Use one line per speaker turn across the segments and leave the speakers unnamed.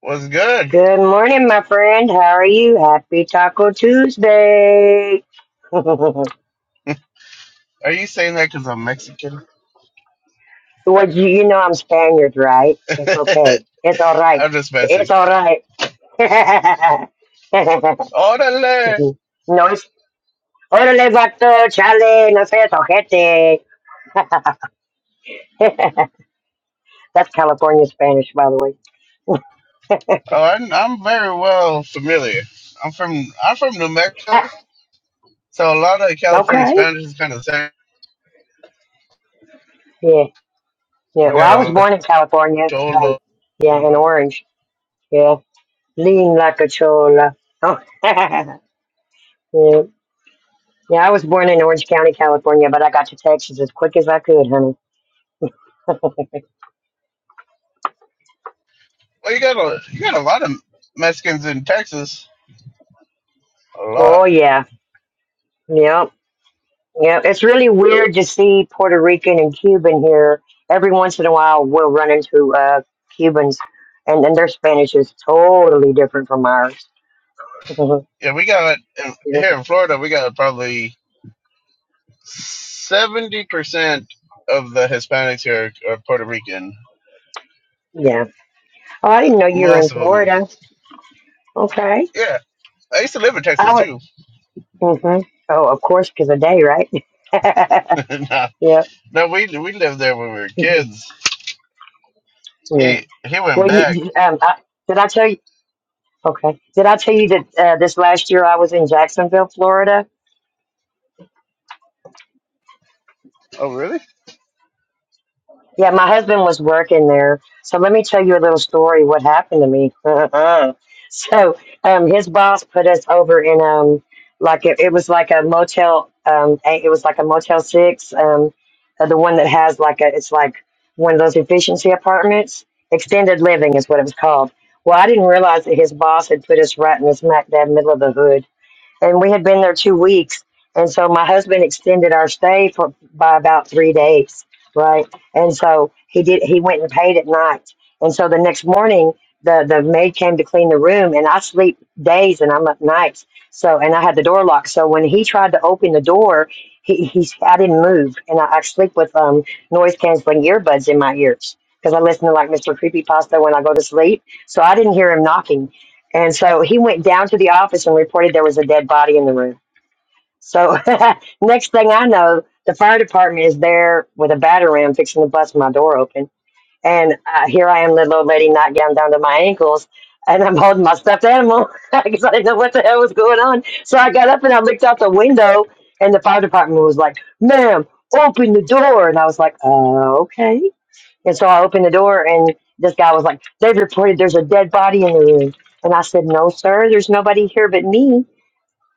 What's good?
Good morning, my friend. How are you? Happy Taco Tuesday. well,
Are you saying that because I'm Mexican?
you, you know I'm Spaniard, right? It's okay. It's all right.
I'm just messing.
It's all right.
Orale.
no, it's órale, vato, chale, no seas ojete. That's California Spanish, by the way.
Oh, I'm, I'm very well familiar. I'm from I'm from New Mexico, so a lot of California
okay.
Spanish is kind of the same.
Yeah, yeah.
We
Well,
got
I
a
was
lot of
born in California. Um,
cholo.
yeah,
You
in
know.
Orange. Yeah, lean like a chola. Oh. yeah. Yeah, I was born in Orange County, California, but I got to Texas as quick as I could, honey.
Well, you got a you got a lot of Mexicans in Texas. A lot.
oh yeah, yep, yep. It's really weird to see Puerto Rican and Cuban here. Every once in a while, we'll run into uh, Cubans, and then their Spanish is totally different from ours.
Yeah, we got
yep.
here in Florida. We got probably seventy percent of the Hispanics here are Puerto Rican.
Yeah. Oh, I didn't know you were in
Most of them.
Florida. Okay.
Yeah. I used to live in Texas
I
too.
would. hmm Oh, of course, because of day, right?
no,
yep.
no, we we lived there when we were kids.
Yeah.
He he went
Well, you,
back.
you- um, I, did I tell you? Okay. Did I tell you that uh, this last year I was in Jacksonville, Florida?
Oh, really?
Yeah, my husband was working there. So let me tell you a little story what happened to me. so um, his boss put us over in um like it, it was like a motel um eh, it was like a motel six um uh, the one that has like a it's like one of those efficiency apartments extended living is what it was called. Well, I didn't realize that his boss had put us right in the smack dab middle of the hood and we had been there two weeks and so my husband extended our stay for by about three days right and so he did he went and paid at night and so the next morning the the maid came to clean the room and i sleep days and i'm up nights so and i had the door locked so when he tried to open the door he, he i didn't move and i, I sleep with um noise canceling earbuds in my ears because i listen to like mr creepypasta when i go to sleep so i didn't hear him knocking and so he went down to the office and reported there was a dead body in the room. So next thing I know, the fire department is there with a batter ram fixing to bust my door open. And uh, here I am, little old lady, knocked down down to my ankles, and I'm holding my stuffed animal because I didn't know what the hell was going on. So I got up and I looked out the window, and the fire department was like, "Ma'am, open the door," and I was like, "Uh, okay." And so I opened the door, and this guy was like, They've reported there's a dead body in the room. And I said, No, sir, there's nobody here but me.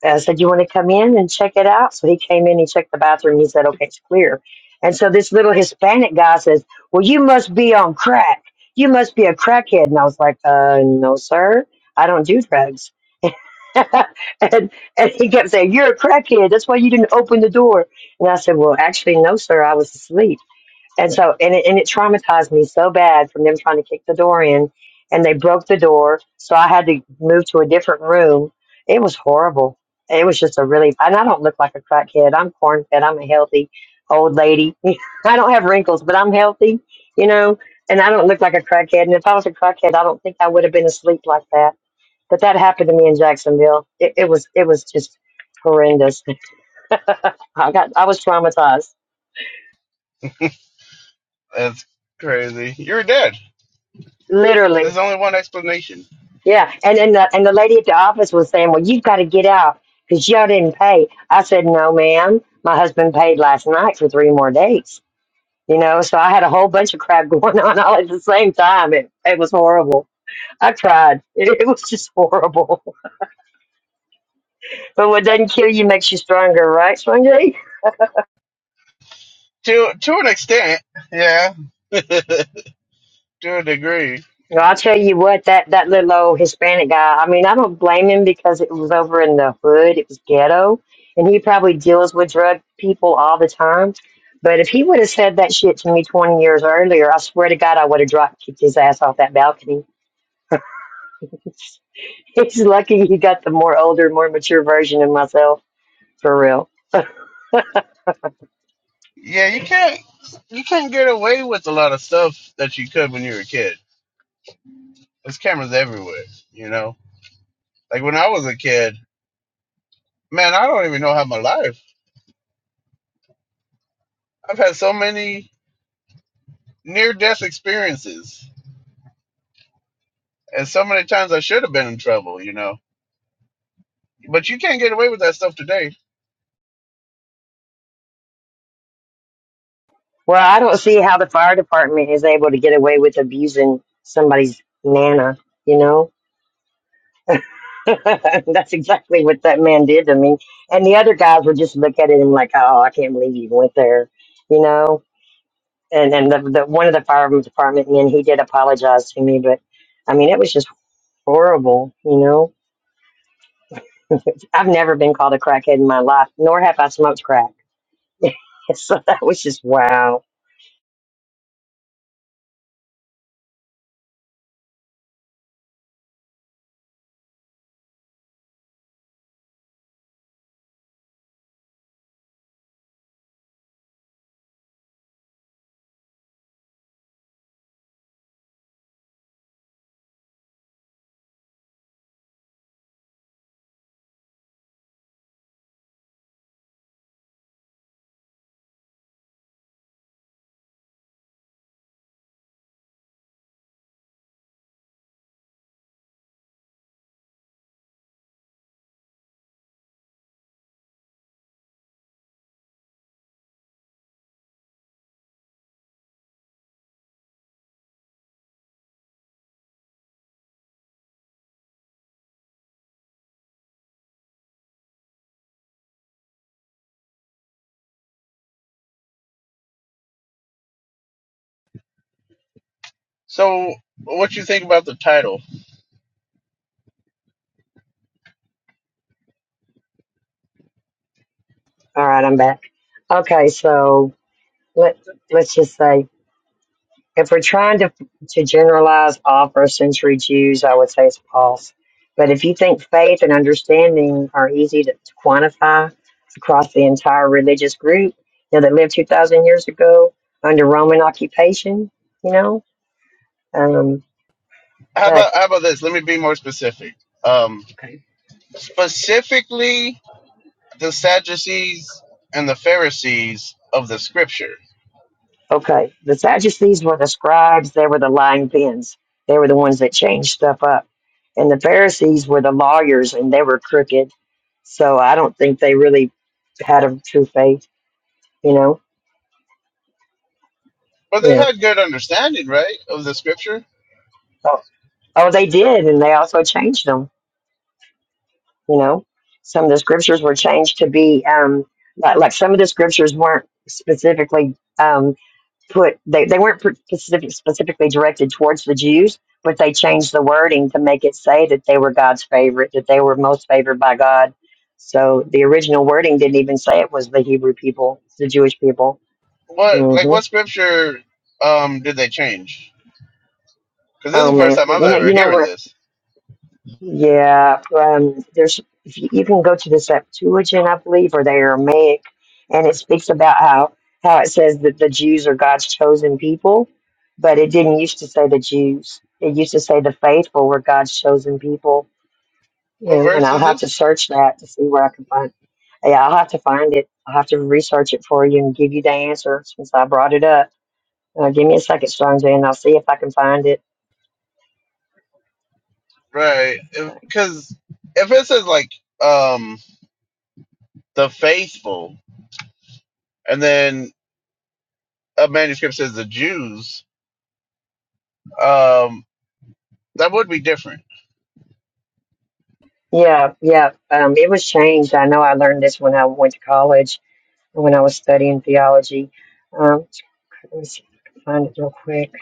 And I said, You want to come in and check it out? So he came in, he checked the bathroom, he said, Okay, it's clear. And so this little Hispanic guy says, Well, you must be on crack. You must be a crackhead. And I was like, uh, No, sir, I don't do drugs. and, and he kept saying, You're a crackhead. That's why you didn't open the door. And I said, Well, actually, no, sir, I was asleep. And so, and it, and it traumatized me so bad from them trying to kick the door in, and they broke the door, so I had to move to a different room. It was horrible. It was just a really, and I don't look like a crackhead. I'm corn fed. I'm a healthy old lady. I don't have wrinkles, but I'm healthy, you know. And I don't look like a crackhead. And if I was a crackhead, I don't think I would have been asleep like that. But that happened to me in Jacksonville. It, it was, it was just horrendous. I got, I was traumatized,
That's crazy. You're dead.
literally.
There's only one explanation.
Yeah, and and the, and the lady at the office was saying, "Well, you've got to get out because y'all didn't pay." I said, "No, ma'am. My husband paid last night for three more days." You know, so I had a whole bunch of crap going on all at the same time. It it was horrible. I tried. It, it was just horrible. But what doesn't kill you makes you stronger, right, Stranger?
To to an extent, yeah. to a degree,
Well, I'll tell you what, that, that little old Hispanic guy, I mean, I don't blame him because it was over in the hood, it was ghetto, and he probably deals with drug people all the time. But if he would have said that shit to me 20 years earlier, I swear to God, I would have dropped kicked his ass off that balcony. He's lucky he got the more older, more mature version of myself, for real.
yeah. You can't you can't get away with a lot of stuff that you could when you were a kid. There's cameras everywhere. You know, like when I was a kid, man, I don't even know how my life. I've had so many near death experiences And so many times I should have been in trouble, you know. But you can't get away with that stuff today.
Well, I don't see how the fire department is able to get away with abusing somebody's nana, you know? That's exactly what that man did to me. And the other guys would just look at him like, "Oh, I can't believe you went there," you know. And and the, the one of the fire department men, he did apologize to me, but I mean, it was just horrible, you know. I've never been called a crackhead in my life, nor have I smoked crack. so that was just wow.
So what you think about the title?
All right, I'm back. Okay, so let let's just say if we're trying to to generalize all first century Jews, I would say it's false. But if you think faith and understanding are easy to, to quantify across the entire religious group, you know, that lived two thousand years ago under Roman occupation, you know, um,
How
but
about how about this? Let me be more specific. Um specifically the Sadducees and the Pharisees of the scripture.
okay, the Sadducees were the scribes; they were the lying pins. They were the ones that changed stuff up, and the Pharisees were the lawyers, and they were crooked. So I don't think they really had a true faith, you know
But they
Yeah.
had good understanding, right, of the scripture?
Oh, oh, they did, and they also changed them. You know, some of the scriptures were changed to be um, like, like some of the scriptures weren't specifically um, put. They, they weren't pr- specific, specifically directed towards the Jews, but they changed the wording to make it say that they were God's favorite, that they were most favored by God. So the original wording didn't even say it was the Hebrew people, it's the Jewish people.
What like
hmm
what scripture um did they change? Because this is
Oh
the first
man,
time I've
you know,
ever
you know,
hearing
we're
this.
Yeah, um, there's if you you can go to the Septuagint, I believe, or the Aramaic, and it speaks about how how it says that the Jews are God's chosen people, but it didn't used to say the Jews. It used to say the faithful were God's chosen people. You
What
know, and
verse
I'll
is
have to
this?
search that to see where I can find. Yeah, I'll have to find it. I'll have to research it for you and give you the answer since I brought it up. Uh, give me a second, Sonja, and I'll see if I can find it.
Right. Because if, 'cause if it says like um the faithful, and then a manuscript says the Jews, um, that would be different.
Yeah, yeah. Um, it was changed. I know I learned this when I went to college, when I was studying theology. Um, let me see if I can find it real quick.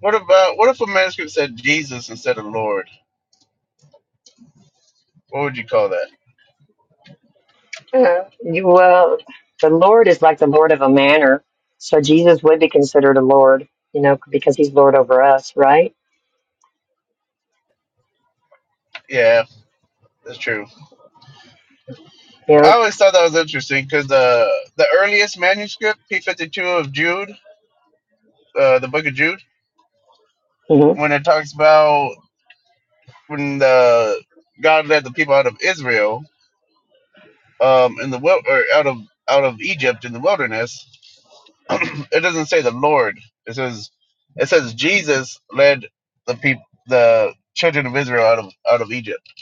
What about what if a manuscript said Jesus instead of Lord? What would you call that?
Uh, you, well, the Lord is like the Lord of a manor. So Jesus would be considered a Lord, you know, because he's Lord over us, right?
Yeah, that's true. I
Yeah.
always thought that was interesting because the the earliest manuscript, P fifty two of Jude, uh, the Book of Jude,
hmm
when it talks about when the God led the people out of Israel, um, in the wil- or out of out of Egypt in the wilderness, it doesn't say the Lord. It says it says Jesus led the people the children of Israel out of out of Egypt.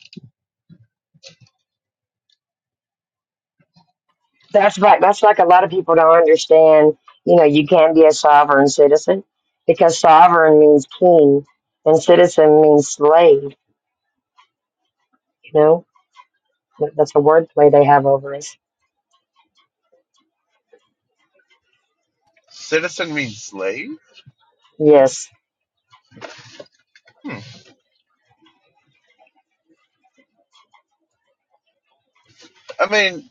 That's right. That's like a lot of people don't understand. You know, you can be a sovereign citizen because sovereign means king and citizen means slave, you know? That's a wordplay they have over us.
Citizen means slave.
Yes.
Hmm. I mean,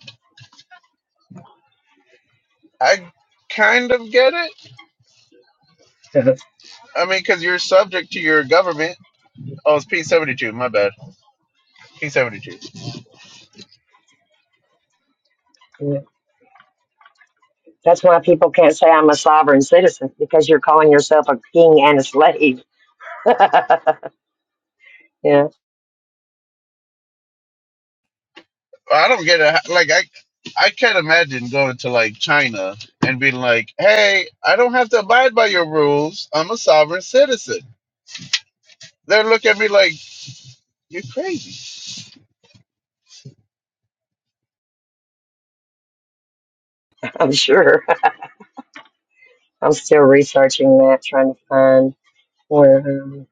I kind of get it. I mean, because you're subject to your government. Oh, it's P seventy two. My bad. P seventy two.
Mm. That's why people can't say I'm a sovereign citizen because you're calling yourself a king and a slave. yeah,
I don't get it. Like I, I can't imagine going to like China and being like, "Hey, I don't have to abide by your rules. I'm a sovereign citizen." They're looking at me like, "You're crazy."
I'm sure. I'm still researching that, trying to find where. Um,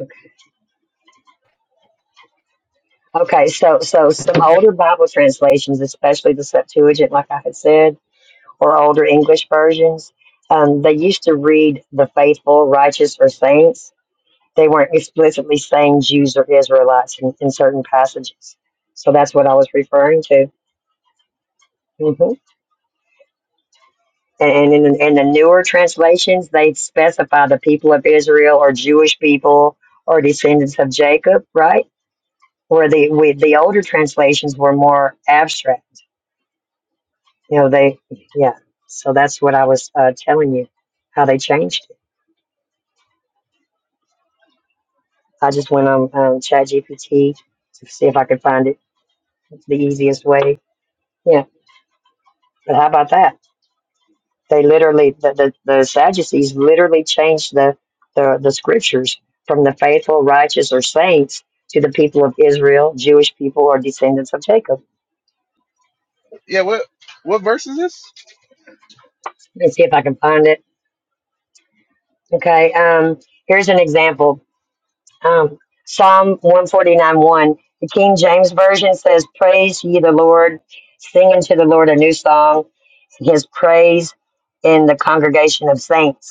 okay, Okay, so so some older Bible translations, especially the Septuagint, like I had said, or older English versions, um, they used to read the faithful, righteous, or saints They weren't explicitly saying Jews or Israelites in, in certain passages. So that's what I was referring to. hmm And in, in the newer translations, they specify the people of Israel or Jewish people or descendants of Jacob, right? Where the we, the older translations were more abstract. You know, they yeah. So that's what I was uh, telling you how they changed it. I just went on um, ChatGPT to see if I could find it the easiest way. Yeah, but how about that? They literally, the, the, the Sadducees literally changed the, the, the scriptures from the faithful, righteous, or saints to the people of Israel, Jewish people, or descendants of Jacob.
Yeah. What? What verse is this?
Let me see if I can find it. Okay, um, here's an example um, Psalm 149 1. The King James Version says, Praise ye the Lord, sing unto the Lord a new song, his praise in the congregation of saints.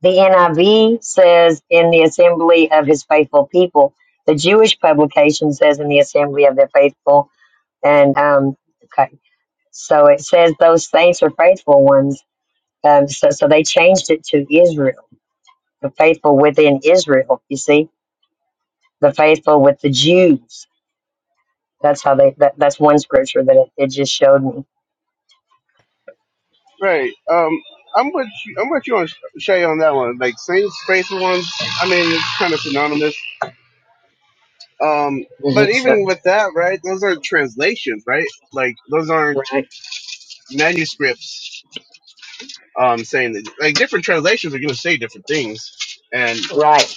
The NIV says in the assembly of his faithful people. The Jewish publication says in the assembly of their faithful. And um, okay, so it says those saints are faithful ones. Um, so, so they changed it to Israel, the faithful within Israel. You see, the faithful with the Jews. That's how they. That, that's one scripture that it, it just showed me.
Right. Um. I'm with you. I'm with you on Shay on that one. Like same space ones. I mean, it's kind of synonymous. Um. But
Mhm, so-
even with that, right? Those are translations, right? Like those aren't
right,
manuscripts um, saying that like different translations are going to say different things, and
right.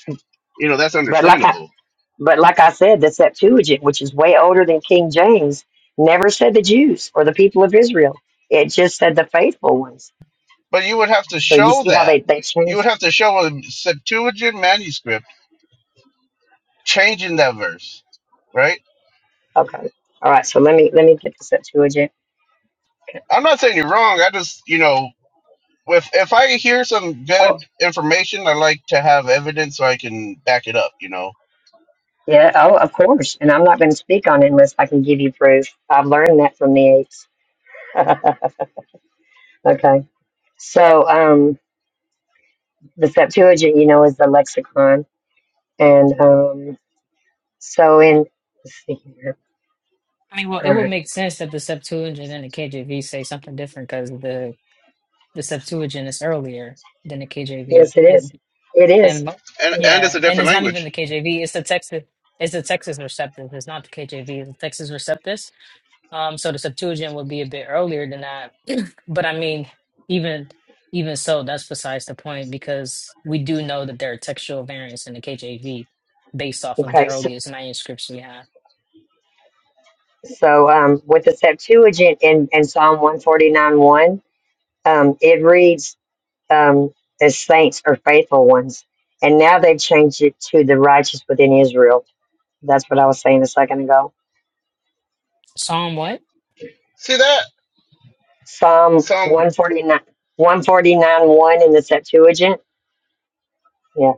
you know that's
But like I,
understandable.
But like I said, the Septuagint, which is way older than King James, never said the Jews or the people of Israel. It just said the faithful ones.
But you would have to
So you
show
see how
that
they, they
you would
changed.
have to show a Septuagint manuscript changing that verse, right?
Okay. All right. So let me let me get the Septuagint.
I'm not saying you're wrong. I just you know if if I hear some good
Oh
information, I like to have evidence so I can back it up, you know.
yeah. Oh, of course. And I'm not going to speak on it unless I can give you proof. I've learned that from the apes. okay. So um, the Septuagint, you know, is the lexicon, and um, so in. Let's see here.
I mean, well, it
All
would
right.
make sense that the Septuagint and the KJV say something different because the the Septuagint is earlier than the KJV,
Yes, it is.
and
It
and
is.
mo-
And and it's
yeah,
a
and
different
it's not even
language.
the KJV. It's the Texas. It's the Texas Receptus. It's not the KJV. It's the Texas Receptus. Um, so the Septuagint would be a bit earlier than that. but I mean, even even so, that's besides the point because we do know that there are textual variants in the KJV based off of the
Okay, so,
earliest manuscripts we have.
so um, with the Septuagint in, in Psalm 149 1, um, it reads, um, the saints or faithful ones. And now they've changed it to the righteous within Israel. That's what I was saying a second ago.
Psalm what?
See that
Psalm
some
149, 149 1 forty nine one in the Septuagint. Yeah.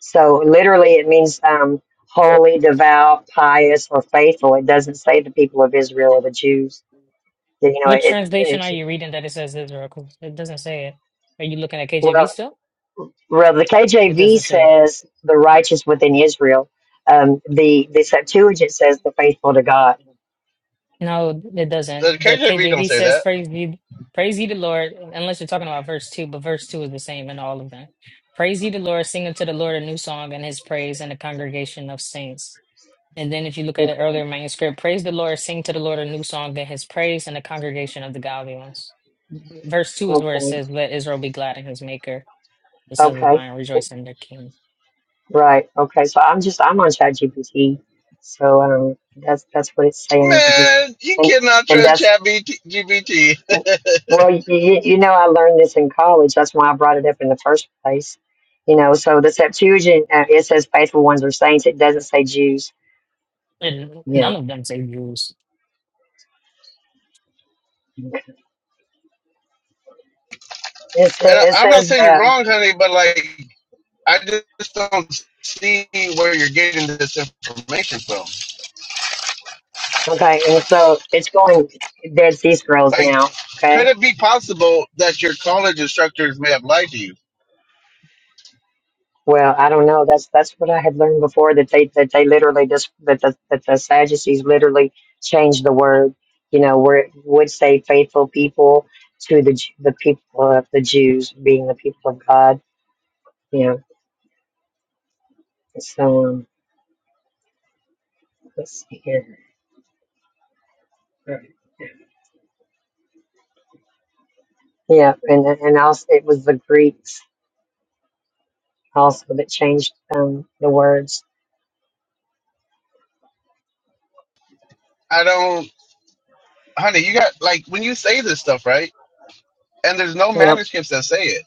So literally it means um, holy, devout, pious, or faithful. It doesn't say the people of Israel or the Jews. You know,
Which
it,
translation are
it's,
you reading that it says Israel? 'Cause it doesn't say it. Are you looking at
well,
KJV still?
Well, the
It
KJV
doesn't say it.
says the righteous within Israel. Um, the the Septuagint says the faithful to God.
No, it
the
doesn't. The
KJV don't
KJV
say
says,
that.
"Praise ye, praise ye the Lord." Unless you're talking about verse two, but verse two is the same in all of them. Praise ye the Lord, sing unto the Lord a new song, and His praise in the congregation of saints. And then, if you look at
Okay,
an earlier manuscript, praise the Lord, sing to the Lord a new song, and His praise in the congregation of the godly ones. Verse two is where it
okay,
says, "Let Israel be glad in His Maker." The sons of
okay,
Zion rejoice in their king.
right, okay. So I'm just I'm on ChatGPT, so um, that's that's what it's saying right here,
Man, you
and
cannot
and
trust
that's
ChatGPT.
well, you, you know, I learned this in college. That's why I brought it up in the first place. You know, so the Septuagint uh, it says faithful ones are saints. It doesn't say Jews.
And
Yeah.
none of them say Jews.
okay. It, sa-
and I,
it
I'm not
says
saying you're
uh,
wrong, honey, but like I just don't see where you're getting this information from.
Okay, and so it's going. dead sea scrolls
Like,
now.
could
Okay.
it be possible that your college instructors may have lied to you?
Well, I don't know. That's that's what I had learned before that they that they literally just that the that the Sadducees literally changed the word. You know, where it would say faithful people to the Ju- the people of the Jews being the people of God. You know. So um, let's see here. Yeah, and and also it was the Greeks also that changed um, the words.
I don't, honey. You got like when you say this stuff, right? And there's no
Yep.
manuscripts that say it.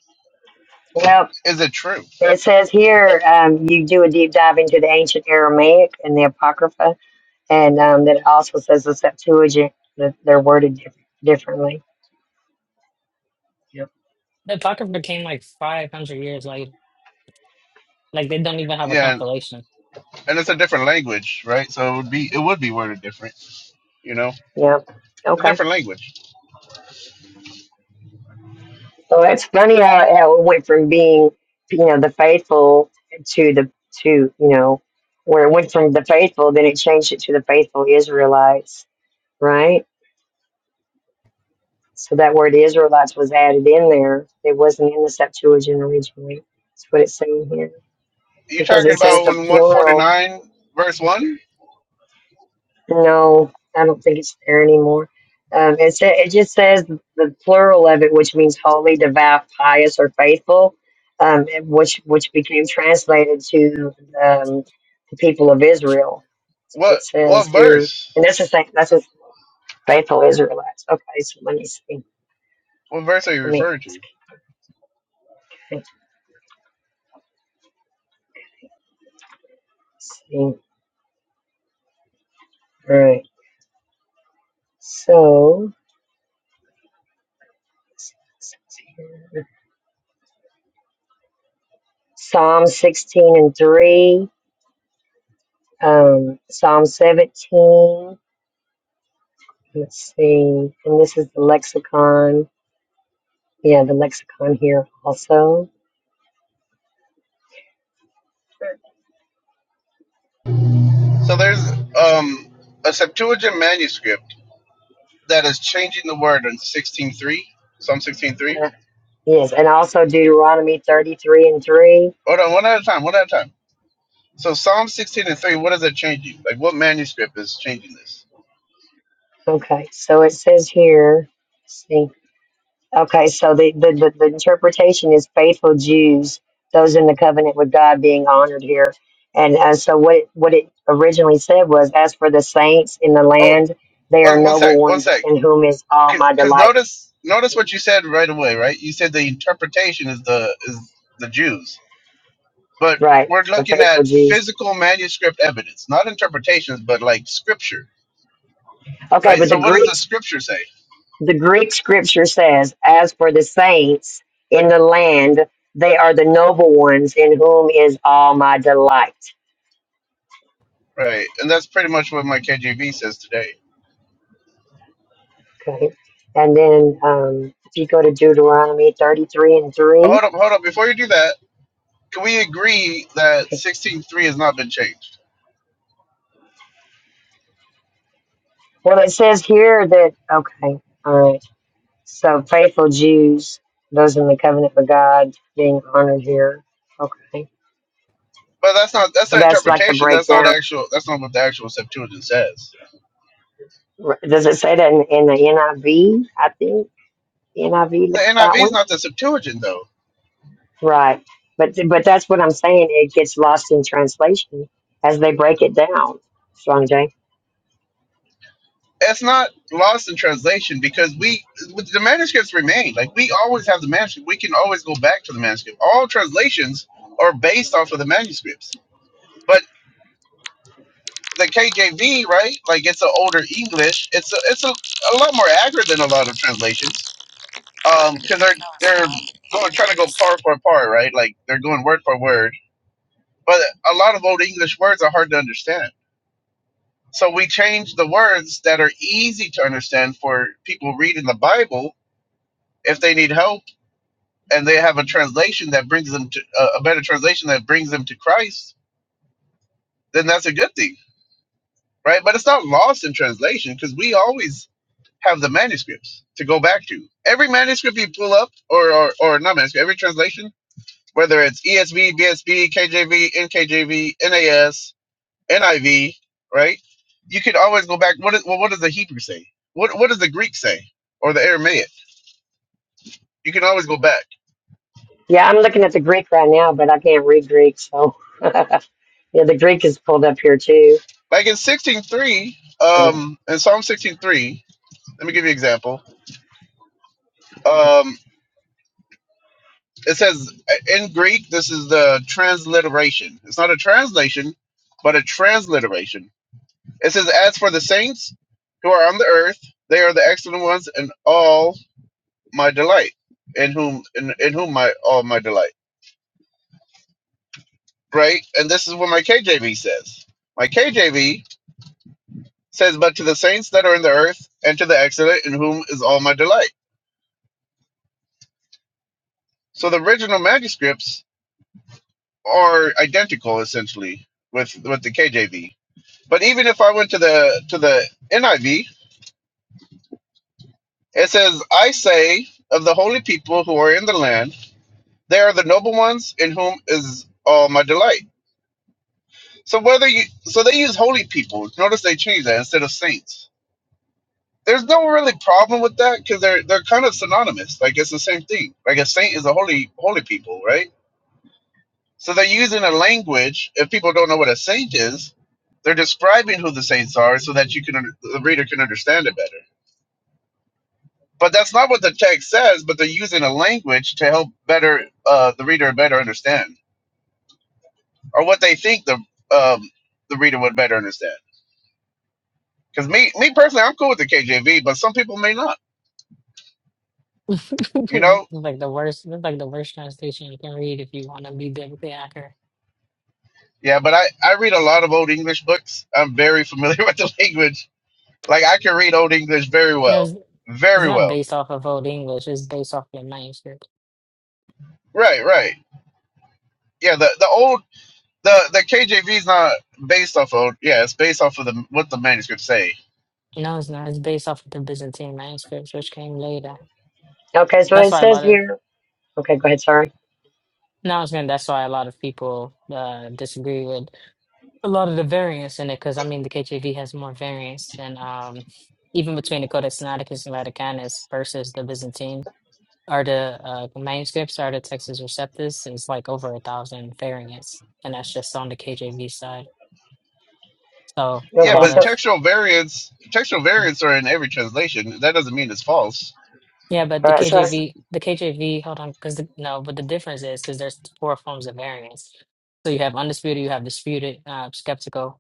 Well,
Is it true?
It says here um, you do a deep dive into the ancient Aramaic and the Apocrypha, and um, then it also says the Septuagint. That they're worded diff- differently.
The Apocrypha came like 500 years later. Like they don't even have a
Yeah,
compilation.
and it's a different language, right? So it would be it would be worded different. You know, it's
Yep.
a
Okay.
different language.
So it's funny how, how it went from being, you know, the faithful to the to you know, where it went from the faithful, then it changed it to the faithful Israelites, right? So that word Israelites was added in there. It wasn't in the Septuagint originally. That's what it's saying here
You
because
talking
it says
about
the
when
plural
149 verse one?
No, I don't think it's there anymore. Um, it sa- it just says the plural of it, which means holy, devout, pious, or faithful, um, and which which became translated to um, the people of Israel. That's what
What
It says
what
here,
verse?
and that's the same. That's a faithful Israelites. Okay, so let me see.
What verse are you
Let me
referring to?
ask. Let's see. All right. So Psalm sixteen and three, um, Psalm seventeen. Let's see. And this is the lexicon. Yeah, the lexicon here also.
So there's um, a Septuagint manuscript that is changing the word in 16.3, Psalm 16.3.
Uh, yes, and also Deuteronomy 33 and 3.
Hold on, one at a time, one at a time. So Psalm 16 and 3, what is it changing? Like what manuscript is changing this?
Okay, so it says here, let's see. Okay, so the, the, the, the interpretation is faithful Jews, those in the covenant with God being honored here. And uh, so what it, what it originally said was, as for the saints in the
Oh,
land, they are
one, one
noble
sec, one
ones
sec.
in whom is all my
Because
delight.
notice notice what you said right away, right? You said the interpretation is the is the Jews. But
Right,
we're
the
looking
faithful
at
Jews.
physical manuscript evidence, not interpretations, but like scripture,
Okay,
right?
but the
So what does
Greeks
the scripture say?
The Greek scripture says, As for the saints in the land, they are the noble ones in whom is all my delight.
Right, and that's pretty much what my KJV says today.
Okay. And then um, if you go to Deuteronomy 33 and
Oh,
3,
hold up, hold up. Before you do that, can we agree that sixteen three has not been changed?
well, it says here that, okay, all right. So faithful Jews, those in the covenant with God being honored here. Okay.
But that's not that's
So
not
that's like the
interpretation. That's not
breakdown.
actual. That's not what the actual Septuagint says.
R- Does it say that in, in the NIV? I V? I think NIV,
The NIV
that
is
one.
not the Septuagint though.
Right. But but that's what I'm saying. It gets lost in translation as they break it down. Strong J.
It's not lost in translation because we with the manuscripts remain. Like we always have the manuscript. We can always go back to the manuscript. All translations are based off of the manuscripts. but. the KJV, right? Like it's an older English. It's a, it's a, a lot more accurate than a lot of translations. Um, because they're they're going trying to go part for part, right? Like they're going word for word. But a lot of old English words are hard to understand. So we change the words that are easy to understand for people reading the Bible if they need help and they have a translation that brings them to a a better translation that brings them to Christ. Then that's a good thing, right? But it's not lost in translation because we always have the manuscripts to go back to. Every manuscript you pull up, or or, or not manuscript, every translation, whether it's ESV, BSB, KJV, NKJV, NAS, NIV, right? You could always go back. What is, well, what does the Hebrew say? What what does the Greek say, or the Aramaic? You can always go back.
Yeah, I'm looking at the Greek right now, but I can't read Greek, so yeah, the Greek is pulled up here too.
Like in sixteen three, um, in Psalm sixteen three. Let me give you an example. Um, it says in Greek, this is the transliteration. It's not a translation, but a transliteration It says, As for the saints who are on the earth, they are the excellent ones in all my delight, in whom in, in whom my all my delight. Right? And this is what my KJV says. My KJV says, But to the saints that are in the earth, and to the excellent in whom is all my delight. So the original manuscripts are identical essentially with with the KJV. But even if I went to the to the NIV, it says, I say of the holy people who are in the land They are the noble ones in whom is all my delight. So whether you so they use holy people. Notice they changed that instead of saints. There's no really problem with that because they're they're kind of synonymous. Like it's the same thing. Like a saint is a holy holy people, right? So they're using a language. If people don't know what a saint is, they're describing who the saints are so that you can under- the reader can understand it better. But that's not what the text says. But they're using a language to help better uh, the reader better understand. or what they think the um, the reader would better understand. Because me, me personally, I'm cool with the KJV, but some people may not. You know,
like the worst, that's like the worst translation you can read if you want to be biblically accurate.
yeah. But I I read a lot of old English books. I'm very familiar with the language. Like I can read old English very
You know,
well,
it's, it's
very
not
well.
based off of Old English, it's based off the manuscript.
Right, right. Yeah. The the old the the KJV is not based off of yeah. It's based off of the what the manuscripts say.
No, it's not. It's based off of the Byzantine manuscripts, which came later.
Okay, so
That's
it
why a
says
lot of,
here. Okay, go ahead. Sorry.
no, I was gonna, that's why a lot of people uh, disagree with. a lot of the variance in it because I mean the KJV has more variance than um even between the Codex Sinaiticus and Vaticanus versus the Byzantine or the uh, manuscripts or the Textus Receptus is like over a thousand variants and that's just on the KJV side. So a
Yeah,
Okay,
lot
but
so
of
textual variants textual
mm,
variants are in every translation. That doesn't mean it's false.
yeah, but
all
the
right, so it's-
KJV the KJV hold on because no, but the difference is because there's four forms of variance. So you have undisputed, you have disputed, uh, skeptical.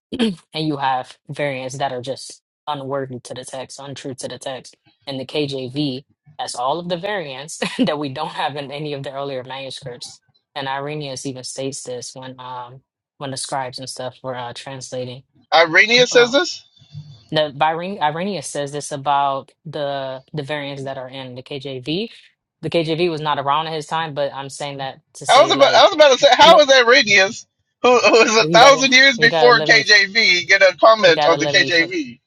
and you have variants that are just unworthy to the text, untrue to the text. And the KJV has all of the variants that we don't have in any of the earlier manuscripts. And Irenaeus even states this when um when the scribes and stuff were uh, translating.
Irenaeus says
Oh,
this.
the Irene, Irenaeus says this about the the variants that are in the KJV. The KJV was not around at his time, but I'm saying that to
I was
say
about I
like,
was about to say, how
no,
is Arrhenius, who who is a
you gotta
thousand years
you gotta
before
let me
KJV, get a
you
comment
gotta
on the
let me finish.
KJV?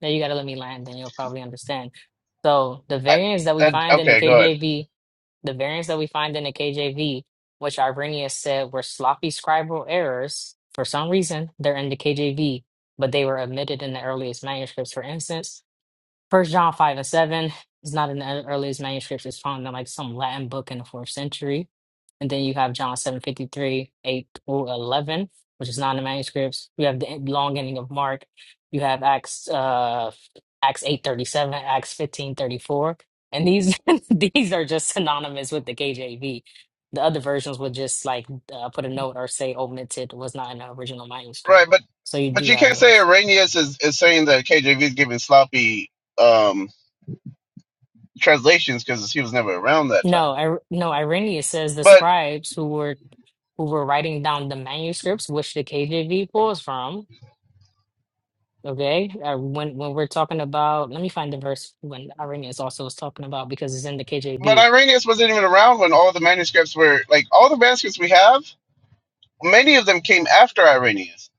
Now you gotta let me land, then you'll probably understand. So the variants that we
and
find in the
okay, go ahead.
KJV, the variants that we find in the KJV, which Irenaeus said were sloppy scribal errors, for some reason they're in the KJV, but they were omitted in the earliest manuscripts. For instance, First John five and seven is not in the earliest manuscripts. It's found in like some Latin book in the fourth century and then you have John 7:53, 8 through 11, which is not in the manuscripts. You have the en- long ending of Mark. You have Acts uh Acts 8:37, Acts 15:34. And these these are just synonymous with the KJV. The other versions would just like uh, put a note or say omitted was not in the original
Right,
manuscript.
but
So you
but
do
you
have
can't say
those.
Arrhenius is, is saying that KJV is giving sloppy um, translations because he was never around that time.
No, I, no, Irenaeus says the
But
scribes who were who were writing down the manuscripts, which the KJV pulls from, Okay, uh, when when we're talking about, let me find the verse when Irenaeus also was talking about because it's in the
but
KJV.
Irenaeus wasn't even around when all the manuscripts were like all the manuscripts we have. Many of them came after Irenaeus.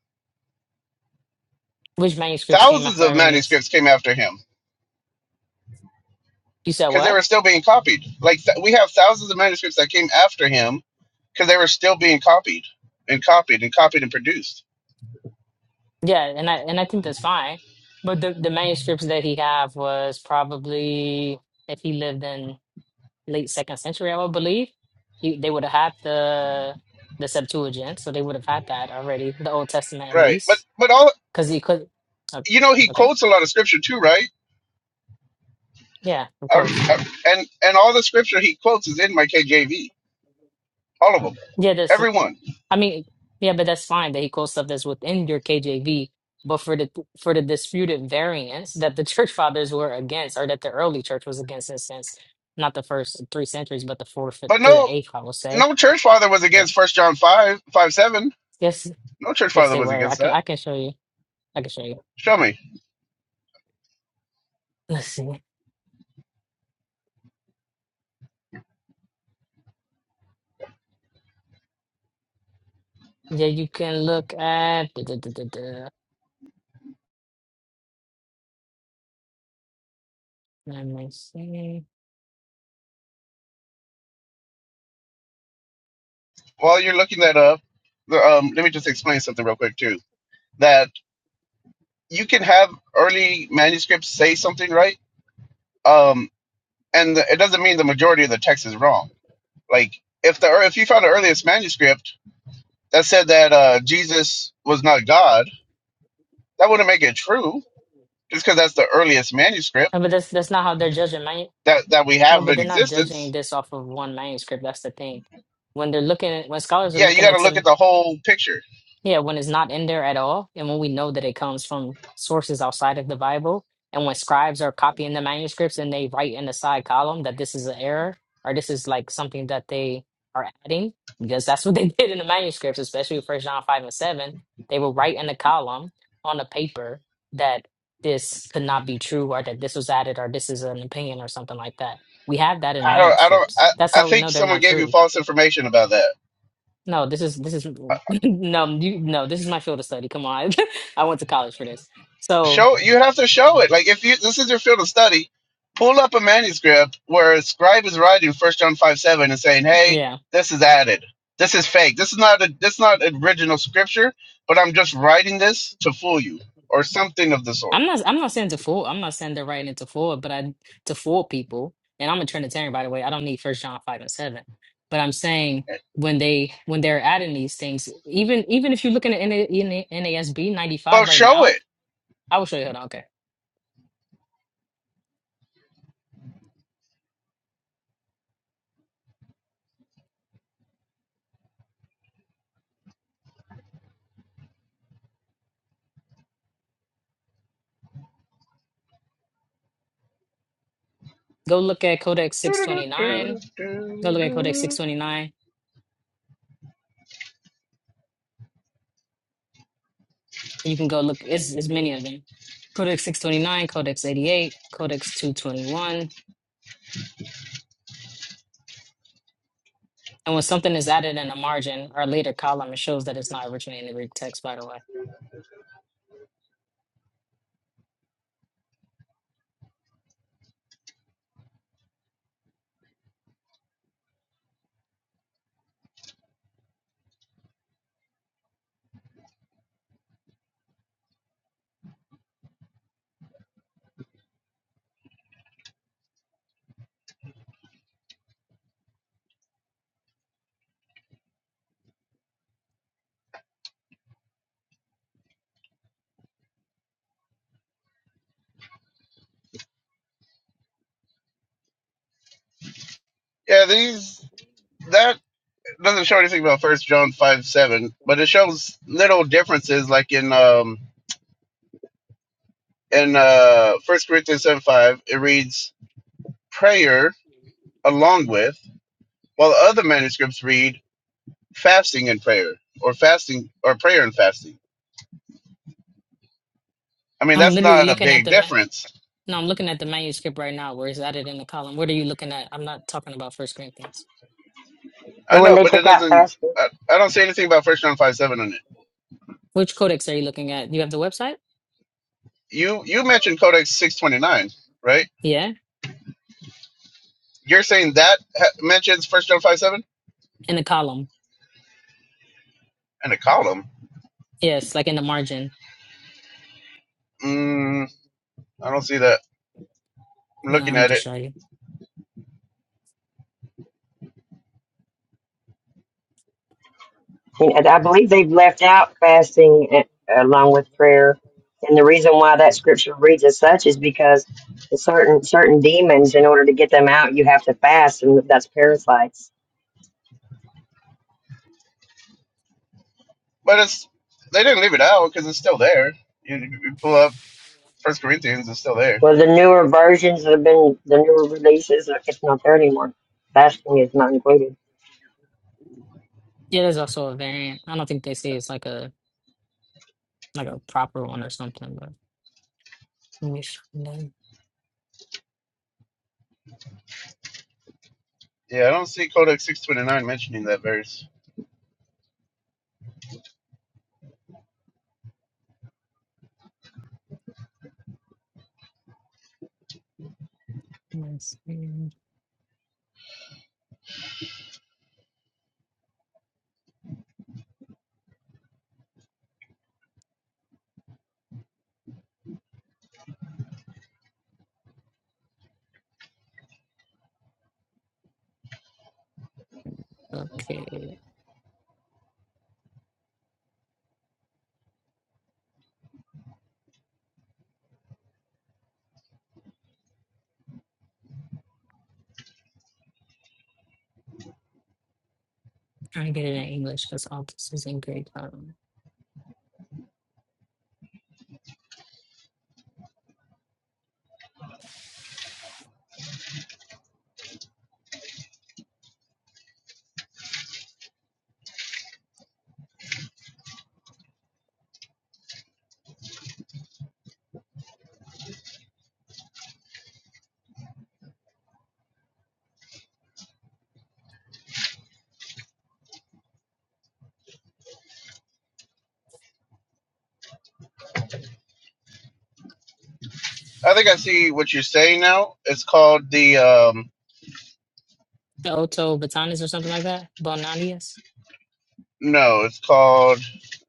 Which manuscripts came
Thousands
after
of
Irenaeus?
manuscripts came after him
You said
because they
what?
were still being copied. Like th- we have thousands of manuscripts that came after him because they were still being copied and copied and copied and produced.
Yeah, and I and I think that's fine. But the the manuscripts that he have was probably if he lived in late second century, I would believe, he, they would have had the the Septuagint, so they would have had that already, the Old Testament at
Right, but
least,
but all
because he could. oh,
you know, he
Okay,
quotes a lot of scripture too, right?
yeah, of
I,
course.
I, and and all the scripture he quotes is in my KJV, all of them,
Yeah, that's
every one.
I mean, yeah, but that's fine. that he equals stuff that's within your KJV, but for the for the disputed variants that the church fathers were against, or that the early church was against, in a sense, not the first three centuries, but the fourth
But
through
no,
the eighth, I will say.
no church father was
So,
against First John five five seven.
yes,
No church
yes,
father
they
was
were. I
against
can
that.
I can show you. I can show you.
Show me
Let's see. Yeah, you can look at. duh, duh, duh, duh, duh. Let me see.
while you're looking that up. The, um, let me just explain something real quick too. That you can have early manuscripts say something, right? Um, and the, it doesn't mean the majority of the text is wrong. Like if the ear- if you found the earliest manuscript that said that uh, Jesus was not God, that wouldn't make it true, just because that's the earliest manuscript
No, but that's that's not how they're judging. Man,
that that we
no,
have
but
in
they're not judging
existence.
this off of one manuscript. That's the thing. When they're looking, at, when scholars are
Yeah, you
looking
got
at
to look
some
at the whole picture.
Yeah, when it's not in there at all, and when we know that it comes from sources outside of the Bible, and when scribes are copying the manuscripts and they write in the side column that this is an error or this is like something that they are adding, because that's what they did in the manuscripts, especially First John five and seven, they will write in the column on the paper that this could not be true or that this was added or this is an opinion or something like that. We have that in
I don't. I don't.
manuscripts.
I,
That's
I
how we
think
know they're
someone
not
gave you
true
false information about that.
no, this is this is no you no this is my field of study. Come on, I went to college for this. So
show you have to show it. Like if you this is your field of study, pull up a manuscript where a scribe is writing First John five seven and saying, "Hey,
yeah,
this is added. This is fake. This is not a this is not original scripture, but I'm just writing this to fool you or something of the sort."
I'm not I'm not saying to fool. I'm not saying they're writing it to fool, but I to fool people. And I'm a Trinitarian, by the way. I don't need First John five and seven, but I'm saying when they when they're adding these things, even even if you're looking at NA, NASB 95
Well,
right
show
now,
it.
I will show you. Hold on, okay, go look at Codex 629. Go look at Codex
Doo-doo-doo-doo-doo-doo-doo.
629. You can go look. It's, it's many of them. Codex 629, Codex 88, Codex 221. And when something is added in a margin or later column, it shows that it's not originally in the Greek text, by the way.
Yeah, these that doesn't show anything about First John five seven, but it shows little differences, like in um in uh First Corinthians seven five, it reads prayer along with, while other manuscripts read fasting and prayer or fasting or prayer and fasting. I mean,
I'm
that's
literally
not a
looking at
big
the, ma-
difference.
no, I'm looking at the manuscript right now where it's added in the column. What are you looking at? I'm not talking about First Corinthians.
I
when
know,
they
but it
took out
doesn't.
fasting.
I, I don't say anything about First John five seven on it.
Which codex are you looking at? You have the website?
You you mentioned Codex six twenty nine, right?
Yeah.
You're saying that ha- mentions First John five seven
In the column.
and a column.
Yes, like in the margin.
Mm, I don't see that. I'm
Yeah,
looking
I'm going
at
to
it,
show you.
And I believe they've left out fasting a- along with prayer. And the reason why that scripture reads as such is because the certain certain demons, in order to get them out, you have to fast, and that's parasites.
but it's they didn't leave it out because it's still there. You, you pull up First Corinthians, it's still there.
Well, the newer versions that have been the newer releases, uh, it's not there anymore. Fasting is not included.
Yeah, there's also a variant. I don't think they say it's like a like a proper one or something, but English. and then-
Yeah, I don't see Codex six twenty nine mentioning that verse.
and then- Okay, trying to get it in English because all this is in Greek. Um,
I think I see what you're saying now. It's called the um
the Otto Botanis or something like that. Bonanius.
no, it's called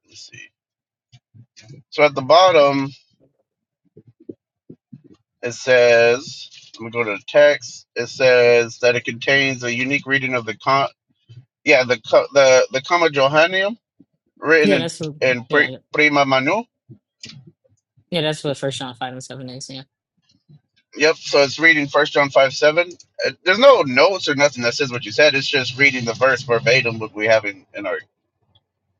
let's see. So at the bottom it says let me go to the text. It says that it contains a unique reading of the con yeah, the co- the the Comma Johannium written
Yeah,
in
that's what.
in pre,
Yeah,
prima manu.
yeah, that's what First John five and seven is. Yeah,
Yep, so it's reading first John five seven. Uh, There's no notes or nothing that says what you said. It's just reading the verse verbatim what we have in, in our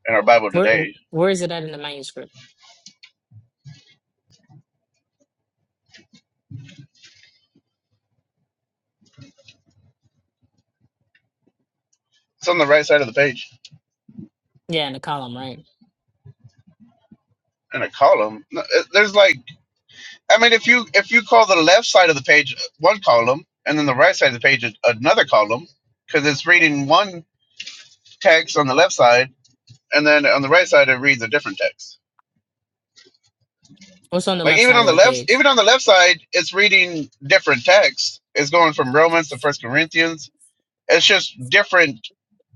in our Bible
where
today.
where is it at in the manuscript?
It's on the right side of the page
Yeah, in the column, right?
in a column. No, it- There's like I mean, if you if you call the left side of the page one column and then the right side of the page another column, because it's reading one text on the left side and then on the right side it reads a different text.
What's on the
Like
left
even
side
on
of
the
the
left,
page?
even on the left side, it's reading different text. It's going from Romans to First Corinthians. It's just different.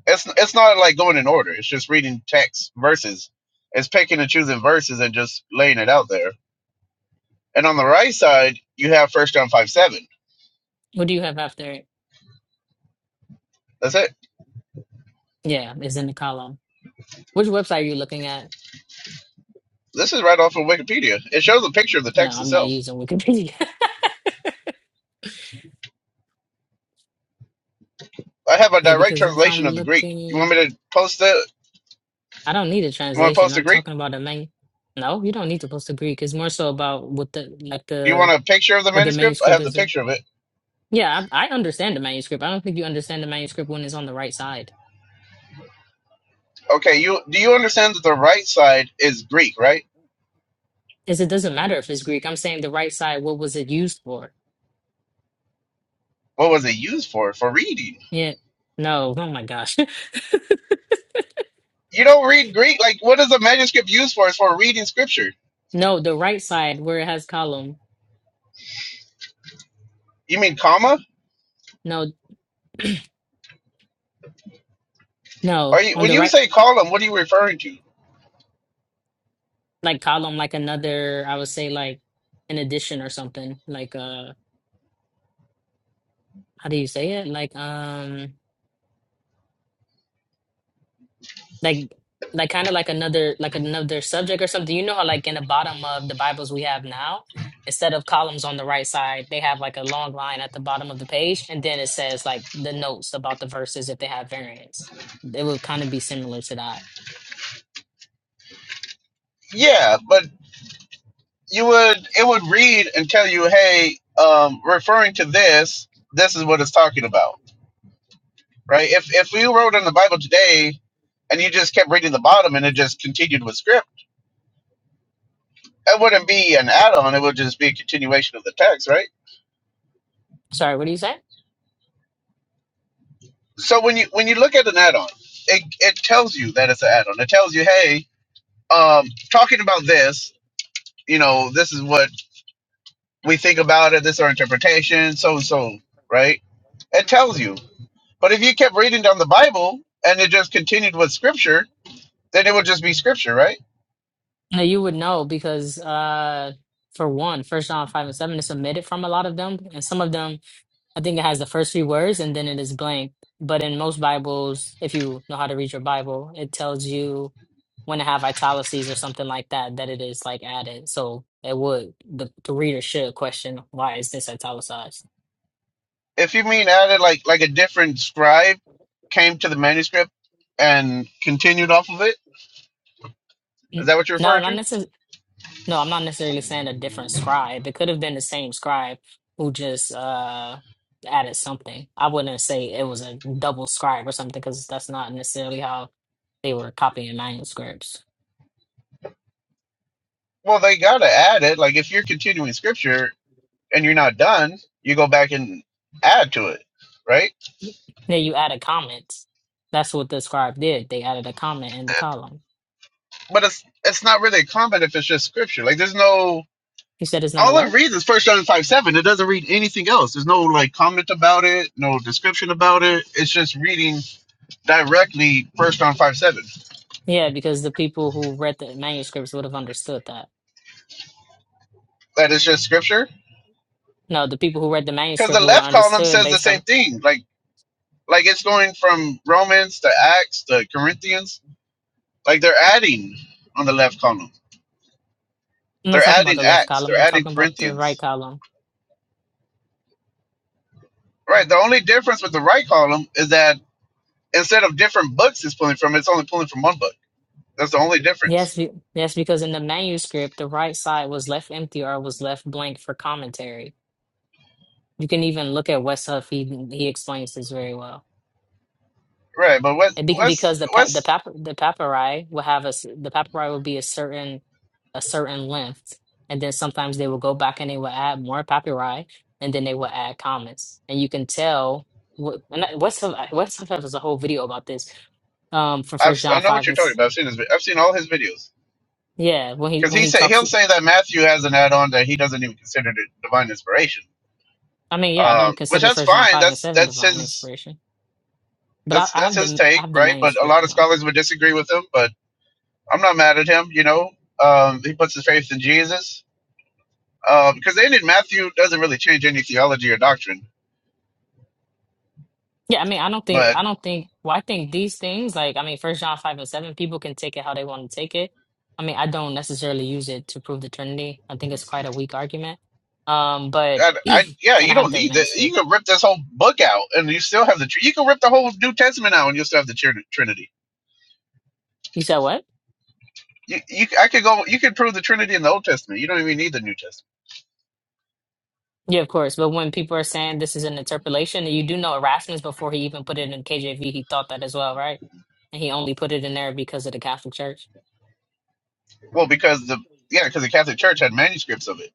It's it's not like going in order. It's just reading text verses. It's picking and choosing verses and just laying it out there. And on the right side, you have First John five seven.
What do you have after it?
That's it.
Yeah, it's in the column. Which website are you looking at?
This is right off of Wikipedia. It shows a picture of the
No,
text
I'm not
itself.
using Wikipedia.
I have a
yeah,
direct
because if I'm
translation of the Greek. You
looking.
want me to post the? You
I don't need a
want to
translation.
post the
I'm
Greek?
talking about the main. No, you don't need to post the Greek. It's more so about what the like
Do you
the
want a picture of the
what the
manuscript? I
manuscript
have the
is. in.
picture of it.
Yeah, I, I understand the manuscript. I don't think you understand the manuscript when it's on the right side.
Okay. You do you understand that the right side is Greek, right?
Is it doesn't matter if it's Greek. I'm saying the right side. What was it used for?
What was it used for? For reading.
Yeah. No. Oh my gosh.
You don't read Greek. Like, what is a manuscript used for? It's for reading scripture.
No, the right side where it has column.
You mean comma?
No, no,
Are you
on
when
the
you
right
say column? What are you referring to?
like column, like another. I would say like an addition or something. Like uh, how do you say it? Like um. like like kind of like another like another subject or something you know how like in the bottom of the bibles we have now instead of columns on the right side they have like a long line at the bottom of the page and then it says like the notes about the verses if they have variants it would kind of be similar to that
Yeah, but you would it would read and tell you, hey, um, referring to this. This is what it's talking about right? If if we wrote in the Bible today and you just kept reading the bottom and it just continued with script, it wouldn't be an add-on. It would just be a continuation of the text, right?
sorry what do you say
So when you when you look at an add-on, it it tells you that it's an add-on. It tells you, hey, um, talking about this, you know, this is what we think about it. This is our interpretation, so and so, right? It tells you. But if you kept reading down the Bible and it just continued with scripture, then it would just be scripture, right?
no you would know because uh for one first john 5 and 7 is omitted from a lot of them and some of them I think it has the first three words and then it is blank. But in most Bibles, if you know how to read your Bible, it tells you when to have italices or something like that, that it is like added. So it would, the, the reader should question why is this italicized?
if you mean added like like a different scribe came to the manuscript and continued off of it is
N-
that what you're
No,
referring
not
to
necessarily. No, I'm not necessarily saying a different scribe. It could have been the same scribe who just uh added something. I wouldn't say it was a double scribe or something because that's not necessarily how they were copying manuscripts.
well they gotta add it like if you're continuing scripture and you're not done you go back and add to it right
Then you added comments. That's what the scribe did. They added a comment in the column.
but it's it's not really a comment if it's just scripture like there's no
He said it's not a
all it
what?
reads is first john 5 7 it doesn't read anything else there's no like comment about it no description about it it's just reading directly first john 5 7
Yeah, because the people who read the manuscripts would have understood that.
that is just scripture
No, the people who read the
because
manuscript
the
would have
left column
understood
says the
based
same
off.
thing. Like like it's going from Romans to Acts to Corinthians. Like they're adding on the left column.
I'm not
They're
talking about
adding
the left
Acts.
column.
They're
I'm
adding
talking about the right
Corinthians.
column.
Right. The only difference with the right column is that instead of different books it's pulling from, it's only pulling from one book. That's the only difference.
Yes, be, yes, because in the manuscript, the right side was left empty or was left blank for commentary. You can even look at West Huff. He he explains this very well.
Right. But what
And be,
what's
because the pa the
what's
pap the papyri will have a s- the papyri will be a certain a certain length, and then sometimes they will go back and they will add more papyri, and then they will add comments, and you can tell what and I- what's the- what's the- there's a whole video about this um from
I've,
First John
I know
five
what you're
and
talking
s-
about. I've seen his, vi- I've seen all his videos
yeah when he
because
when
he
he
said
talks
he'll say that Matthew has an add-on that he doesn't even consider it divine inspiration,
I mean yeah I don't
um, which
consider
that's
First John
fine.
five and
That's
seven
that's
divine
his
inspiration, but I,
that's
I
that's
have
his
the I
take,
have the
right? But a
manuscript.
lot of scholars would disagree with him. But I'm not mad at him. You know, um, he puts his faith in Jesus because then in Matthew doesn't really change any theology or doctrine.
Yeah, I mean, I don't think,
But
I don't think, well, I think these things, like, I mean, First John 5 and 7, people can take it how they want to take it. I mean, I don't necessarily use it to prove the Trinity. I think it's quite a weak argument. Um, but,
I, I yeah,
and I
you
have
don't
the
need that. You
manuscript.
can rip this whole book out, and you still have the. tr- You can rip the whole New Testament out, and you'll still have the tr- Trinity.
You said what?
You, you, I could go. You could prove the Trinity in the Old Testament. You don't even need the New Testament.
Yeah, of course. But when people are saying this is an interpolation, you do know Erasmus before he even put it in KJV, he thought that as well, right? And he only put it in there because of the Catholic Church.
Well, because the yeah, because the Catholic Church had manuscripts of it.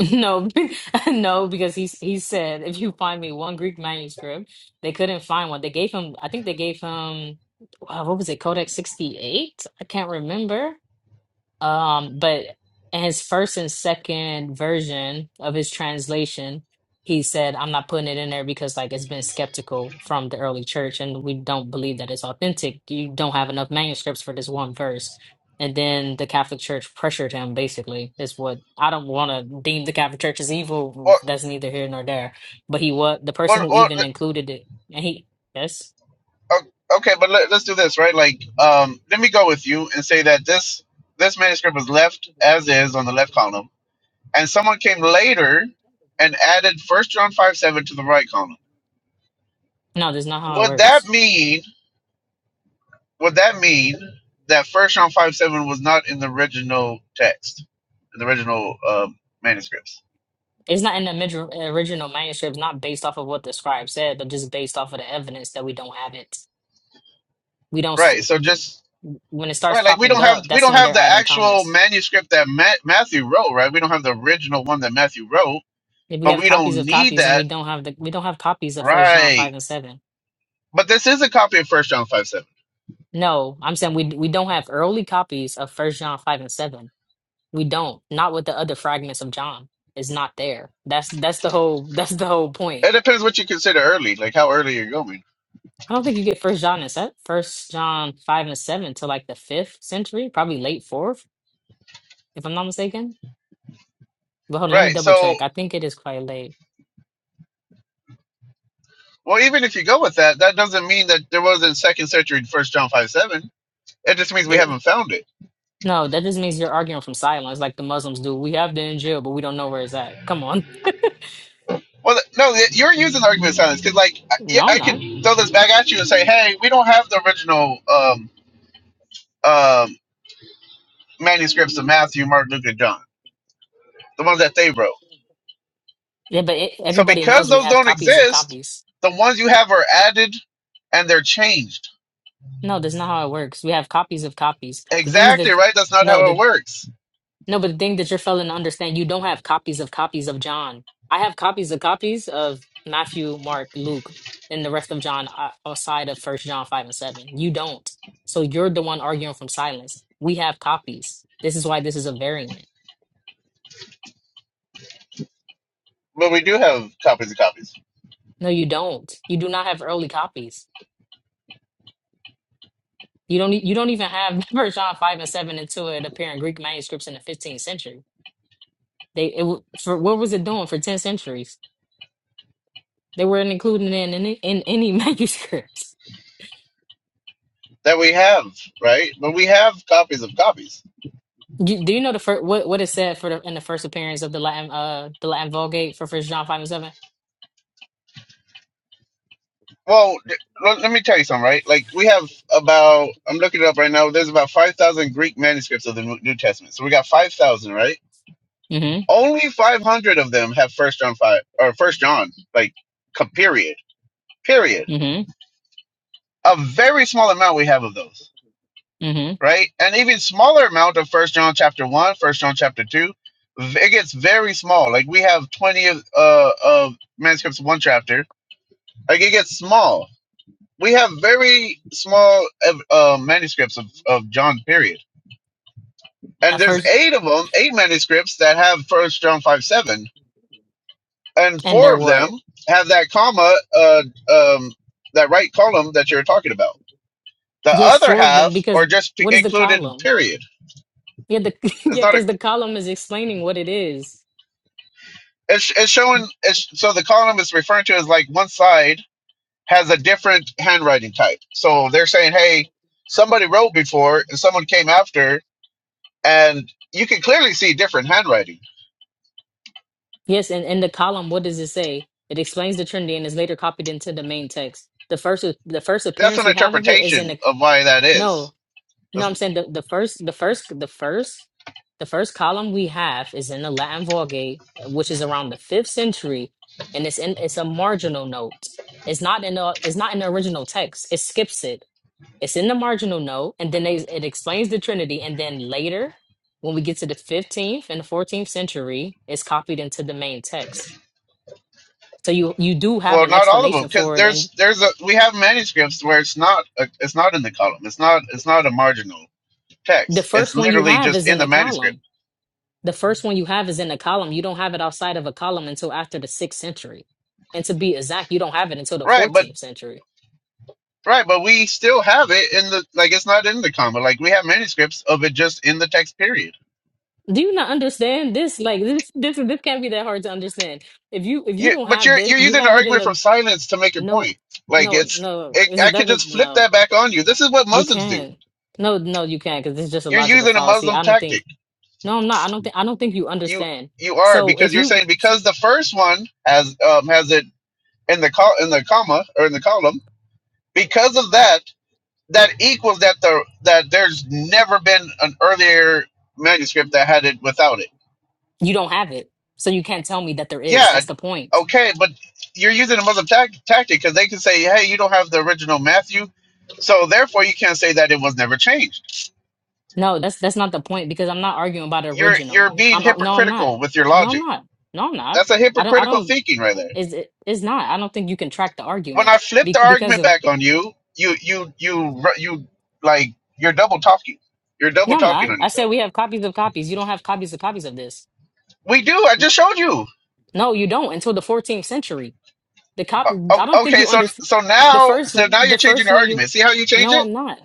No, no, because he he said if you find me one Greek manuscript, they couldn't find one. They gave him, I think they gave him, uh, what was it, Codex 68? I can't remember. Um, but in his first and second version of his translation, he said, I'm not putting it in there because like it's been skeptical from the early church and we don't believe that it's authentic. You don't have enough manuscripts for this one verse. And then the Catholic Church pressured him, basically, is what I don't want to deem the Catholic Church as
Or,
evil. That's neither here nor there. But he was the person
or,
who
or
even included it. And he, yes.
O- okay, but let, let's do this, right? Like, um, let me go with you and say that this this manuscript was left as is on the left column, and someone came later and added First John five seven to the right column.
No, that's not how it
Would that
works.
mean? Would that mean that First John five seven was not in the original text, in the original um, manuscripts?
It's not in the mid- original manuscript, not based off of what the scribe said, but just based off of the evidence that we don't have it. We don't, s-
Right. So
y-
just
when it starts
right, like we
popping
don't have
up,
we
that's
don't
when
have
they're
the
adding
actual
commas.
manuscript that Ma- Matthew wrote, right? We don't have the original one that Matthew wrote
If we
but
have
we
copies
don't
of
need
copies and
that
we don't have the, we don't have copies of First John 5
Right.
and 7.
But this is a copy of First John five seven.
No, I'm saying we we don't have early copies of First John 5 and 7. We don't. Not with the other fragments of John. It's not there. That's that's the whole that's the whole point.
It depends what you consider early, like how early you're going.
I don't think you get First John and set First John five and seven to like the fifth century, probably late fourth, if I'm not mistaken. But hold on, let me
Right.
double
So
check. I think it is quite late.
well even if you go with that, that doesn't mean that there wasn't second century first John five seven. It just means we
It,
haven't found it.
no, that just means you're arguing from silence, like the Muslims do. We have the Injil, but we don't know where it's at. Come on,
Well, th- no, th- you're using the argument of silence because, like, I, yeah,
no, I'm
I could
not.
throw this back at you and say, "Hey, we don't have the original um, um, manuscripts of Matthew, Mark, Luke, and John, the ones that they wrote."
Yeah, but it,
So,
everybody
because
knows we
those
have
don't
copies of
exist,
copies.
the ones you have are added and they're changed
No, that's not how it works. We have copies of copies. The things
Exactly,
that
right? That's not
no,
how
the
it works.
No, but the thing that you're failing to understand, you don't have copies of copies of John. I have copies of copies of Matthew, Mark, Luke, and the rest of John uh, outside of First John five and seven. You don't. So you're the one arguing from silence. We have copies. This is why this is a variant.
But we do have copies of copies
No, you don't. You do not have early copies. You don't. e- You don't even have First John five and seven until it appeared in Greek manuscripts in the 15th century. They it, w- for what was it doing for 10 centuries? They weren't included in in, in any manuscripts.
that we have, right? But we have copies of copies.
Do, do you know the first what what is said for the in the first appearance of the Latin uh the Latin Vulgate for First John five and seven?
Well, d- let let me tell you something, right? Like, we have about, I'm looking it up right now, there's about 5,000 Greek manuscripts of the New New Testament. So we got 5,000, right?
Mm-hmm.
Only 500 of them have First John 5, or First John, like, co- period. Period.
Mm-hmm.
A very small amount we have of those.
Mm-hmm.
right? An even smaller amount of First John chapter one, First John chapter two. v- It gets very small. Like we have twenty of uh, of manuscripts of one chapter. Like it gets small. We have very small uh, manuscripts of, of John. Period.
At
And there's
first,
eight of them, eight manuscripts that have First John five seven, and
and
four
they're
of them
what?
have that comma, uh, um, that right column that you're talking about. The
Yes,
other
four of them.
half
Because
are just p-
what is the
included.
column?
Period.
Yeah, the
it's
yeah,
not a.
because the column is explaining what it is.
It's it's showing. It's, so the column is referring to as like one side has a different handwriting type. So they're saying, hey, somebody wrote before and someone came after, and you can clearly see different handwriting.
Yes, and in the column, what does it say? It explains the Trinity and is later copied into the main text. The first the first
That's
appearance
an
we have of it is in
interpretation
the
of why that
no.
is.
No, I'm
That's-
saying the, the first the first the first the first column we have is in the Latin Vulgate, which is around the fifth century, and it's in it's a marginal note. It's not in the it's not in the original text. It skips it. It's in the marginal note, and then they, it explains the Trinity, and then later, when we get to the 15th and the 14th century, it's copied into the main text. So you you do have
Well,
an
not all of them,
explanation
because
for it, and
there's there's a we have manuscripts where it's not a, it's not in the column. It's not it's not a marginal
the
text. It's
first one you
literally
have
just
is
in
in a
the manuscript.
column. The first one you have is in a column. You don't have it outside of a column until after the sixth century. And to be exact, you don't have it until the
Right, but
14th century.
Right, but we still have it in the like it's not in the comma. Like we have manuscripts of it just in the text period.
Do you not understand this? Like this, this, this can't be that hard to understand. If you if you
Yeah,
don't
but
have
you're
this,
you're
you
using an
have it in
argument from
the
silence to make your
no,
point. Like
no,
it's
no.
it,
Is it
I could
that's a-
just flip
no?
that back on you. This is what
You
Muslims do.
can no, no, you can't because it's just a
You're
logical
using a
fallacy.
Muslim
I don't think.
tactic.
No, I'm not. I don't think. I don't think you
You
understand.
you are
So
because
if
you're
you
saying because the first one has um has it in the col in the comma or in the column because of that that equals that the that there's never been an earlier manuscript that had it without it
you don't have it, so you can't tell me that there is.
yeah,
That's the point.
okay, but you're using a Muslim tac tactic because they can say, hey, you don't have the original Matthew, so therefore you can't say that it was never changed.
No, that's that's not the point because I'm not arguing about the
You're
original.
you're being
I'm I- no, I'm
hypocritical
not.
with your
No, I'm
logic.
not. No, I'm not.
That's a
I don't. I
hypocritical
don't.
thinking right there.
Is it? It's not. I don't think you can track the
When
argument
I flip the
bec- because
argument
of.
back on you, you you you ru- you like you're double talking. You're double
No, I'm
talking
not.
on
I said
yourself.
we have copies of copies. You don't have copies of copies of this.
We do. I
N-
just showed you.
No, you don't until the 14th century. The
O-
cop. I don't
o-
think
Okay,
you
so
understand.
so
The
now
first.
so now
The
you're changing
first
your
one you.
argument. See how you change
No,
it?
I'm not.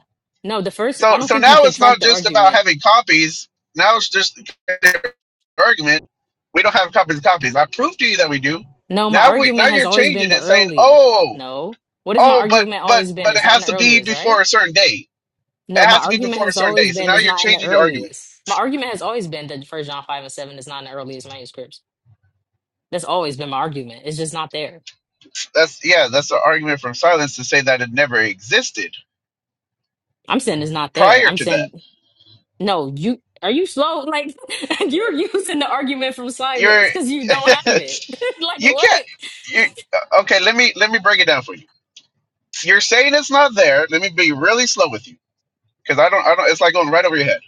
No, the first.
So
I don't
so
think you
now
can
it's
track
not
the
just about
argument.
having copies. Now it's just the argument. We don't have copies of copies. I proved to you that we do.
No, my
Now we now
argument has
you're
always been
changing
the
it, saying,
earliest.
oh
No. What has my
oh, but
argument
but
always been?
but it
It's not in
has
the
to be
earliest, right?
before a certain date. It
No, my
has to be
argument
before a
has
certain
always
date. So
been
now
it's
you're
not in the
changing the argument.
earliest. My argument has always been that First John five and seven is not in the earliest manuscripts. That's always been my argument. It's just not there.
That's yeah, that's the argument from silence to say that it never existed
I'm saying it's not there.
prior
I'm
to that.
saying no. You are you slow? Like you're using the argument from silence
You're
because you don't have it. like
you can't.
what?
You okay? Let me let me break it down for you. You're saying it's not there. Let me be really slow with you because I don't, I don't. It's like going right over your head.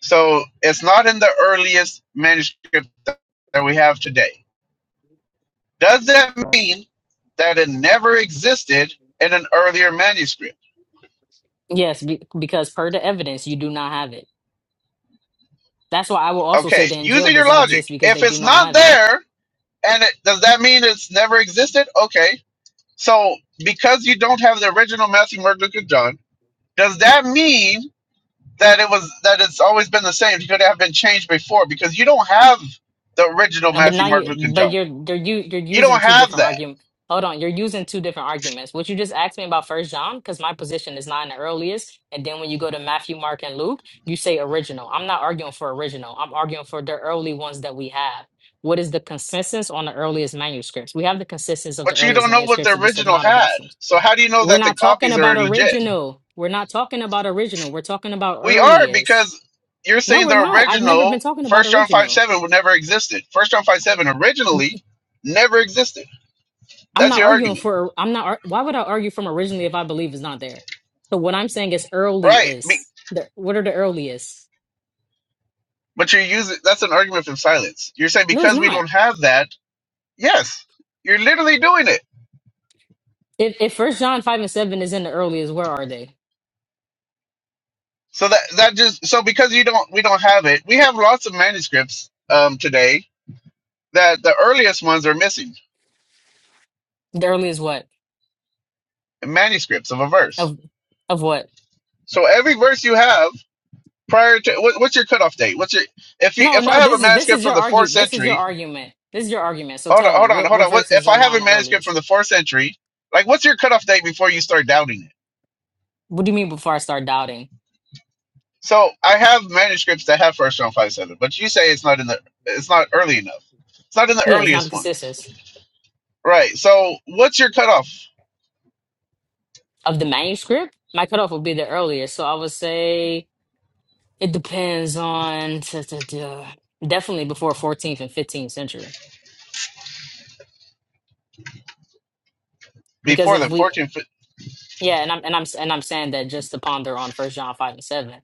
So it's not in the earliest manuscript that we have today. Does that mean that it never existed in an earlier manuscript?
Yes, be, because per the evidence, you do not have it. That's why I will also say
Okay,
the Injil
using your
doesn't exist
logic,
because they
if
do
it's
not
not
have it.
there, and it, does that mean it's never existed? Okay, so because you don't have the original Matthew, Mark, Luke, and John, does that mean that it was that it's always been the same? It could have been changed before because you don't have the original
No, but
Matthew,
now
Mark,
you,
Luke, and
but
John.
you're you're you you're
You
using
don't
two
have
different
that.
arguments. Hold on, you're using two different arguments. What you just asked me about First John, because my position is not in the earliest, and then when you go to Matthew, Mark, and Luke, you say original. I'm not arguing for original. I'm arguing for the early ones that we have. What is the consensus on the earliest manuscripts? We have the consensus of the
But you
earliest
don't know what
manuscripts
the
of the
original
synoptic
had.
documents.
So how do you know
We're
that the
not talking
copies are
about
legit?
original. We're not talking about original. We're talking about
We are
earliest.
because you're
No,
saying
we're
the
not. I've never
original
been talking about
First John five
original.
seven would never existed. First John five seven originally never existed.
I'm
That's
not
your
arguing
argument,
for. I'm not. ar- Why would I argue from originally if I believe it's not there? So what I'm saying is early
right? Be-
is. The, what are the earliest?
But you're using that's an argument from silence. You're saying
No, it's
because we
not.
don't have that, yes, you're literally doing it.
If if First John five and seven is in the earliest, where are they?
So that that just so because you don't we don't have it. We have lots of manuscripts um, today that the earliest ones are missing
The earliest what
manuscripts of a verse
of of what?
So every verse you have prior to what, what's your cutoff date? What's your if you
No,
if I
no.
have a
This is this
manuscript
is your
from the fourth
argue. This is your
century?
argument. This is your argument. So
Hold on,
tell me
hold on,
what
hold
what
on. What
verses
if
are
I have a
non
manuscript
earliest?
from the fourth century? Like, what's your cutoff date before you start doubting it?
What do you mean before I start doubting?
So I have manuscripts that have First John five seven, but you say it's not in the it's not early enough. It's not in the
Yeah, it's not the
earliest ones,
consensus
right? So what's your cutoff
of the manuscript. My cutoff would be the earliest. So I would say It depends on t- t- t- definitely before 14th and 15th century. Because
before
if
the
we,
fourteenth?
yeah, and I'm and I'm and I'm saying that just to ponder on First John five and seven.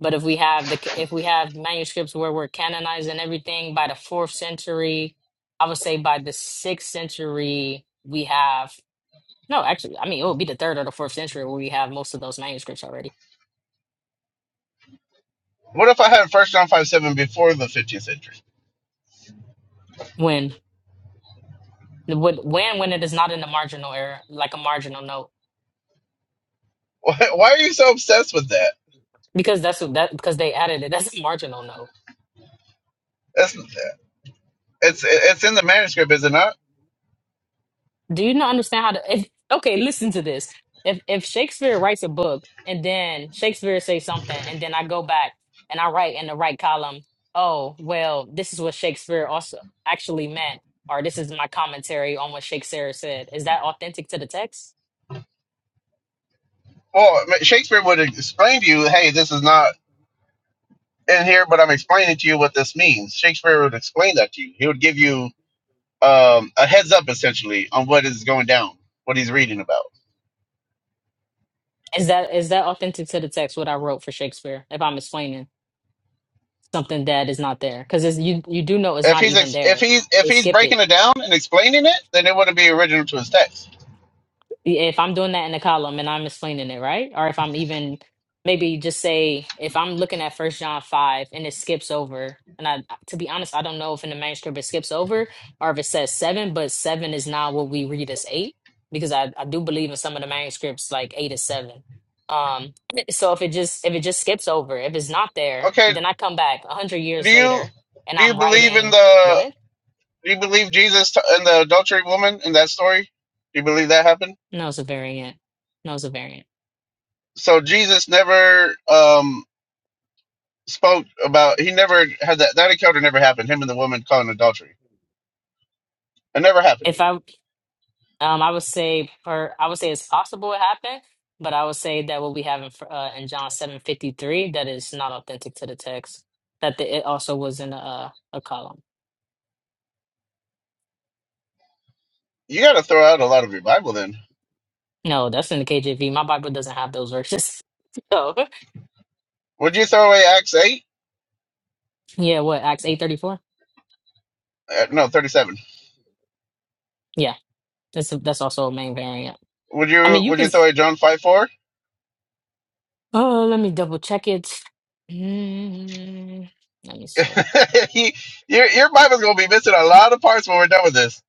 But if we have the if we have manuscripts where we're canonizing everything by the fourth century, I would say by the sixth century we have no, actually, I mean it would be the third or the fourth century where we have most of those manuscripts already.
What if I had First John five seven before the fifteenth century?
When when when it is not in the marginal error, like a marginal note,
Why, why are you so obsessed with that?
because that's what that because they added it. That's a marginal note
That's it's it's in the manuscript, is it not?
Do you not understand how to? If okay, listen to this. If if Shakespeare writes a book and then Shakespeare says something, and then I go back and I write in the right column, oh well, this is what Shakespeare also actually meant, or this is my commentary on what Shakespeare said. Is that authentic to the text?
Well, Shakespeare would explain to you, hey, this is not in here, but I'm explaining to you what this means. Shakespeare would explain that to you. He would give you um, a heads up essentially on what is going down, what he's reading about.
Is that is that authentic to the text? What I wrote for Shakespeare, if I'm explaining something that is not there, because you you do know it's
If
not
he's
even
ex- if
there.
he's if
They
he's
skip it
breaking it down and explaining it, then it wouldn't be original to his text.
Yeah, if I'm doing that in a column and I'm explaining it, right? Or if I'm even maybe just say if I'm looking at First John five and it skips over, and I to be honest, I don't know if in the manuscript it skips over or if it says seven, but seven is not what we read as eight because I I do believe in some of the manuscripts like eight is seven. Um, so if it just if it just skips over, if it's not there,
Okay,
then I come back a hundred
do
years
you
later and
do you
I'm
believe in
writing. Go
the
ahead.
do you believe Jesus t- and the adultery woman in that story? Do you believe that happened?
No, it's a variant. No, it's a variant
So Jesus never um spoke about he never had that that encounter never happened. Him and the woman calling adultery. It never happened.
If I. Um, I would say per I would say it's possible it happened, but I would say that what we have in fr- uh, in John seven fifty three that is not authentic to the text. That the, it also was in a uh, a column.
You got to throw out a lot of your Bible then.
No, that's in the KJV. My Bible doesn't have those verses. So
Would you throw away Acts eight?
yeah, what Acts eight thirty four?
Uh, no, thirty seven.
Yeah, that's that's also a main variant.
Would
I
you
mean, you
would you
can.
throw away John five four?
Oh, let me double check it. Mm, let me see.
He- your your Bible's gonna be missing a lot of parts when we're done with this.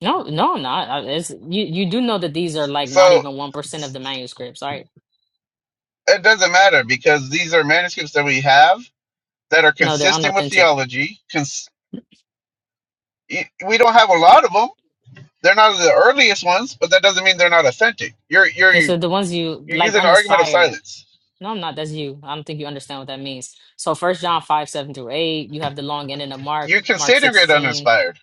No, no, not. uh, It's you. You do know that these are like not
So
even one percent of the manuscripts, right?
it doesn't matter because these are manuscripts that we have that are
No, they're
consistent with
unauthentic.
theology. Cons- y- we don't have a lot of them. They're not the earliest ones, but that doesn't mean they're not authentic. You're you're
Yeah,
you're
so the ones you like
using an argument of
uninspired.
silence
No, I'm not. That's you. I don't think you understand what that means. So first John five, seven through eight, you have the long end of Mark,
You're
Mark
considering it
sixteen.
uninspired,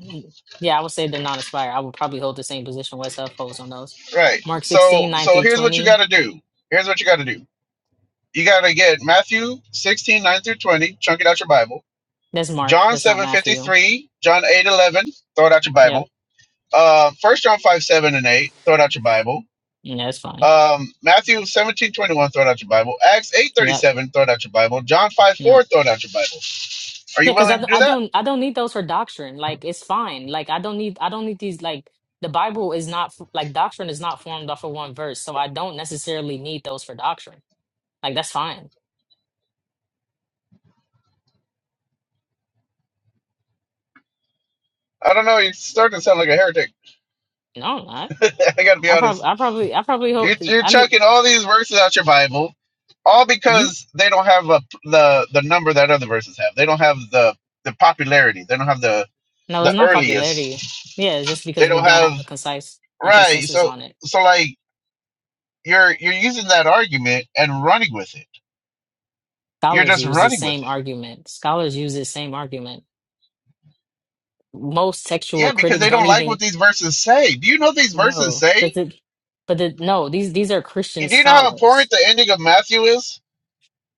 Mm, Yeah, I would say they're not inspired. I would probably hold the same position West Huff holds on those.
right?
Mark
So,
sixteen nine
so
through
here's what you got
20.
to do. Here's what you got to do. You got to get Matthew 16:9 through 20, chunk it out your Bible.
That's Mark.
John
That's not
7:53,
Matthew.
John 8:11, throw it out your
Yep.
Bible. Uh, 1 John 5, 7 and 8, throw it out your Bible.
Yeah, that's fine.
Um, Matthew 17:21, throw it out your Bible. Acts 8:37,
Yep.
throw it out your Bible. John 5,
Yep.
4, throw it out your Bible. Are you
Yeah, because I,
willing to
d-
do
I
that?
don't I don't need those for doctrine. Like it's fine. Like I don't need I don't need these like the Bible is not f- like doctrine is not formed off of one verse, so I don't necessarily need those for doctrine. Like that's fine.
I don't know. You're starting to sound like a heretic.
No, I'm not.
I got to be
I
honest.
probably I probably I probably hope
You're, you're
I mean
chucking all these verses out your Bible, all
you
because they don't have a, the the number that other verses have. They don't have the the popularity. They don't have the
no,
the
it's not popularity. Yeah, it's just
earliest. They
because we
don't
don't
have
have a concise a
right.
consensus
So
on it.
so like you're you're using that argument and running with it. You're
Scholars
just
use the
running with
same
it.
argument. Scholars use the same argument. Most textual
Yeah, because
critics
they
don't
don't like what
even
these verses say. Do you know what these verses
know. Does
say?
it but the, no, these these are Christian
Do you know how
scholars.
important the ending of Matthew is?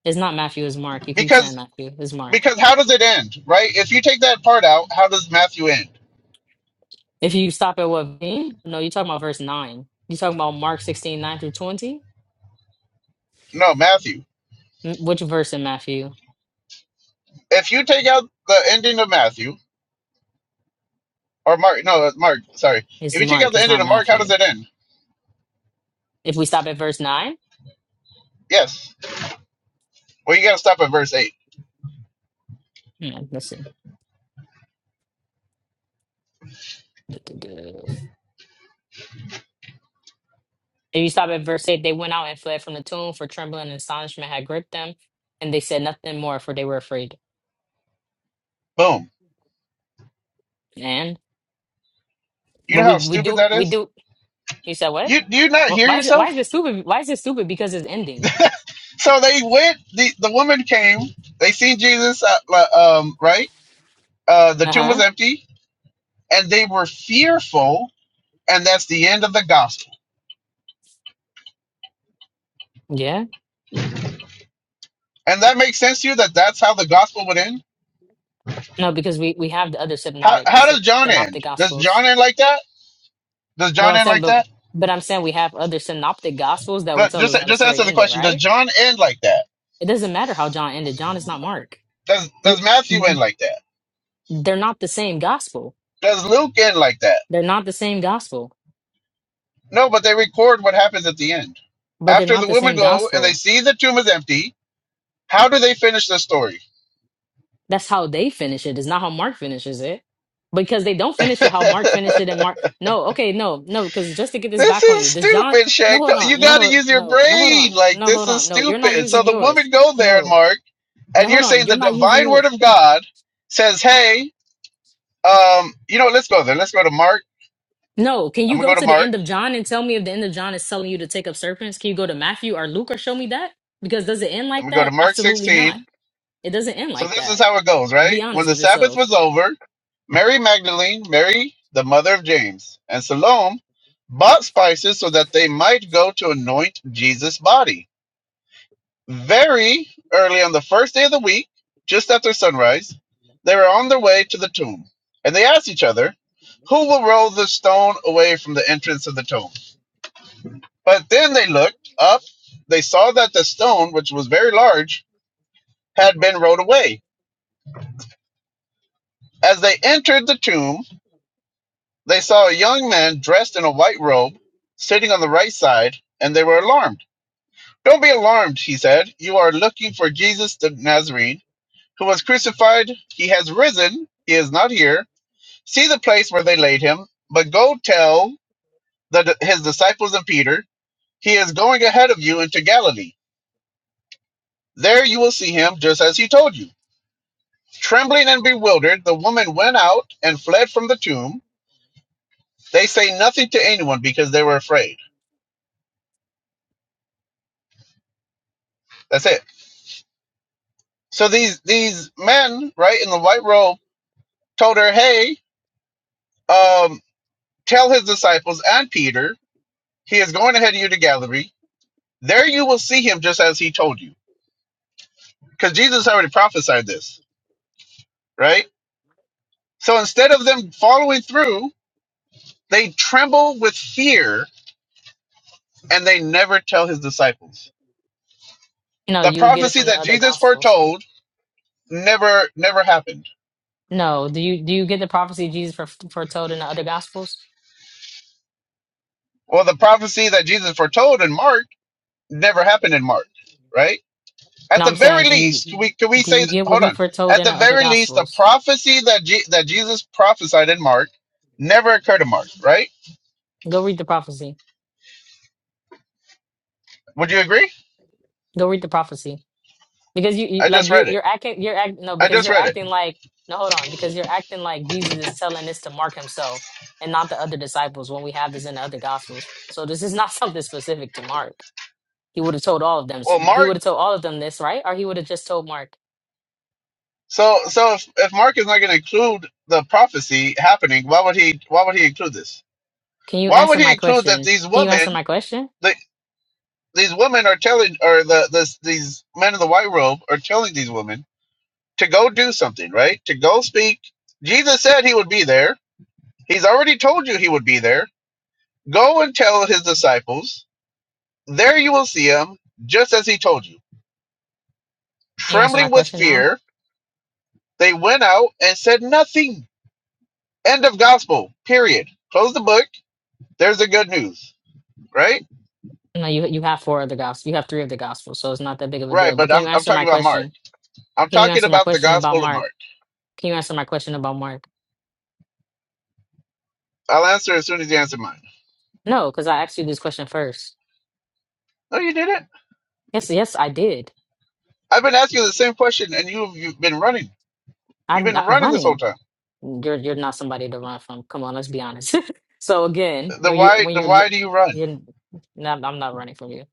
It's not Matthew, it's Mark. You keep saying
Because
Matthew, it's Mark.
because how does it end? Right? If you take that part out, how does Matthew end?
If you stop at what being, no, you're talking about verse 9. You're talking about Mark 16 9 through 20?
No, Matthew.
M- Which verse in Matthew?
if you take out the ending of Matthew or Mark, no, it's Mark, sorry.
It's
If you take out
Mark,
the
it's
ending
not
of Mark, how does
Matthew.
it end?
If we stop at verse 9,
Yes. Well, you got to stop at verse 8.
hmm, let's see. Duh, duh, duh. If you stop at verse 8, they went out and fled from the tomb, for trembling and astonishment had gripped them, and they said nothing more, for they were afraid.
Boom.
And,
You
but
know
we,
how
we
stupid
do,
that
we
is?
do, you said what?
You do you not
Wh-
hear
Why is it, why
yourself?
is this stupid? Why is this stupid? Because it's ending.
So they went the the woman came, they seen Jesus uh, uh, um right? Uh the
Uh
tomb was
huh.
empty and they were fearful and that's the end of the gospel.
Yeah.
And that makes sense to you that that's how the gospel would end?
No, because we we have the other
How
synoptic
how
syn-
does John
synoptic
end? Does
gospels.
John end like that? Does
No,
John
I'm
end
saying,
like
but
that?
but I'm saying we have other synoptic gospels that will
But
tell
just
us how the
just
story
answer the
ended,
question: Does
right?
John end like that?
It doesn't matter how John ended. John is not Mark.
Does
You,
Does Matthew end like that?
they're not the same gospel.
Does Luke end like that?
They're not the same gospel,
No, but they record what happens at the end.
but they're
After
not
the
the
women
same
go and they
gospel.
see the tomb is empty, how do they finish the story?
That's how they finish it. It's not how Mark finishes it, because they don't finish it
this
how Mark finished it. And Mark, no, okay, no, no, because just to get this back on
is
you, does John?
stupid,
No,
Shaq.
hold
You
on, no,
got to
hold-
use your
no, no, hold
brain.
on,
Like
no,
this
hold
is
on, no, you're not
stupid. So
using
the
yours.
women go there, and
No.
Mark,
No,
and
hold
you're
on.
saying
You're
the
not using
divine
yours.
word of God says, "Hey, um, you know, let's go there. Let's go to Mark.
No, can
I'm
you
gonna
go
go to
to the
Mark.
end of John and tell me if the end of John is telling you to take up serpents? Can you go to Matthew or Luke or show me that? Because does it end
I'm
like
gonna go to
that?
Mark
Absolutely
16."
not. It doesn't end
So
like
this is
that.
how it goes,
Be
right? When
honest
the
with
Sabbath
yourself.
was over, Mary Magdalene, Mary, the mother of James, and Salome bought spices so that they might go to anoint Jesus' body. Very early on the first day of the week, just after sunrise, they were on their way to the tomb. And they asked each other, Who will roll the stone away from the entrance of the tomb? But then they looked up, they saw that the stone, which was very large, had been rolled away. As they entered the tomb, They saw a young man dressed in a white robe sitting on the right side, and they were alarmed. Don't be alarmed, he said. You are looking for Jesus the Nazarene, who was crucified. He has risen. He is not here. See the place where they laid him, but go tell the, his disciples and Peter, he is going ahead of you into Galilee. There you will see him just as he told you. Trembling and bewildered, the woman went out and fled from the tomb. They say nothing to anyone because they were afraid. That's it. So these these men, right, in the white robe, told her, "Hey, um, tell his disciples and Peter he is going ahead of you to Galilee. There you will see him, just as he told you." Because Jesus already prophesied this, right? So instead of them following through, they tremble with fear and they never tell his disciples.
No,
The
you get it
prophecy
from the
that
other
Jesus
gospels.
foretold never never happened.
No, do you do you get the prophecy Jesus fore- foretold in the other gospels?
Well, the prophecy that Jesus foretold in Mark never happened in Mark, right? At
No,
the
I'm
very
saying, do you
least, we can we
do
say
you get what
hold
he
on.
foretold
At
in
the
the other
very least, the
gospels?
prophecy that Je- that Jesus prophesied in Mark never occurred to Mark, right?
Go read the prophecy.
Would you agree?
Go read the prophecy. Because you, you
I
like
just
you're
read it.
you're acting you're act no
I
because
just
you're
read it.
acting like no hold on because you're acting like Jesus is telling this to Mark himself and not the other disciples when we have this in the other gospels. So this is not something specific to Mark. He would have told all of them.
Well,
He
Mark.
would have told all of them this, right? Or he would have just told Mark.
So so if, if Mark is not going to include the prophecy happening, why would he why would he include this?
Can you
Why would
answer
he
my
include that
question?
these
Can you answer
women
my question?
the these women are telling or the this these men in the white robe are telling these women to go do something, right? To go speak. Jesus said he would be there He's already told you he would be there. Go and tell his disciples. There you will see him, just as he told you.
Can you answer my
Trembling with
question now?
fear, they went out and said nothing. End of gospel. Period. Close the book. There's the good news. Right?
No, you you have four other gospels. You have three of the gospels, so it's not that big of a deal.
Right,
But
but
can you
I'm I'm
answer my
talking about Mark.
question?
I'm
Can you
talking
answer my
about the
question about
gospel of
Mark?
Mark.
Can you answer my question about Mark?
I'll answer as soon as you answer mine.
No, because I asked you this question first.
No, you didn't.
Yes, yes, I did.
I've been asking you the same question and you've you've been running. You've
I'm
been
not
running this whole
running.
time.
You're you're not somebody to run from. Come on, let's be honest. So again,
Then
when you're
why
when
then
you're
why
lo-
do you run?
you're not, I'm I'm not running from you.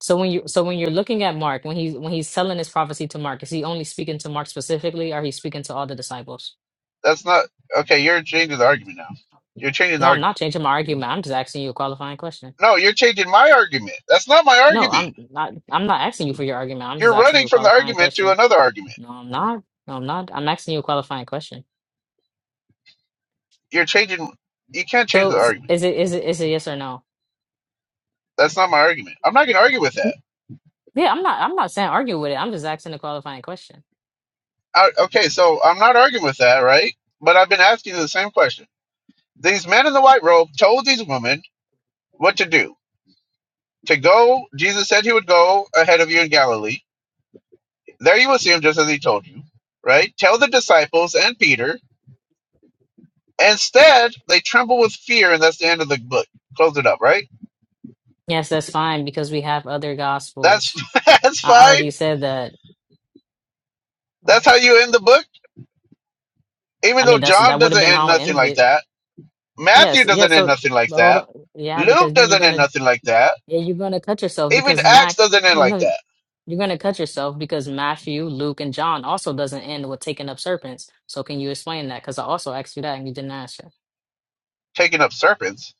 So when you so when you're looking at Mark, when he's when he's telling his prophecy to Mark, is he only speaking to Mark specifically, or he's speaking to all the disciples?
That's not okay, you're changing the argument now. You're changing the
No, I'm
argument.
not changing my argument. I'm just asking you a qualifying question.
No, you're changing my argument. That's not my
No,
argument.
I'm not. I'm not asking you for your argument. I'm just
You're
asking you
running
a
from the
qualifying
argument to
question.
another argument.
No, I'm not. No, I'm not. I'm asking you a qualifying question.
You're changing. You can't change
So
the
s-
argument.
is it is it is it yes or no?
That's not my argument. I'm not going to argue with that.
Yeah, I'm not I'm not saying argue with it. I'm just asking a qualifying question.
I, okay, so I'm not arguing with that, right? But I've been asking you the same question. These men in the white robe told these women what to do. To go, Jesus said he would go ahead of you in Galilee. There you will see him just as he told you, right? Tell the disciples and Peter. Instead, they tremble with fear, and that's the end of the book. Close it up, right?
Yes, that's fine because we have other
That's
gospels.
that's
I
fine
already said that.
That's how you end the book.
I
Even
mean,
though
that's
John
that would have
doesn't
been
end
how it
nothing
ended
like
it.
that, Matthew
Yes, yeah,
doesn't end
so
nothing like
but hold
that,
on. Yeah, because
Luke
then you're
doesn't end
gonna
nothing like that.
yeah, you're gonna cut yourself
Even
because
Acts
Mac
doesn't end like
no
that.
you're gonna cut yourself because Matthew, Luke, and John also doesn't end with taking up serpents. So can you explain that? Because I also asked you that and you didn't answer.
Taking up serpents.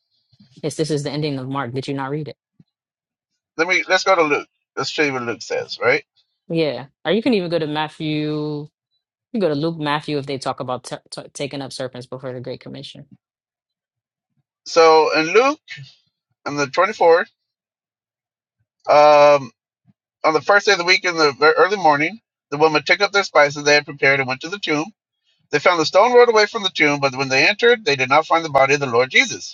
Yes, this is the ending of Mark. Did you not read it?
Let me let's go to Luke. Let's show you what Luke says. Right.
Yeah. Or you can even go to Matthew You go to Luke Matthew if they talk about t t taking up serpents before the Great Commission.
So in Luke, on the twenty fourth, um, on the first day of the week, in the ver- early morning, the women took up their spices they had prepared and went to the tomb. They found the stone rolled away from the tomb, but when they entered, they did not find the body of the Lord Jesus.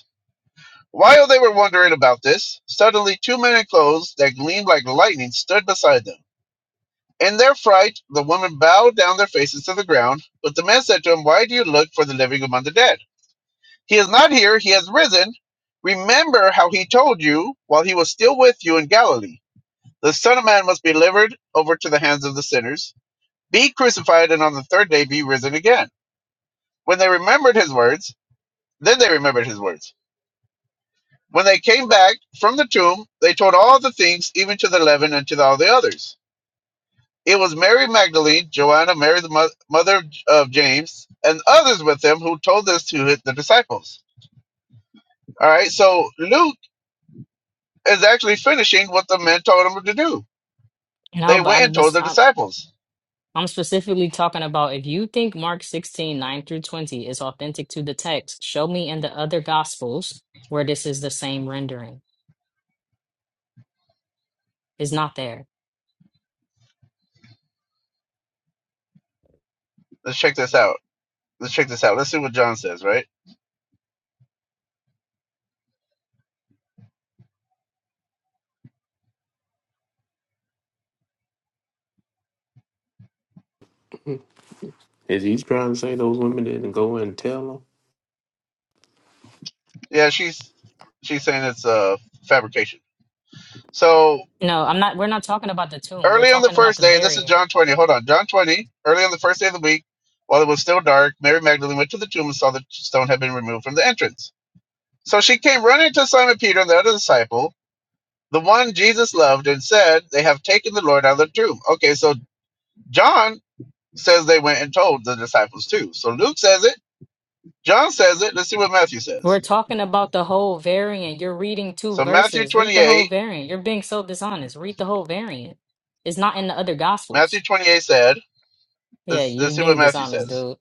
While they were wondering about this, suddenly two men in clothes that gleamed like lightning stood beside them. In their fright, the women bowed down their faces to the ground, but the men said to him, Why do you look for the living among the dead? He is not here, he has risen. Remember how he told you while he was still with you in Galilee. The Son of Man must be delivered over to the hands of the sinners, be crucified, and on the third day be risen again. When they remembered his words, then they remembered his words. When they came back from the tomb, they told all the things, even to the eleven and to all the others. It was Mary Magdalene, Joanna, Mary the mo- mother of James, and others with them who told this to the disciples. All right, so Luke is actually finishing what the men told him to do.
You know,
They
but
went
I'm
and told
just
the
I'm,
disciples.
I'm specifically talking about if you think Mark 16 9 through 20 is authentic to the text, show me in the other gospels where this is the same rendering. It's not there.
Let's check this out. Let's check this out. Let's see what John says. Right?
Is he trying to say those women didn't go and tell
Yeah, she's she's saying it's a uh, fabrication. So
No, I'm not we're not talking about the tomb. We're
Early on the
talking about
first
the
day, this is
variant.
John 20. Hold on. John 20, early on the first day of the week, while it was still dark, Mary Magdalene went to the tomb and saw that the stone had been removed from the entrance. So she came running to Simon Peter and the other disciple, the one Jesus loved, and said, They have taken the Lord out of the tomb. Okay, so John says they went and told the disciples too. So Luke says it, John says it. Let's see what Matthew says.
We're talking about the whole variant. You're reading two
So Matthew
verses. Read the whole
28,
variant. You're being so dishonest. Read the whole variant. It's not in the other
Matthew
gospels.
28 said,
Yeah,
Let's, let's
you're
see what
being
Matthew
dishonest,
says.
dude.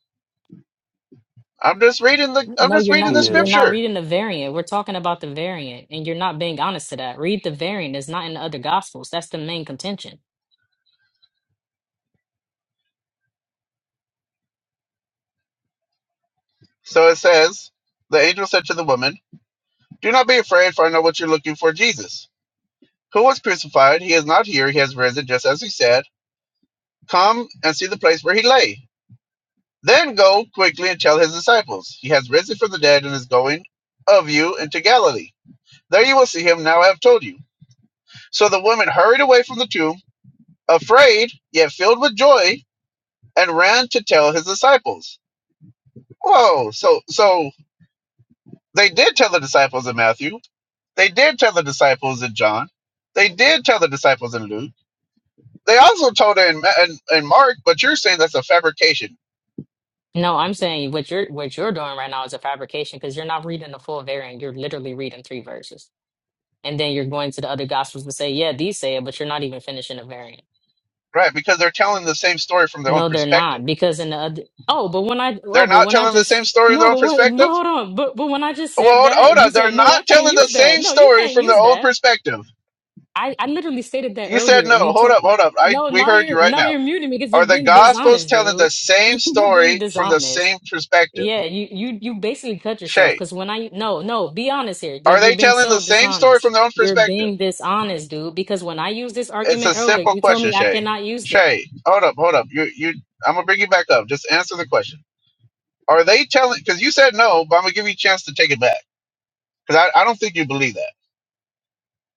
I'm just reading the I'm
No,
just
you're
reading
not
him?
the
you're
Yeah.
not
scripture.
reading the variant. We're talking about the variant, and you're not being honest to that. Read the variant. It's not in the other gospels. That's the main contention.
So it says, The angel said to the woman, Do not be afraid, for I know what you're looking for Jesus, who was crucified. He is not here, he has risen, just as he said. Come and see the place where he lay. Then go quickly and tell his disciples, He has risen from the dead and is going of you into Galilee. There you will see him, now I have told you. So the woman hurried away from the tomb, afraid, yet filled with joy, and ran to tell his disciples. Whoa, so so they did tell the disciples in Matthew. They did tell the disciples in John. They did tell the disciples in Luke. They also told it in, Ma- in, in Mark, but you're saying that's a fabrication,
No, I'm saying what you're what you're doing right now is a fabrication because you're not reading the full variant. You're literally reading three verses. And then you're going to the other gospels to say, yeah, these say it, but you're not even finishing the variant.
right? Because they're telling the same story from their own
No, they're
perspective.
not. Because in the other oh, but when I oh,
They're
but
not
when I
telling the
just
same story in
no,
their own
but what but
perspective?
hold on. But but when I just
Well,
said
hold, hold
that, you
up. They're
said, no, I
not
can't
telling the
use that.
same
No, you
story
can't
from their
use
own
that.
perspective.
I, I literally stated that
You said
earlier,
no.
and you
Hold
told
up, hold up. I
no.
We
Now
heard you
you're
right
now
now.
you're muting me because you're
Are the
being
Gospels
dishonest,
telling the
dude.
same
You're being
story from the
dishonest.
same perspective?
Yeah, you you you basically cut yourself
Shay,
because when I no no be honest here,
are
like you're
they
being
telling the
so
same story from
dishonest.
their own
You're
perspective?
being dishonest, dude. Because when I used this
It's
argument
a
earlier,
simple
you told
question,
me I
Shay.
cannot use
Shay, hold up, hold up. You you I'm gonna bring you back up. Just answer the question. Are they telling because you said no, but I'm gonna give you a chance to take it back. Because I, I don't think you believe that.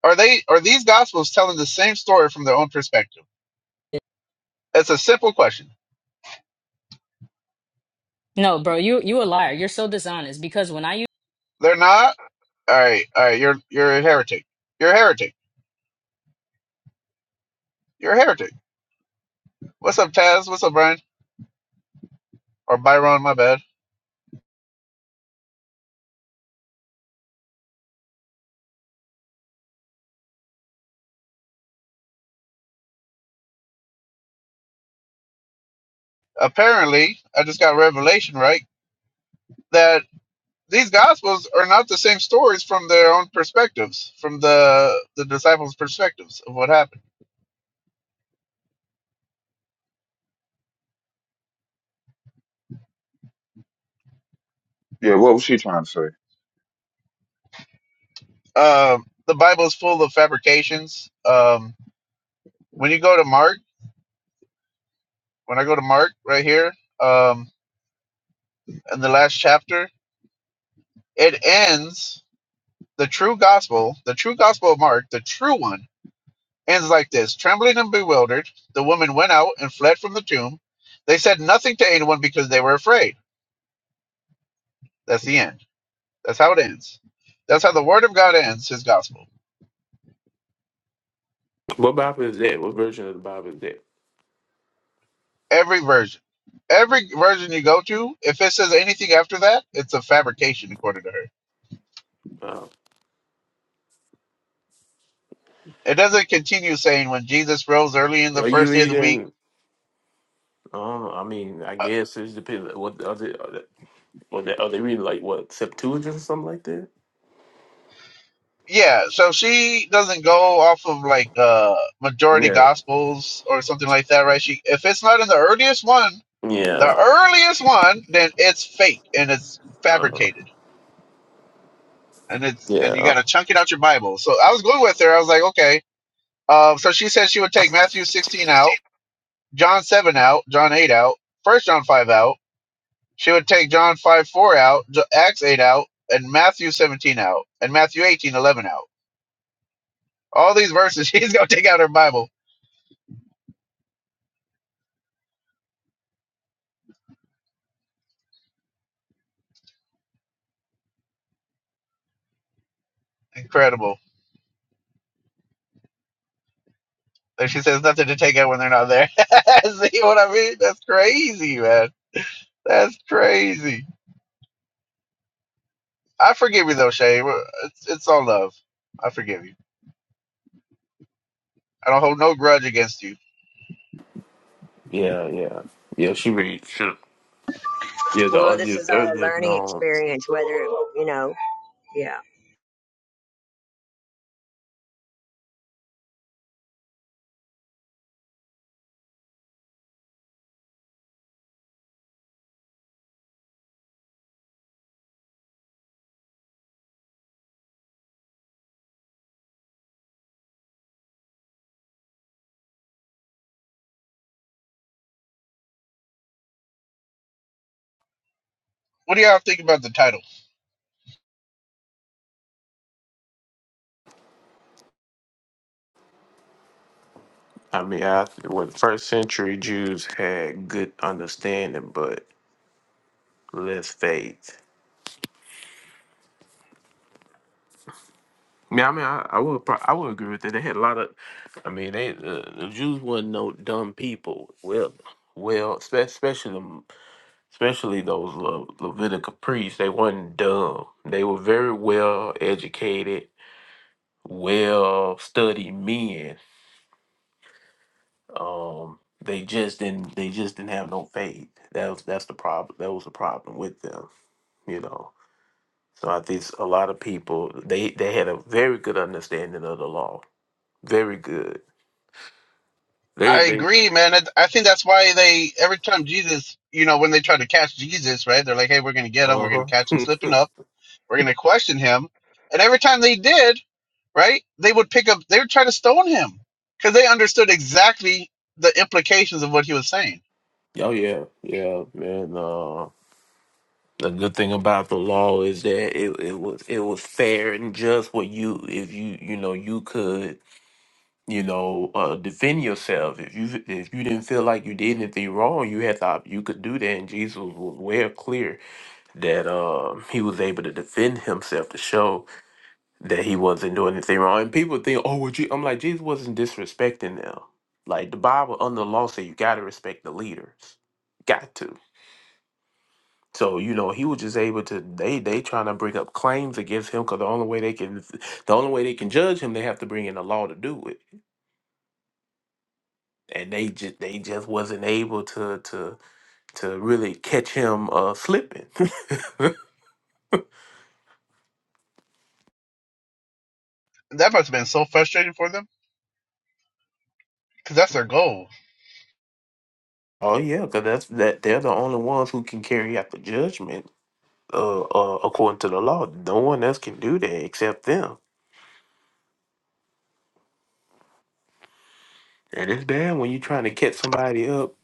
Are they are these gospels telling the same story from their own perspective?
this.
It's a simple question.
No, bro, you you a liar. You're so dishonest because when I
They're not? Alright, alright, you're you're a heretic. You're a heretic. You're a heretic. What's up, Taz? What's up, Brian? Or Byron, my bad. Apparently, I just got revelation, right? that. these gospels are not the same stories from their own perspectives, from the the disciples' perspectives of what happened.
Yeah, what was she trying to say?
Um, the Bible is full of fabrications. Um, when you go to Mark, when I go to Mark right here, um, in the last chapter, it ends the true gospel, the true gospel of Mark, the true one ends like this: trembling and bewildered, the woman went out and fled from the tomb. They said nothing to anyone because they were afraid. That's the end. That's how it ends. That's how the word of God ends his gospel
What Bible is that? What version of the Bible is that?
Every version. Every version you go to, if it says anything after that, it's a fabrication, according to her.
Uh,
It doesn't continue saying when Jesus rose early in the
are you
first day of the week.
reading? Uh, I mean, I
Uh,
guess it depends. What are they? Are they, what they, are they reading like what Septuagint or something like that?
yeah, so she doesn't go off of like uh majority
Yeah.
gospels or something like that, right? She if it's not in the earliest one, the
Yeah.
earliest one, then it's fake and it's
Uh,
fabricated and it's and you
yeah.
got to chunk it out your Bible. So I was going with her. I was like, okay. Um, so she said she would take Matthew 16 out John 7 out, John 8 out, First John 5 out. She would take John 5 4 out, J- Acts 8 out, and Matthew 17 out, and Matthew 18 11 out. All these verses, she's going to take out her Bible. Incredible. And she says nothing to take out when they're not there. See what I mean? That's crazy, man. That's crazy. I forgive you, though, Shay. We're- It's, it's all love. I forgive you. I don't hold no grudge against you.
Yeah. Yeah. Yeah. She reads. Sure. Yeah. The
Well, this
earlier,
is all a
earlier
learning
known.
experience, whether, you know, yeah.
What do y'all think about the title?
I mean, after when first century Jews had good understanding, but less faith. Yeah, I mean, I, I would, pro- I would agree with that. They had a lot of, I mean, they the, the Jews weren't no dumb people. Well, well, spe- especially them- especially those Le, Levitical priests. They weren't dumb. They were very well educated, well studied men. Um, they just didn't, they just didn't have no faith. That was that's the problem. That was the problem with them, you know. So I think a lot of people they they had a very good understanding of the law. Very good. They
I
they
agree, man. I, I think that's why they every time Jesus, you know, when they try to catch Jesus, right? They're like, "Hey, we're going to get him. We're
Uh
going
huh.
to catch him slipping up. We're going to question him." And every time they did, right? They would pick up. They would try to stone him because they understood exactly the implications of what he was saying.
oh yeah, yeah, man. Uh, the good thing about the law is that it it was it was fair and just. What you if you you know you could you know uh, defend yourself if you if you didn't feel like you did anything wrong, you had to you could do that. And Jesus was well clear that um he was able to defend himself to show. that he wasn't doing anything wrong. And people think, oh, well, Je-" I'm like, Jesus wasn't disrespecting them. Like the Bible under the law say you gotta respect the leaders. Got to. So, you know, he was just able to they they trying to bring up claims against him because the only way they can the only way they can judge him, they have to bring in the law to do it. And they just they just wasn't able to to to really catch him uh slipping.
That must have been so frustrating for them. because that's their goal.
oh yeah, because that's that they're the only ones who can carry out the judgment uh, uh, according to the law, no one else can do that except them. And it's bad when you're trying to catch somebody up,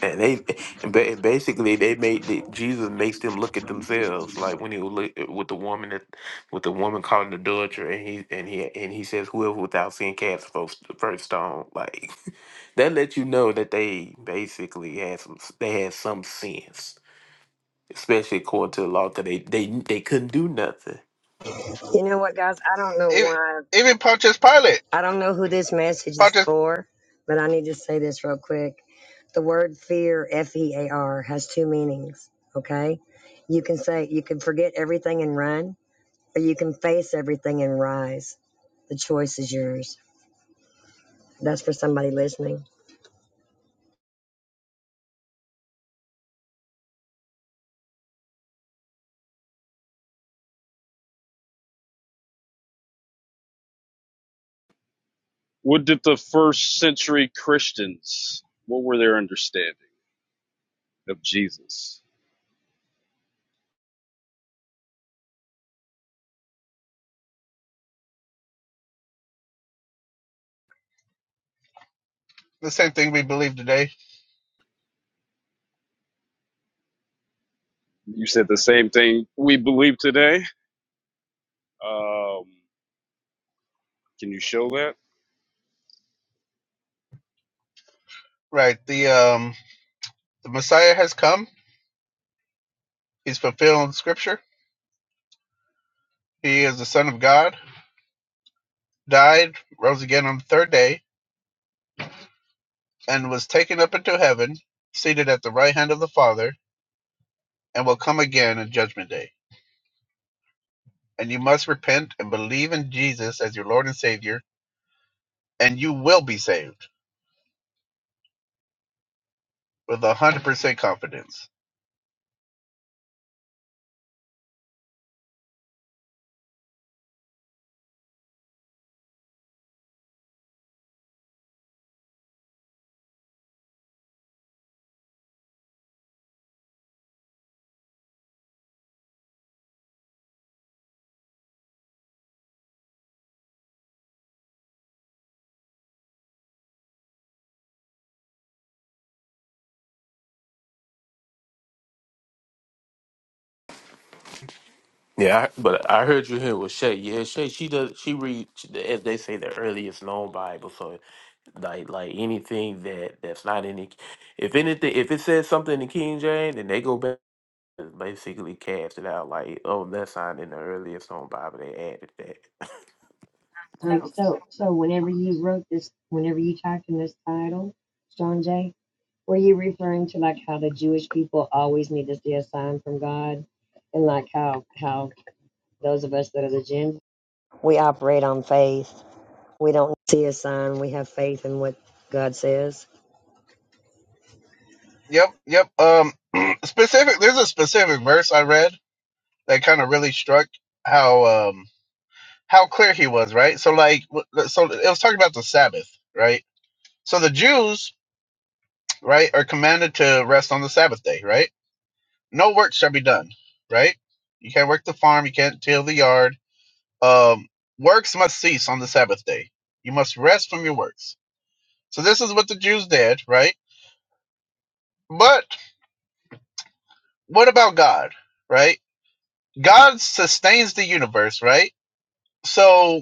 and they, and ba- and basically they made the, Jesus makes them look at themselves, like when he was look, eh, with the woman that, with the woman caught in adultery, and he and he and he says, whoever without sin cast the first the first stone, like that lets you know that they basically had some, they had some sense, especially according to the law, because they they they couldn't do nothing.
You know what, guys? I don't know
Even,
why.
even Pontius Pilate,
I don't know who this message is
Pontius,
for, but I need to say this real quick. The word fear, F E A R, has two meanings, okay? You can say, you can forget everything and run, or you can face everything and rise. The choice is yours. That's for somebody listening.
What did the first century Christians, what were their understanding of Jesus?
the same thing we believe today,
You said the same thing we believe today. Um, can you show that?
right? The um, the Messiah has come. He's fulfilling Scripture. He is the Son of God. Died, rose again on the third day, and was taken up into heaven, seated at the right hand of the Father, and will come again on Judgment Day. And you must repent and believe in Jesus as your Lord and Savior, and you will be saved with a hundred percent confidence.
Yeah, I, but I heard you here with Shay. Yeah, Shay, she does. She reads, as they say, the earliest known Bible. So, like, like anything that that's not in the, if anything, if it says something in King James, then they go back and basically cast it out. Like, oh, that's not in the earliest known Bible. They added that.
Um, so, so whenever you wrote this, whenever you typed in this title, John Jay, were you referring to like how the Jewish people always need to see a sign from God, and like how how those of us that are the Gentiles We operate on faith. We don't see a sign. We have faith in what God says.
Yep, yep. Um, specific. There's a specific verse I read that kind of really struck how um how clear he was, right? So like w- so it was talking about the Sabbath, right? So the Jews, right, are commanded to rest on the Sabbath day, right? No work shall be done, right? You can't work the farm, you can't till the yard. Um works must cease on the Sabbath day. You must rest from your works. So this is what the Jews did, right? But what about God, right? God sustains the universe, right? So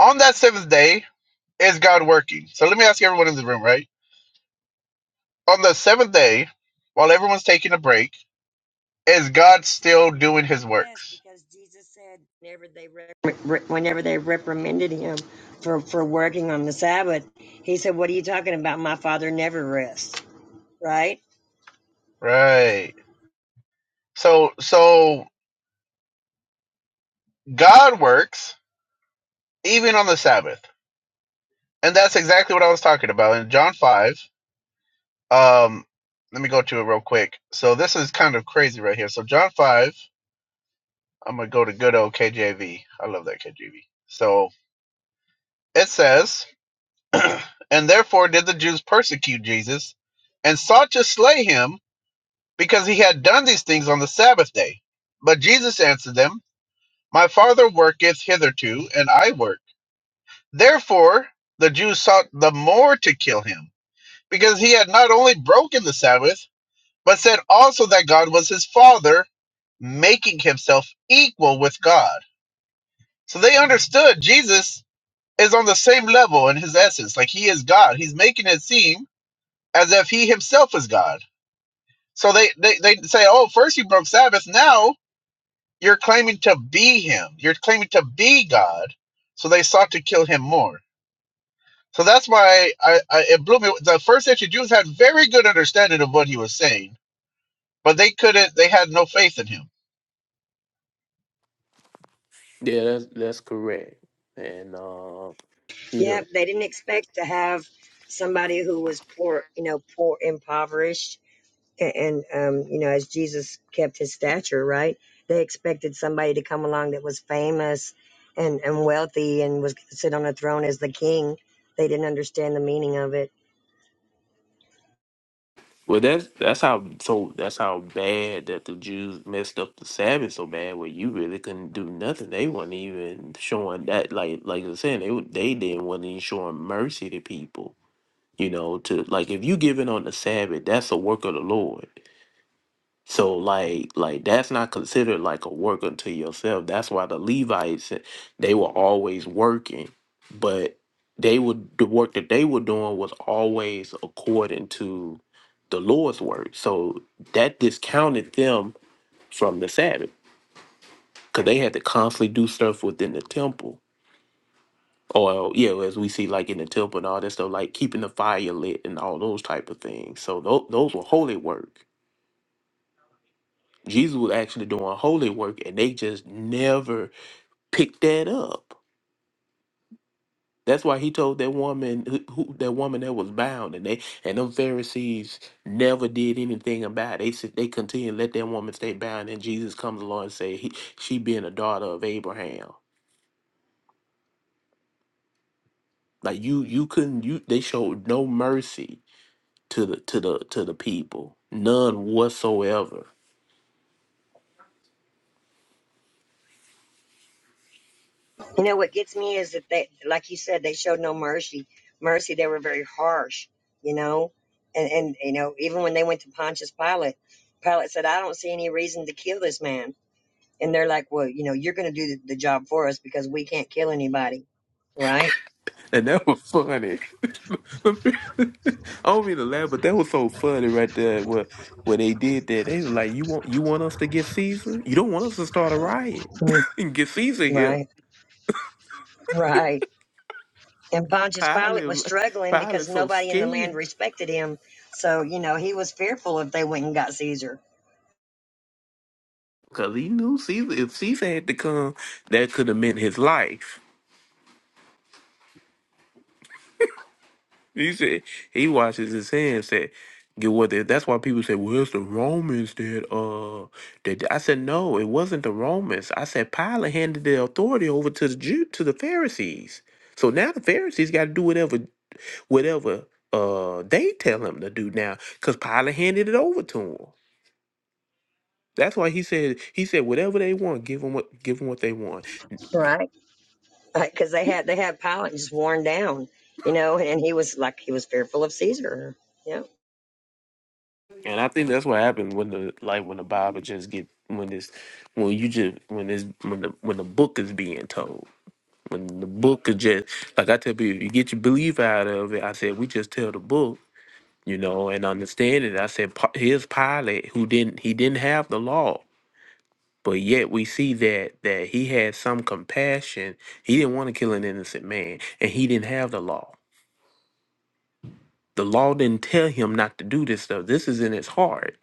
on that seventh day, is God working? So let me ask everyone in the room, right? On the seventh day, while everyone's taking a break, is God still doing his
Yes,
works?
because Jesus said whenever they re- re- whenever they reprimanded him for for working on the Sabbath, he said, "What are you talking about? My Father never rests." Right?
Right. So so God works even on the Sabbath. And that's exactly what I was talking about in John 5. Um let me go to it real quick. So this is kind of crazy right here. So John 5, I'm going to go to good old KJV. I love that KJV. So it says, "And therefore did the Jews persecute Jesus and sought to slay him because he had done these things on the Sabbath day. But Jesus answered them, My Father worketh hitherto, and I work. Therefore the Jews sought the more to kill him, because he had not only broken the Sabbath, but said also that God was his Father, making himself equal with God. So they understood Jesus is on the same level in his essence. Like he is God. He's making it seem as if he himself is God. So they, they, they say, Oh, first you broke Sabbath, now You're claiming to be him. You're claiming to be God. So they sought to kill him more. So that's why I, I it blew me. The first century Jews had very good understanding of what he was saying, but they couldn't. They had no faith in him.
Yeah, that's that's correct. And uh, you
Yeah,
know,
They didn't expect to have somebody who was poor, you know, poor, impoverished A- And, um, you know, as Jesus kept his stature, right? They expected somebody to come along that was famous and, and wealthy and was gonna sit on a throne as the king. They didn't understand the meaning of it.
Well, that's that's how so that's how bad that the Jews messed up the Sabbath so bad where you really couldn't do nothing. They weren't even showing that like like I was saying they wa- they didn't wasn't even showing mercy to people. You know, to like if you giving on the Sabbath, that's a work of the Lord. So like like that's not considered like a work unto yourself. That's why the Levites eh, they were always working, but they would the work that they were doing was always according to the Lord's word. So that discounted them from the Sabbath because they had to constantly do stuff within the temple. Or yeah, well, as we see like in the temple and all that stuff, like keeping the fire lit and all those type of things. So those those were holy work Jesus was actually doing holy work, and they just never picked that up. That's why he told that woman, who, who- that woman that was bound, and they and them Pharisees never did anything about it. They said they continued to let that woman stay bound, and Jesus comes along and say he, she being a daughter of Abraham. Like you, you couldn't. You they showed no mercy to the to the to the people, none whatsoever.
You know, what gets me is that they, like you said, they showed no mercy. Mercy, they were very harsh, you know? And, and, you know, even when they went to Pontius Pilate, Pilate said, I don't see any reason to kill this man. and they're like, "Well, you know, you're going to do the, the job for us because we can't kill anybody, right?
And that was funny. I don't mean to laugh, but that was so funny right there. What when they did that, they was like, "You want you want us to get Caesar? You don't want us to start a riot
Mhm.
and get Caesar
Right?
here."
Right. And Pontius Pilate
Pilate,
was
was like-
struggling
Pilate,
because
so
nobody in the land
scared
respected him. So, you know, he was fearful if they went and got Caesar.
because he knew Caesar. If Caesar had to come, that could have meant his life. He said he washes his hands. Said get what? They, that's why people say, "Well, it's the Romans that uh." That did-" I said no, it wasn't the Romans. I said Pilate handed the authority over to the Jew to the Pharisees. So now the Pharisees got to do whatever whatever uh they tell him to do now, because Pilate handed it over to him. That's why he said he said whatever they want, give them what give them what they want.
Right. Because they had they had Pilate just worn down, you know, and he was like he was fearful of Caesar. Yeah.
And I think that's what happened when the like when the Bible just get when this when you just when this when the when the book is being told. When the book is just like I tell people, you get your belief out of it. I said we just tell the book, you know, and understand it. I said Pa- here's Pilate who didn't he didn't have the law, but yet we see that that he had some compassion. He didn't want to kill an innocent man, and he didn't have the law. The law didn't tell him not to do this stuff. This is in his heart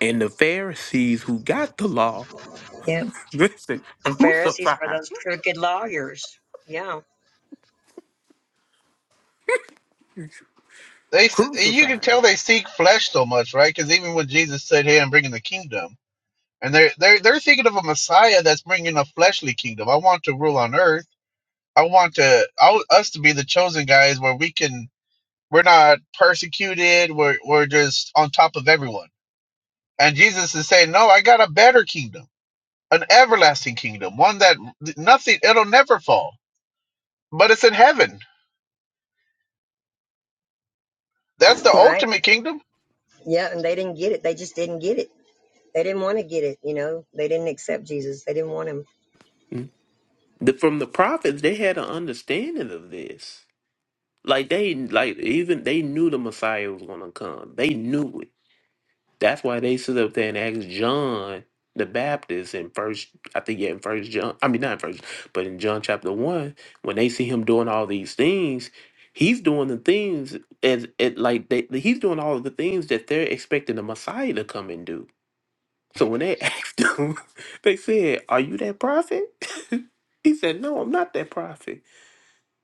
And the Pharisees who got the law,
Yeah.
listen,
The Pharisees
crucify,
were those crooked lawyers. Yeah.
They s- you can
crucify.
tell they seek flesh so much, right? Because even when Jesus said, "Hey, I'm bringing the kingdom," And they're, they're, they're thinking of a Messiah that's bringing a fleshly kingdom. I want to rule on earth. I want to I want us to be the chosen guys where we can we're not persecuted. We're we're just on top of everyone. And Jesus is saying, no, I got a better kingdom, an everlasting kingdom, one that nothing it'll never fall, but it's in heaven. That's the
Right.
ultimate kingdom.
Yeah. And they didn't get it. They just didn't get it. They didn't want to get it, you know. They didn't accept Jesus. They didn't want him.
The, from the prophets, they had an understanding of this. Like they, like even they knew the Messiah was gonna come. They knew it. That's why they stood up there and asked John the Baptist in first, I think yeah, in first John. I mean not in first, but in John chapter one, when they see him doing all these things, he's doing the things as it like they, he's doing all of the things that they're expecting the Messiah to come and do. So when they asked him, they said, "Are you that prophet?" he said, "No, I'm not that prophet."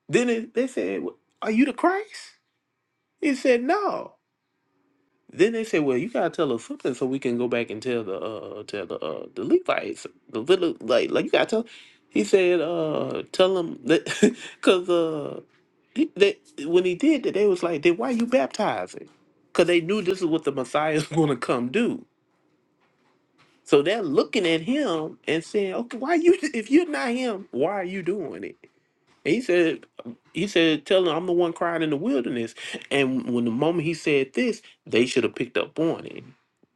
Then it, they said, "W- "Are you the Christ?" He said, "No." Then they said, "Well, you gotta tell us something so we can go back and tell the uh tell the uh the Levites the little like like you gotta tell." He said, "Uh, tell them that because uh." he- They, when he did that, they was like, "Then why you baptizing?" Because they knew this is what the Messiah is going to come do. So they're looking at him and saying, "Okay, why you? If you're not him, why are you doing it?" And he said, "He said, tell him I'm the one crying in the wilderness." And when the moment he said this, they should have picked up on it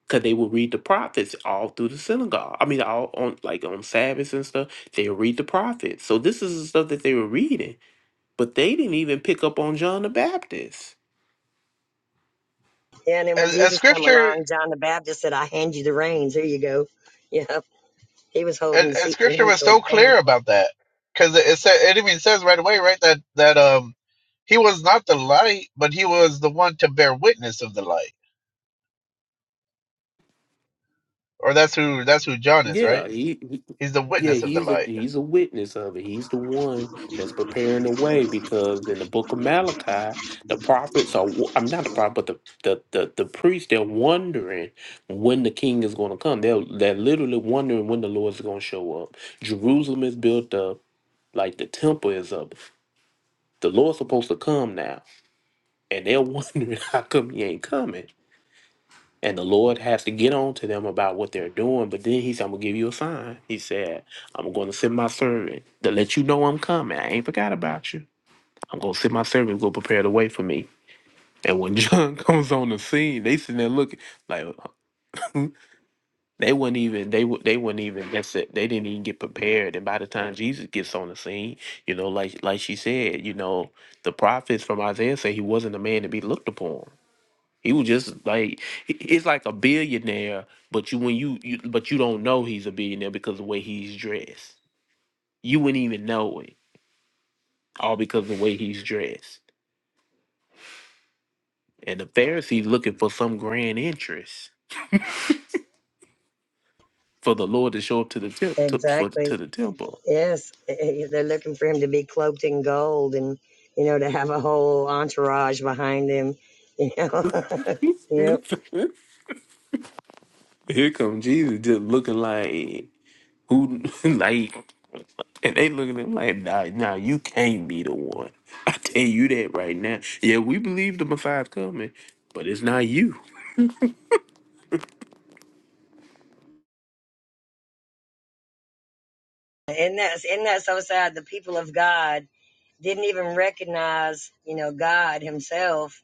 because they would read the prophets all through the synagogue. I mean, all on like on Sabbaths and stuff, they would read the prophets. So this is the stuff that they were reading, but they didn't even pick up on John the Baptist.
Yeah, and then when
And, and
Jesus came
Scripture
along, John the Baptist said, I hand you the reins. Here you go. Yeah. He was holding the
and, and
seat for
scripture
him
was
till he
so
came.
clear about that because it, it said it even says right away right that that um he was not the light but he was the one to bear witness of the light or that's who that's who john is
Yeah,
right
he.
he's the
Yeah,
witness of the
he's a
light
he's a witness of it. He's the one that's preparing the way because in the book of Malachi, the prophets are wo- I'm not the prophet, but the the the, the priests they're wondering when the king is going to come. They're they're literally wondering when the Lord's going to show up. Jerusalem is built up, like the temple is up. The Lord's supposed to come now, and they're wondering how come he ain't coming. And the Lord has to get on to them about what they're doing. But then he said, I'm going to give you a sign. He said, I'm going to send my servant to let you know I'm coming. I ain't forgot about you. I'm going to send my servant to go prepare the way for me. And when John comes on the scene, they sitting there looking like uh, they wouldn't even they would they wouldn't even that's it. They didn't even get prepared. And by the time Jesus gets on the scene, you know, like like she said, you know, the prophets from Isaiah say he wasn't a man to be looked upon. He was just like he- it's like a billionaire, but you when you, you but you don't know he's a billionaire because the way he's dressed. You wouldn't even know it, all because of the way he's dressed. And the Pharisees looking for some grand interest for the Lord to show up to the temp, to, for to
Exactly.
the temple.
Yes, eh, they're looking for him to be cloaked in gold and you know to have a whole entourage behind him. You know. yep.
Here come Jesus, just looking like who like, and they looking at him like, nah, nah, you can't be the one. I tell you that right now. Yeah, we believe the Messiah's coming, but it's not you.
And that's and that's so sad. The people of God didn't even recognize you know God Himself.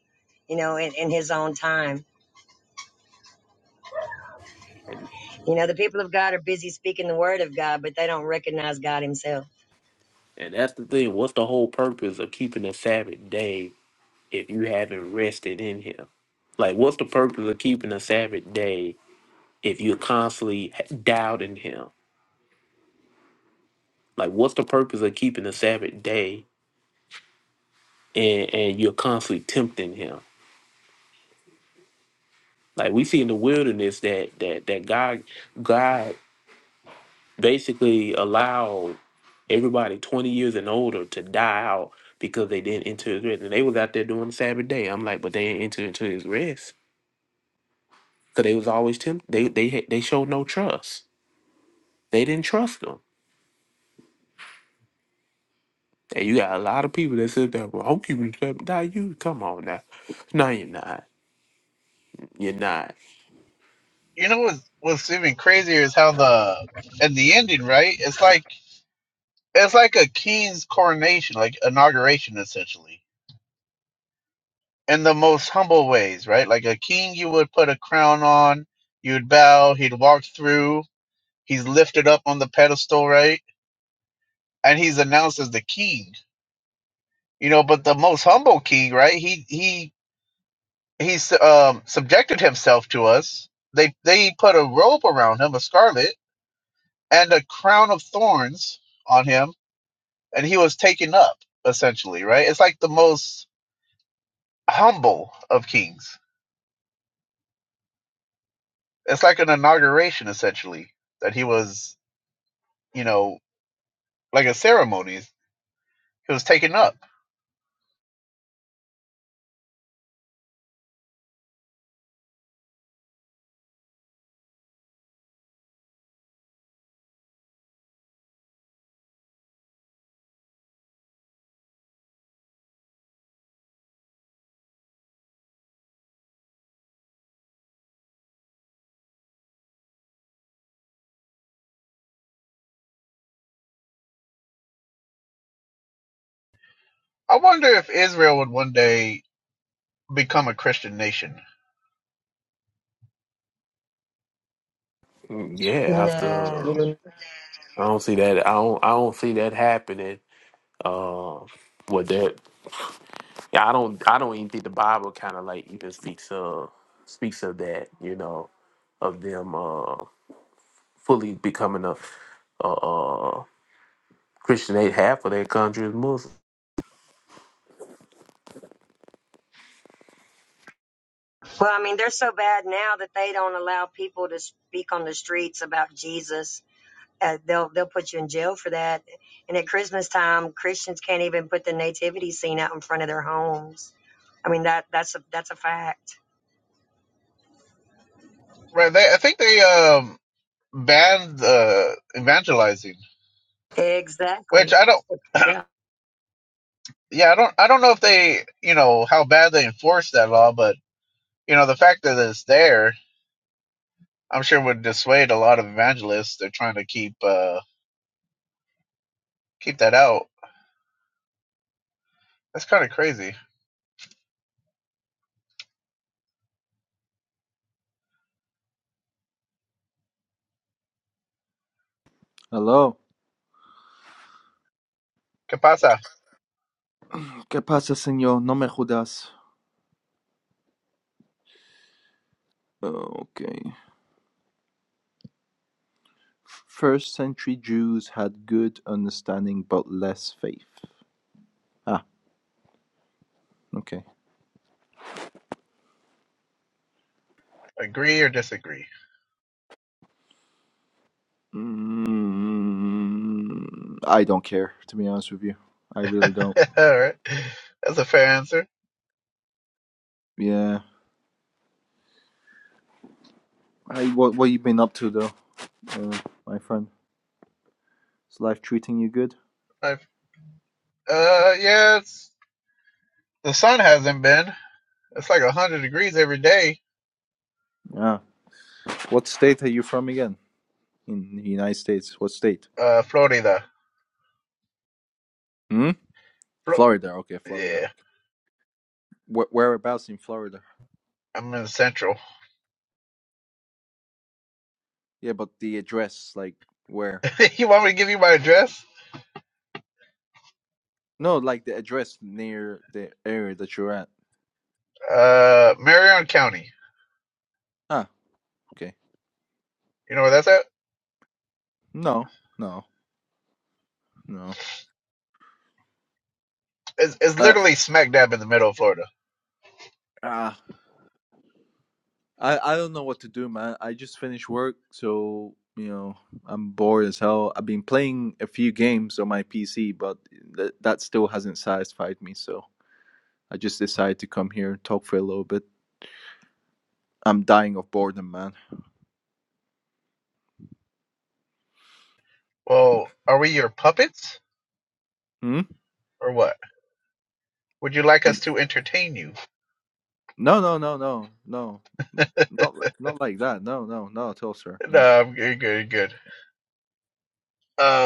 You know, in, in his own time. You know, the people of God are busy speaking the word of God, but they don't recognize God himself.
And that's the thing. What's the whole purpose of keeping a Sabbath day if you haven't rested in Him? Like, what's the purpose of keeping a Sabbath day if you're constantly doubting Him? Like, what's the purpose of keeping a Sabbath day and, and you're constantly tempting Him? Like we see in the wilderness that that that God God basically allowed everybody 20 years and older to die out because they didn't enter His rest, and they was out there doing the Sabbath day. I'm like, but they didn't enter into His rest because they was always tempt. They they had- they showed no trust. They didn't trust them. And you got a lot of people that said that. Well, I'm keeping step. Now you come on now. No, you're not. You're not.
you know what's, what's even crazier is how the and the ending right it's like it's like a king's coronation like inauguration essentially in the most humble ways right like a king you would put a crown on you'd bow he'd walk through he's lifted up on the pedestal right and he's announced as the king. You know, but the most humble king, right? He he he's um, subjected himself to us. They they put a robe around him, a scarlet, and a crown of thorns on him, and he was taken up essentially, right? It's like the most humble of kings. It's like an inauguration essentially that he was, you know, like a ceremony. He was taken up. I wonder if Israel would one day become a Christian nation.
Mm, Yeah,
Nah.
after I don't see that. I don't. I don't see that happening. Uh, with that, yeah, I don't. I don't even think the Bible kind of like even speaks of speaks of that. You know, of them uh fully becoming a uh, uh Christian. They half of their country is Muslim.
Well, I mean, they're so bad now that they don't allow people to speak on the streets about Jesus. Uh, they'll they'll put you in jail for that. And at Christmas time, Christians can't even put the nativity scene out in front of their homes. I mean that that's a that's a fact.
Right? They, I think they um banned uh, evangelizing, which
Exactly.
I don't.
Yeah,
Yeah, I don't. I don't know if they, you know, how bad they enforce that law, but you know, the fact that it's there, I'm sure would dissuade a lot of evangelists. They're trying to keep uh keep that out. That's kind of crazy.
Hello.
¿Qué pasa?
¿Qué pasa, señor? No me jodas. Oh, Okay. First century Jews had good understanding but less faith. Ah, okay.
Agree or disagree?
Mm, I don't care, to be honest with you. I
All
really don't.
right, that's a fair answer.
Yeah. I, what, what you been up to, though, uh, my friend? Is life treating you good?
I've, uh, yeah, it's, the sun hasn't been. It's like hundred degrees every day.
Yeah. What state are you from again? In the United States. What state?
Uh, Florida.
Hmm?
Flo-
Florida. Okay, Florida.
yeah,
Where, whereabouts in Florida?
I'm in Central.
Yeah, but the address, like where?
you want me to give you my address?
No, like the address near the area that you're at.
Uh, Marion County.
Ah, okay.
You know where that's at?
No, no, no.
It's, it's
Uh,
literally smack dab in the middle of Florida.
ah, I I don't know what to do, man. I just finished work, so you know I'm bored as hell. I've been playing a few games on my PC, but th- that still hasn't satisfied me. So I just decided to come here and talk for a little bit. I'm dying of boredom, man.
Well, are we your puppets
Hmm.
or what? Would you like
But
us to entertain you?
no, no, no, no, no. Not li- not like that. No, no, not at all, sir. No.
No, I'm good, good, good.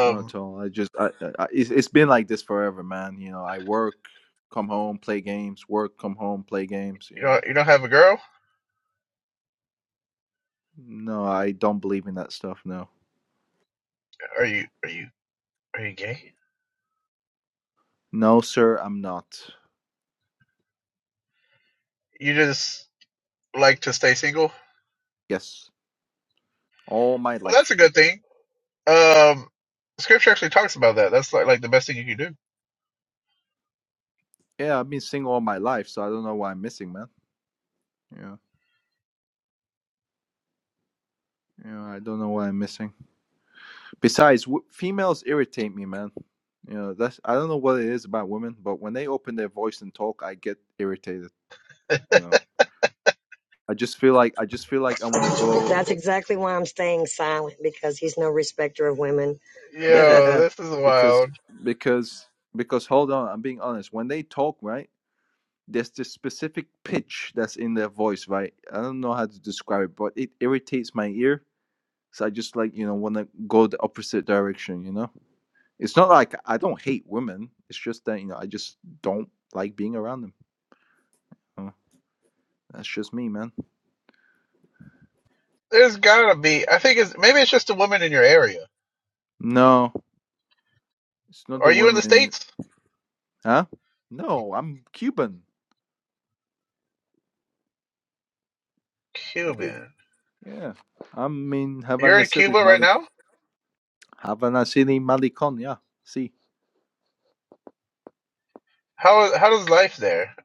Not at all. I just, I, I, it's, it's been like this forever, man. You know, I work, come home, play games, work, come home, play games. You
you
know,
don't, you don't have a girl?
no, I don't believe in that stuff. No,
Are you, are you, are you gay?
no, sir, I'm not.
You just like to stay single?
Yes, all my
Well,
life.
that's a
Yeah,
good thing. Um, scripture actually talks about that. That's like, like the best thing you can do.
yeah I've been single all my life, so I don't know why I'm missing, man. Yeah, yeah, I don't know why I'm missing. Besides, w- females irritate me, man. You know, that's I don't know what it is about women, but when they open their voice and talk, I get irritated. You know, I just feel like I just feel like I want to go
that's exactly why I'm staying silent because he's no respecter of women.
because
Yo,
so
this is
because
wild.
because because hold on i'm being honest when they talk right there's this specific pitch that's in their voice right i don't know how to describe it but it irritates my ear so i just like you know want to go the opposite direction you know it's not like i don't hate women it's just that you know i just don't like being around them Uh, that's just me man
There's gotta be. I think it's maybe it's just a woman in your area.
no it's not
Are
the
you in the
women
states?
huh no i'm cuban i mean
Cuban.
yeah i'm in
You're
havana
in
city
Cuba right
Mali
now.
Havanasili Malikon, yeah. See,
How how does life there?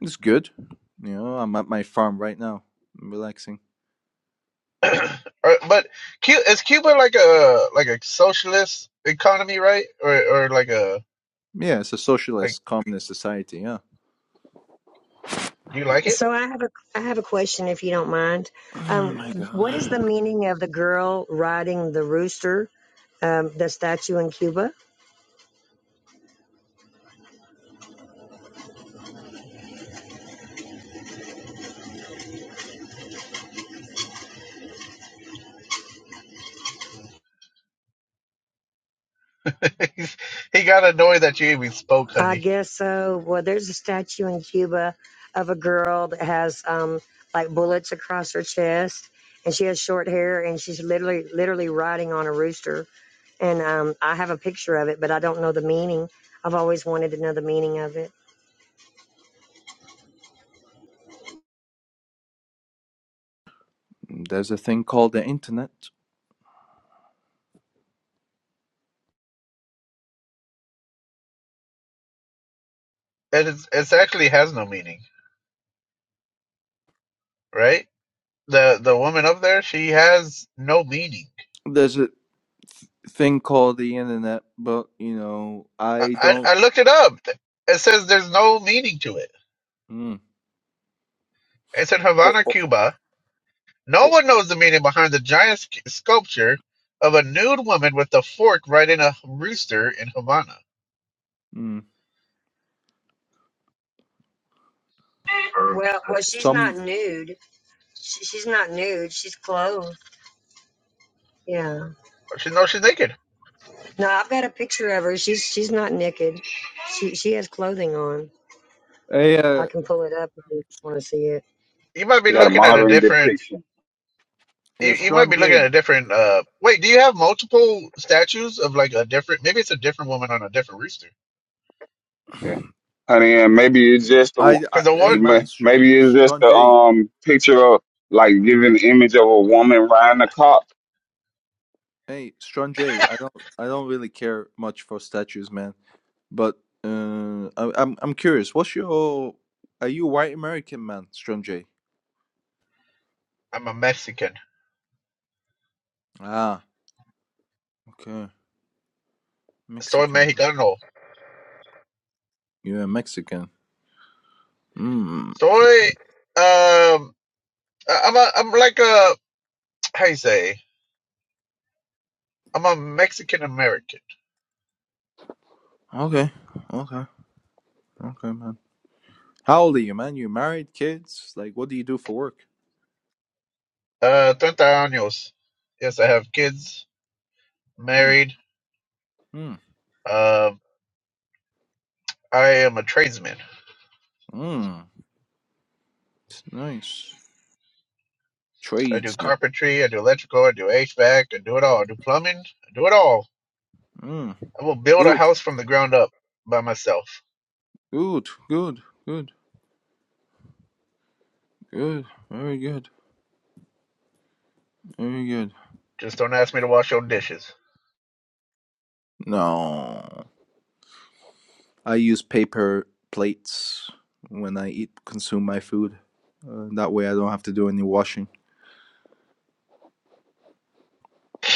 it's good. You know, I'm at my farm right now, I'm relaxing.
Or- but Cu is Cuba like a like a socialist economy, right? Or or like a
Yeah, it's a
like
socialist communist society, yeah.
do you like it?
I have a I have a question if you don't mind.
Oh
Um,
my
what is the
god.
meaning of the girl riding the rooster, um, the statue in Cuba?
He's- he got annoyed that you even spoke,
I
honey.
guess so. Well, there's a statue in Cuba of a girl that has um, like bullets across her chest, and she has short hair, and she's literally literally riding on a rooster. And um, I have a picture of it, but I don't know the meaning. I've always wanted to know the meaning of it.
There's a thing called the internet.
It is it actually has no meaning, right? The the woman up there, she has no meaning.
There's a thing called the internet, but you know,
I
I
I,
don't.
I looked it up. It says there's no meaning to it.
Mm.
It's in
Oh,
Havana,
oh,
Cuba. No
oh.
one knows the meaning behind the giant sc- sculpture of a nude woman with a fork riding a rooster in Havana.
Mm.
Well, well, she's
Some.
not nude. She, she's not nude. She's clothed. Yeah.
Oh, She knows she's naked.
No, I've got a picture of her. She's she's not naked. She she has clothing on.
Hey,
I
uh,
can pull it up if you want to see it.
You might be
She got a
looking at a
modern
different.
depiction.
uh,
You, you might
Strong
be looking at
J.
a different. Uh, wait, do you have multiple statues of like a different? Maybe it's a different woman on a different rooster.
Yeah. Honey, and maybe it's just a,
I, I,
Cause the one
hey man, S-
maybe it's just
Strong
a
J.
um picture of like giving the image of a woman riding a cop.
Hey, Strong J. I don't, I don't really care much for statues, man. But uh, I, I'm I'm curious. What's your? Are you white American man, Strong J?
I'm a Mexican.
Ah, okay,
Soy
Mexican.
mexicano.
You're a Mexican. Hmm.
Soy. Um, I- I'm a. I'm like a. How you say? I'm a Mexican American.
Okay. Okay. Okay, man. How old are you, man? You married, kids? Like, what do you do for work?
Uh, 30 años. Yes, I have kids,
Hmm.
married.
Hmm.
Um, I am a tradesman.
Hmm. It's nice.
I do
Tradesman.
carpentry, I do electrical, I do HVAC, I do it all. I do plumbing, I do it all.
Hmm.
I will build a
Good.
house from the ground up by myself.
Good. Good. Good. Good. Very good. Very good.
Just don't ask me to wash your dishes.
No. I use paper plates when I eat consume my food. Uh, that way I don't have to do any washing.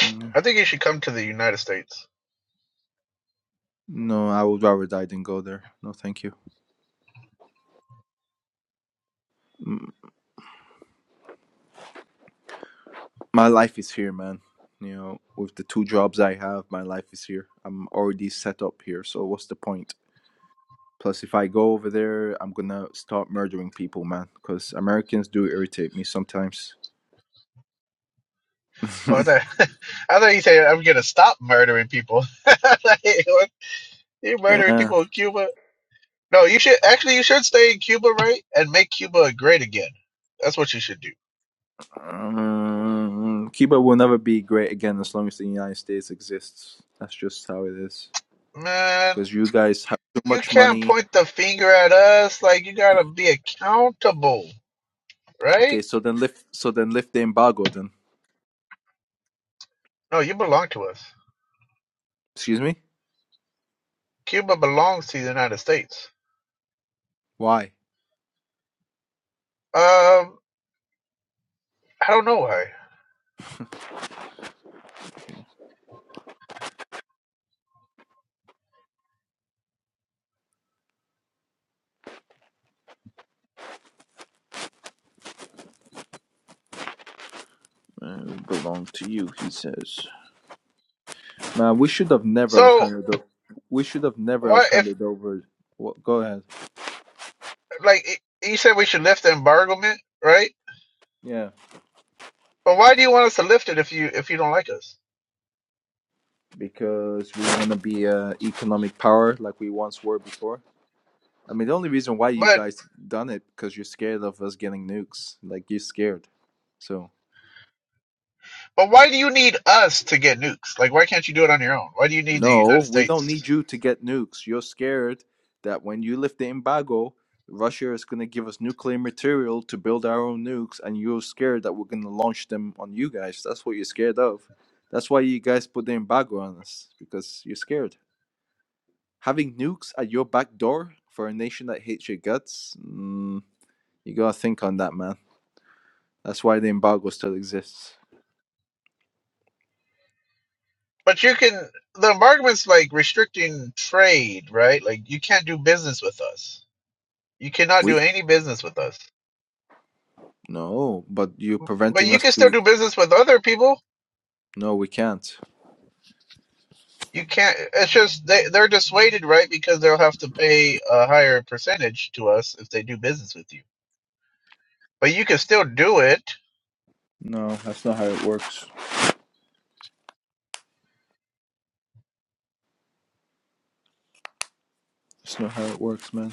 Mm.
I think you should come to the United States.
No, I would rather die than go there. No, thank you. M- My life is here, man. You know, with the two jobs I have, my life is here. I'm already set up here, so what's the point? Plus, if I go over there, I'm gonna start murdering people, man. Because Americans do irritate me sometimes.
Oh, I thought, I thought you said I'm gonna stop murdering people. Like, what? you murdering
yeah.
people in Cuba? No, you should actually you should stay in Cuba, right? And make Cuba great again. That's what you should do.
Um, Cuba will never be great again as long as the United States exists. That's just how it is.
Man,
Because you guys have too
You
much
can't
money.
point the finger at us. Like, you gotta be accountable,
Okay,
right?
so then lift. So then lift the embargo. Then,
No, you belong to us.
excuse me.
Cuba belongs to the United States.
Why?
Um, I don't know why.
Uh, we belong to you, he says. Man, we should have never have
So,
handed. O- we should have never
why
have
if
handed over. What? Go ahead.
like y- you said we should lift the embargoment, right?
Yeah,
But why do you want us to lift it if you if you don't like us?
because we want to be a economic power like we once were before. I mean, the only reason why you
But
guys done it because you're scared of us getting nukes. Like you're scared. So
but why do you need us to get nukes? Like, why can't you do it on your own? Why do you need the
no,
United
we don't
States?
need you to get nukes. You're scared that when you lift the embargo, Russia is going to give us nuclear material to build our own nukes, and you're scared that we're going to launch them on you guys. That's what you're scared of. That's why you guys put the embargo on us because you're scared. Having nukes at your back door for a nation that hates your guts, mm, you gotta think on that, man. That's why the embargo still exists.
But you can. The embargoment's like restricting trade, right? Like, you can't do business with us. You cannot
We
do any business with us.
no, but you're
But
preventing
you
us
can still
to.
do business with other people.
No, we can't.
You can't. It's just they they're dissuaded, right? Because they'll have to pay a higher percentage to us if they do business with you. But you can still do it.
No, that's not how it works. That's not how it works, man.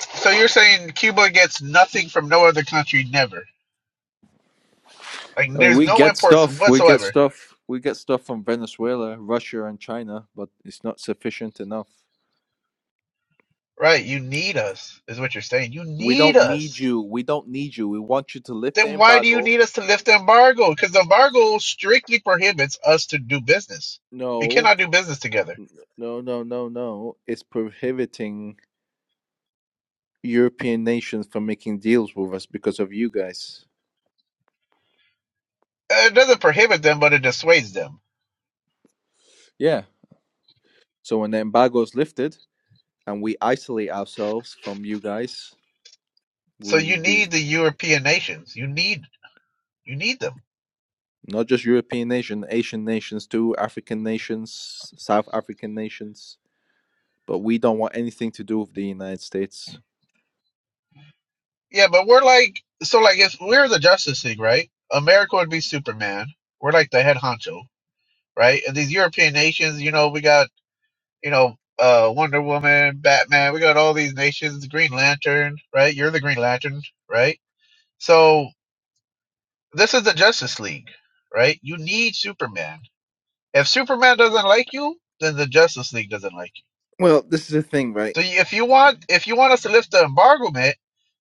So you're saying Cuba gets nothing from no other country, never. Like
I mean,
there's
we
no
get
imports
stuff. We get
whatsoever,
stuff. We get stuff from Venezuela, Russia, and China, but it's not sufficient enough.
right? You need us, is what you're saying. You
We
need
don't need
us.
you. We don't need you. We want you to lift the
Then why do you
embargo.
need us to lift the embargo? Because the embargo strictly prohibits us to do business. We
No,
cannot do business together.
no, no, no, no. It's prohibiting European nations from making deals with us because of you guys.
it doesn't prohibit them, but it dissuades them.
Yeah. So when the embargo is lifted, and we isolate ourselves from you guys.
So
We'll,
you
we
need the European nations. You need you need them.
not just European nation, Asian nations too, African nations, South African nations, but we don't want anything to do with the United States.
Yeah, but we're like so like if we're the Justice League, right? America would be Superman. We're like the head honcho, right? And these European nations, you know, we got you know uh Wonder Woman, Batman. We got all these nations. Green Lantern, right? You're the Green Lantern, right? So this is the Justice League, right? You need Superman. If Superman doesn't like you, then the Justice League doesn't like you
Well, this is the thing, right?
So you- if you want if you want us to lift the embargo, man,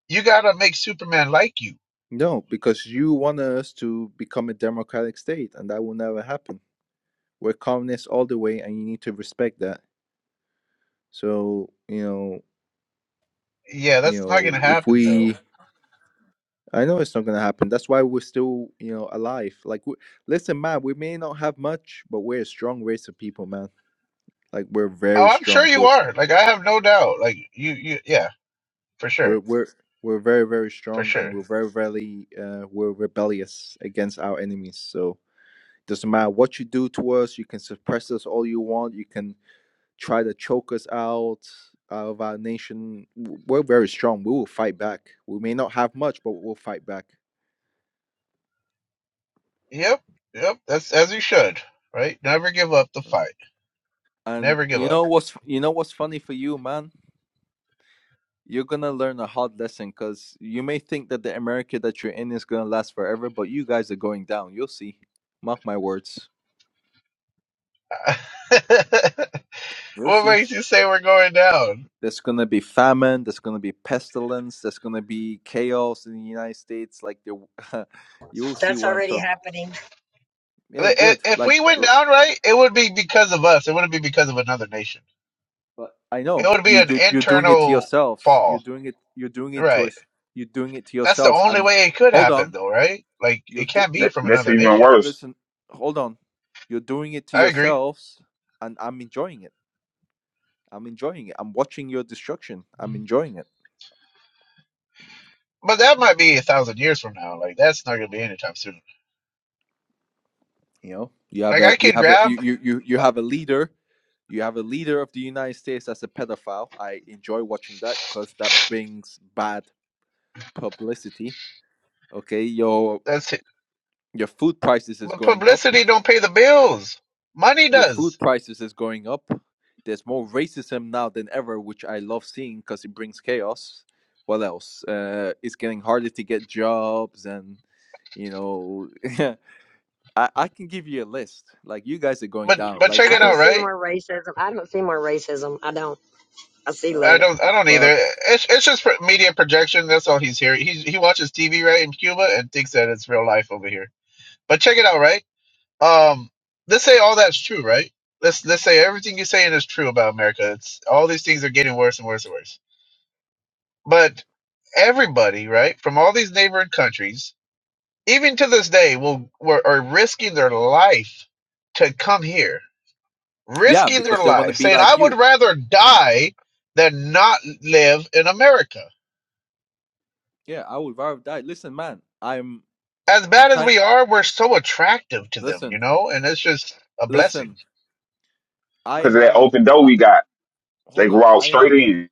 you gotta make Superman like you.
No, because you want us to become a democratic state, and that will never happen. We're communists all the way, and you need to respect that. So you know,
Yeah,
you
that's not
know,
gonna
if
happen
we
though.
I know it's not gonna happen. That's why we're still, you know, alive. Like, we, listen, man, we may not have much, but we're a strong race of people, man. Like, we're
Oh,
very
I'm sure
strong.
you
We're
are. Like I have no doubt. Like you, you, yeah, for sure,
we're we're we're very very
for
strong, and
sure.
we're very very uh, we're rebellious against our enemies. So doesn't matter what you do to us. You can suppress us all you want. You can try to choke us out out of our nation. W- We're very strong. We will fight back. We may not have much, but we'll fight back.
Yep, yep. That's as you should, right? Never give up the
Yeah.
fight.
And
Never give
you
up.
know what's you know what's funny for you, man? you're gonna learn a hard lesson because you may think that the America that you're in is gonna last forever, but you guys are going down. You'll see. Mark my words. You'll
what
see.
makes you say we're going down?
There's gonna be famine. There's gonna be pestilence. There's gonna be chaos in the United States. Like the, you'll see
That's
what I'm
already
talking.
happening.
Yeah,
I-
good.
If
Like,
we went
l-
down, right, it would be because of us. It wouldn't be because of another nation.
but I
It
know
would be
you
an
do. You're doing it to
internal
yourselves. You're
fall,
doing it. You're doing it to
right?
us. You're doing it to
That's the
yourselves.
only
And
way it could
hold
happen,
on.
though, right? Like,
You
it
do.
can't
You.
be
That,
from
that's
another
even
nation.
worse
listen, hold on. You're doing it to
I agree.
yourselves, and I'm enjoying it. I'm enjoying it. I'm watching your destruction. I'm enjoying it.
But that might be a thousand years from now. Like, that's not going to be anytime soon.
You know, you have
Like,
a
I
you
could
have a you
grab,
you you, you have a leader. You have a leader of the United States as a pedophile. I enjoy watching that because that brings bad publicity. Okay, your
that's it.
your food prices is
But
going up.
publicity don't pay the bills. Money
Your food
does.
prices is going up. There's more racism now than ever, which I love seeing because it brings chaos. What else? Uh, it's getting harder to get jobs, and you know, I I can give you a list. Like you guys are going
But,
down.
but
Like
check
I
you
it
can,
don't
out,
see
right?
more racism. I don't see more racism. I don't. I see
uh,
I
less.
don't, I don't
well,
either. It's, it's just pro- media projection. That's all he's here. He, he watches TV, right, in Cuba and thinks that it's real life over here. But check it out, right? Um, let's say all that's true, right? Let's let's say everything you're saying is true about America. It's all these things are getting worse and worse and worse. But everybody, right, from all these neighboring countries, even to this day, will were, are risking their life to come here,
yeah,
risking their
because they want to
life,
be
saying, "I
like
would
you.
rather die than not live in America."
Yeah, I would rather die. Listen, man, I'm
As bad as
thank.
we are, we're so attractive to them, you
Listen,
know, and it's just a blessing.
listen. I
because of that
have.
open door
I,
we got. They
hold
go
on.
out
I
straight
have.
in.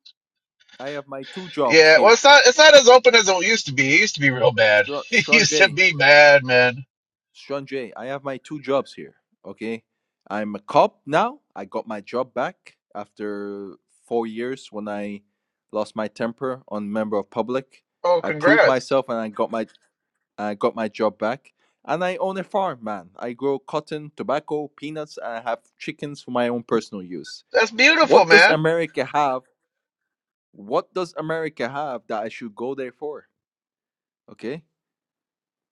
I have my two jobs
Yeah, well,
here.
it's not it's not as open as it used to be. It used to be real bad.
Str-
It used to
Strange.
be bad, man.
Sanjay, J, I have my two jobs here. Okay, I'm a cop now. I got my job back after four years when I lost my temper on member of public.
Oh,
I proved
congrats.
myself and I got my I got my job back. And I own a farm, man. I grow cotton, tobacco, peanuts, and I have chickens for my own personal use.
That's beautiful,
What does
man.
America have? What does America have that I should go there for? Okay.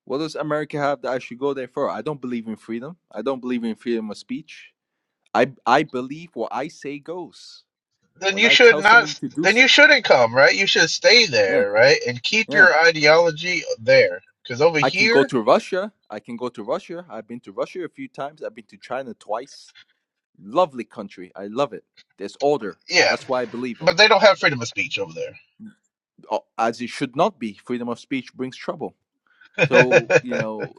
What does America have that I should go there for? I don't believe in freedom. I don't believe in freedom of speech. I I believe what I say goes.
Then
When
you
I
should
tell somebody
not.
to do
Then
so,
you shouldn't come, right? You should stay
yeah,
there, right, and keep your
yeah.
ideology there. Because over
I can go
here,
to Russia. I can go to Russia. I've been to Russia a few times. I've been to China twice. Lovely country. I love it. There's order.
yeah,
That's why I believe in.
but they don't have freedom of speech over there.
o- As it should not be. Freedom of speech brings trouble. So you know,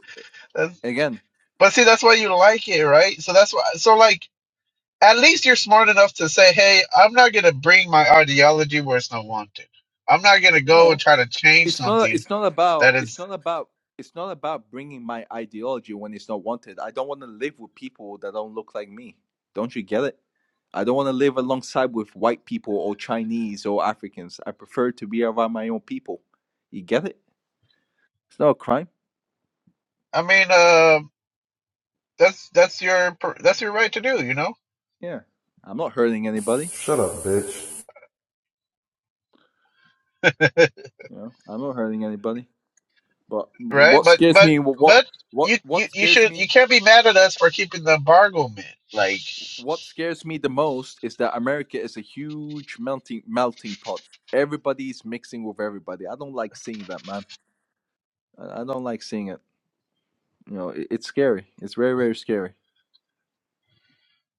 that's,
again,
but see, that's why you like it, right? So that's why. So like, at least you're smart enough to say, "Hey, I'm not gonna bring my ideology where it's not wanted. I'm not gonna go
no.
and try to change
it's not
something."
it's not about
That
it's
is,
not about it's not about bringing my ideology when it's not wanted i don't want to live with people that don't look like me don't you get it i don't want to live alongside with white people or chinese or africans i prefer to be around my own people you get it it's not a crime
I mean, uh, that's that's your per- that's your right to do, you know,
yeah i'm not hurting anybody
Shut up, bitch.
you know i'm not hurting anybody but
right?
what
But
scares
but
me what
but
what
you you
what
you
scares
should
me
you can't be mad at us for keeping the embargo, man. Like,
what scares me the most is that America is a huge melting melting pot. Everybody's mixing with everybody. I don't like seeing that, man. I I don't like seeing it. You know, it, it's scary. It's very, very scary.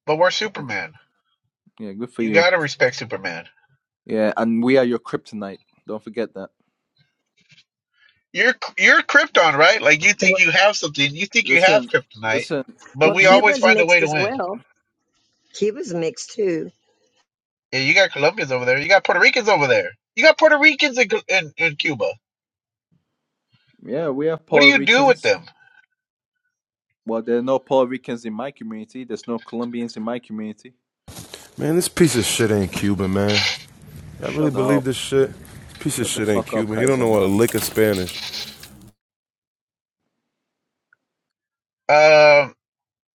but we're
Yeah,
Superman.
yeah, good for
You
you.
gotta respect Superman.
Yeah, and we are your kryptonite. Don't forget that.
You're you're Krypton, right? Like you
Well,
think you have something, you think you have
Listen,
kryptonite,
listen.
but
well,
If
we
you,
always
Cuba's
find a way
mixed
to
as
win.
well. Cuba's mixed too.
Yeah, you got Colombians over there. You got Puerto Ricans over there. You got Puerto Ricans in in, in Cuba.
yeah, we have
What do
Puerto
you do with
Ricans.
them?
Well, there are no Puerto Ricans in my community. There's no Colombians in my community.
Man, this piece of shit ain't Cuban, man. Y'all really
Shut
believe
up.
this shit? This piece of
Shut the
shit ain't
fuck up,
Cuban. He don't
Kaiser,
know a
man.
lick of Spanish.
Um,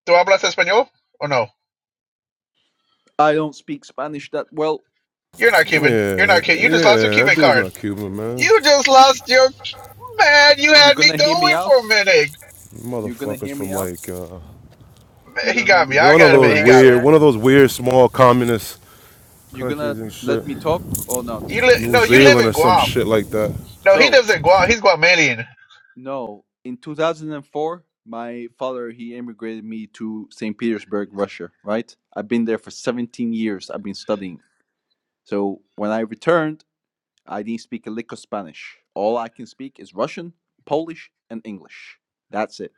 do hablas español or no?
I don't speak Spanish that well.
You're not Cuban. You're not
Yeah,
Cuban. You just lost your
yeah, that
Cuban
dude's
card.
not Cuban, man.
You just lost your man. You
You're
had me
gonna hear me
going for
out?
a minute.
You're gonna
Motherfuckers
hear me
from
out?
like uh,
You're
He
gonna let
got
me
me. I
one
talk?
of
gotta
those
admit, he got
weird,
Russia.
me.
one of those weird small communist
You're gonna
countries and shit.
let me talk or not?
You li-
New
no, you live
Zealand
in
or some
Guam.
shit like that.
No, he
So,
lives in Guam. He's Guamanian.
no. In 2004, my father he immigrated me to St. Petersburg, Russia, right? I've been there for 17 years. I've been studying. So, when I returned, I didn't speak a lick of Spanish. All I can speak is Russian, Polish, and English. That's it.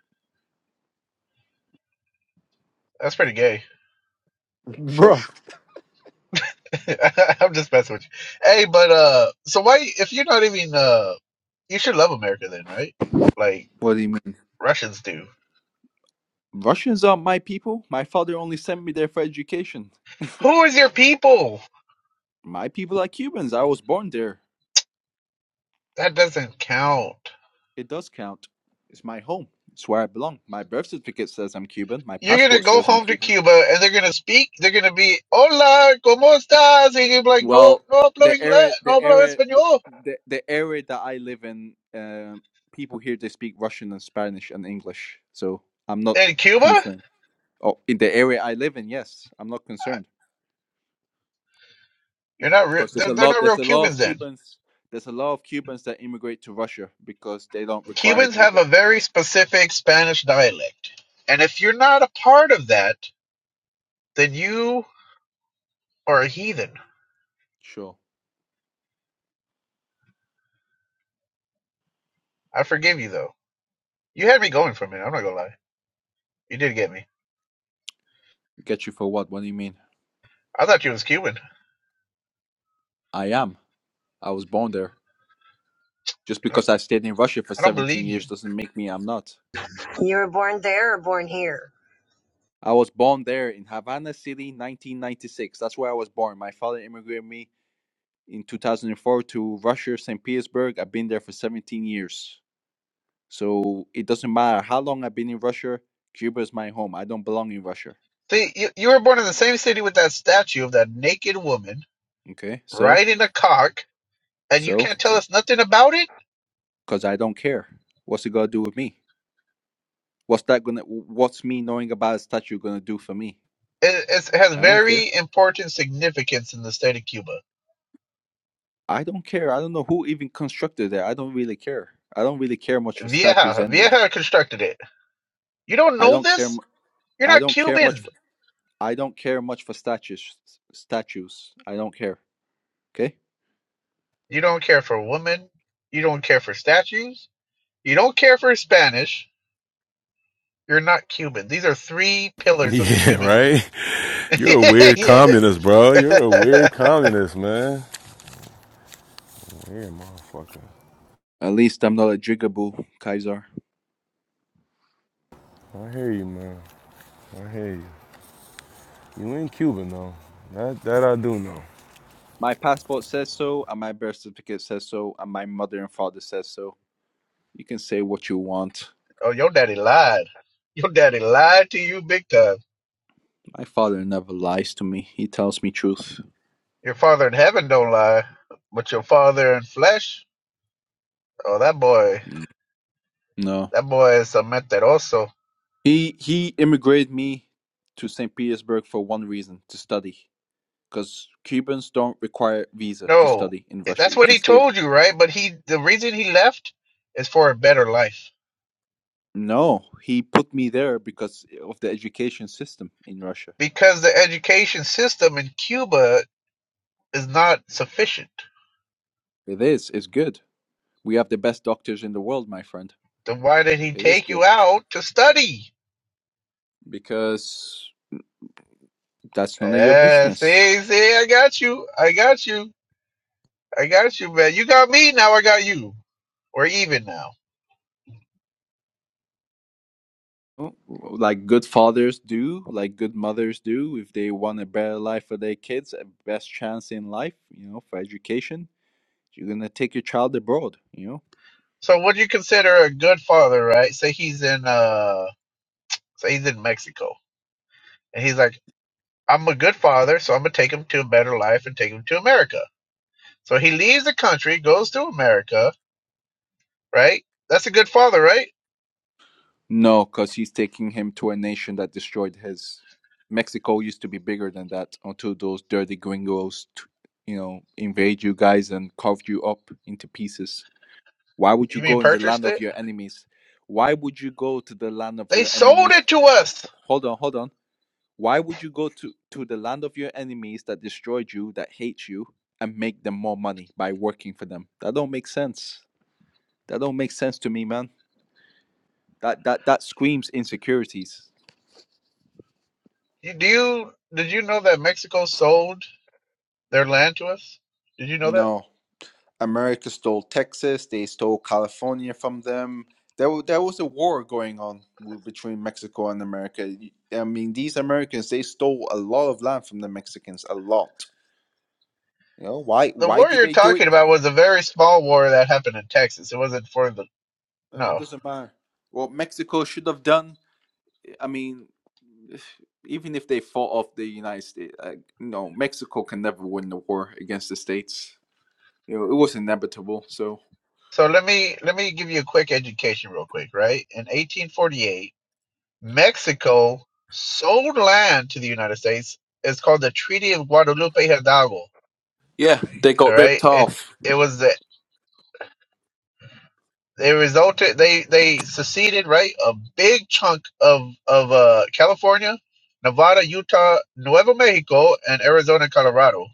That's pretty gay.
Bro,
Sure.
I'm just messing with you. Hey, but uh, so why if you're not even uh, you should love America then, right? Like
What do you mean?
Russians do.
Russians are my people. My father only sent me there for education.
Who is your people?
My people are Cubans. I was born there.
That doesn't count.
It does count. It's my home. It's where I belong. My birth certificate says I'm Cuban. My
You're gonna
passport
go
says I'm
home to
Cuban.
Cuba and they're gonna speak. They're gonna be hola, cómo estás? And you're like, no,
Well,
no hablo
the
inglés,
area, the
no hablo
area, the,
español.
the, the area that I live in, um, people here they speak Russian and Spanish and English. So I'm not
In Cuba,
concerned. Oh, in the area I live in, yes, I'm not concerned
you're not. Re-
because there's
they're,
a
they're
lot.
not
There's
real
a lot of
Cubans then.
Cubans. There's a lot of Cubans that immigrate to Russia because they don't require a
Cubans have
visa.
a very specific Spanish dialect, and if you're not a part of that, then you are a heathen.
Sure,
I forgive you though. You had me going for a minute. I'm not gonna lie. You did get me.
get you for what? What do you mean?
I thought you was Cuban.
I am. I was born there. Just
You're like,
because I stayed in Russia for
I don't
17
believe
years
you.
doesn't make me I'm not.
You were born there or born here?
I was born there in Havana City, 1996. That's where I was born. My father immigrated me in 2004 to Russia, St. Petersburg. I've been there for 17 years. So it doesn't matter how long I've been in Russia, Cuba is my home. I don't belong in Russia.
See, you, you were born in the same city with that statue of that naked woman
Okay? So,
riding a cock and you
so
can't tell us nothing about it.
cuz I don't care. What's it going to do with me? What's that going to what's me knowing about a statue going to do for me?
It, it's, it has
I don't care.
very important significance in the state of Cuba.
I don't care. I don't know who even constructed it. I don't really care. I don't really care much for statues
Vieja,
anyway.
Vieja constructed it. You don't
I
know
don't care.
this?
mu-
You're
I
not
don't care much.
Cuban.
For, I don't care much for statues. Statues. I don't care. Okay.
You don't care for women. You don't care for statues. You don't care for Spanish. You're not Cuban. These are three pillars of
Yeah,
Cuban.
right? You're a weird
Yeah.
communist, bro. You're a weird communist, man. Yeah, motherfucker.
At least I'm not a jigaboo, Kaiser.
I hear you, man. I hear you. You ain't Cuban though. That that I do know.
My passport says so, and my birth certificate says so, and my mother and father says so. You can say what you want.
oh, your daddy lied. Your daddy lied to you big time.
My father never lies to me. He tells me truth.
Your father in heaven don't lie, but your father in flesh. Oh, that boy.
Mm. No.
That boy is a mentiroso.
He he immigrated me to St. Petersburg for one reason, to study. because Cubans don't require visa to
No,
study in Russia.
that's
You
what
can
he
stay.
told you, right? But he, the reason he left is for a better life
No, he put me there because of the education system in Russia.
because the education system in Cuba is not sufficient.
It is. It's good. We have the best doctors in the world, my friend.
Then why did he
It is
take you
good
out to study?
because that's none of your
Yeah,
business.
see, see, I got you, I got you, I got you, man. You got me, now I got you. We're even now.
Like good fathers do, like good mothers do, if they want a better life for their kids, a best chance in life, you know, for education, you're gonna take your child abroad, you know
So what do you consider a good father, right? Say he's in uh say he's in Mexico and he's like, I'm a good father, so I'm gonna take him to a better life and take him to America. So he leaves the country, goes to America, right? That's a good father, right?
No, because he's taking him to a nation that destroyed his. Mexico used to be bigger than that until those dirty gringos, t- you know, invade you guys and carved you up into pieces. Why would you
You mean
go in the land
purchased
of
it?
your enemies? Why would you go to the land of
They
your
sold
enemies?
it to
Ho- ho-
us.
Hold on, hold on. Why would you go to, to the land of your enemies that destroyed you, that hate you, and make them more money by working for them? That don't make sense. That don't make sense to me, man. That that that screams insecurities.
You, do you did you know that Mexico sold their land to us? Did you know that?
No, America stole Texas. They stole California from them. There, wa- there was a war going on w- between Mexico and America. Y- I mean, these Americans they stole a lot of land from the Mexicans, a lot. You know why?
The
Why
war
did
you're
they do it?
talking about was a very small war that happened in Texas. It wasn't for the
Uh, it
no.
doesn't matter. What Mexico should have done. I mean, even if they fought off the United States, uh, no, Mexico can never win the war against the states. You know, it was inevitable. So
So let me let me give you a quick education real quick, right? In 1848, Mexico sold land to the United States. It's called the Treaty of Guadalupe Hidalgo.
yeah, they
All
got ripped
right. It
off.
it was the they resulted they they seceded, right? A big chunk of of uh California, Nevada, Utah, Nuevo Mexico, and Arizona, Colorado,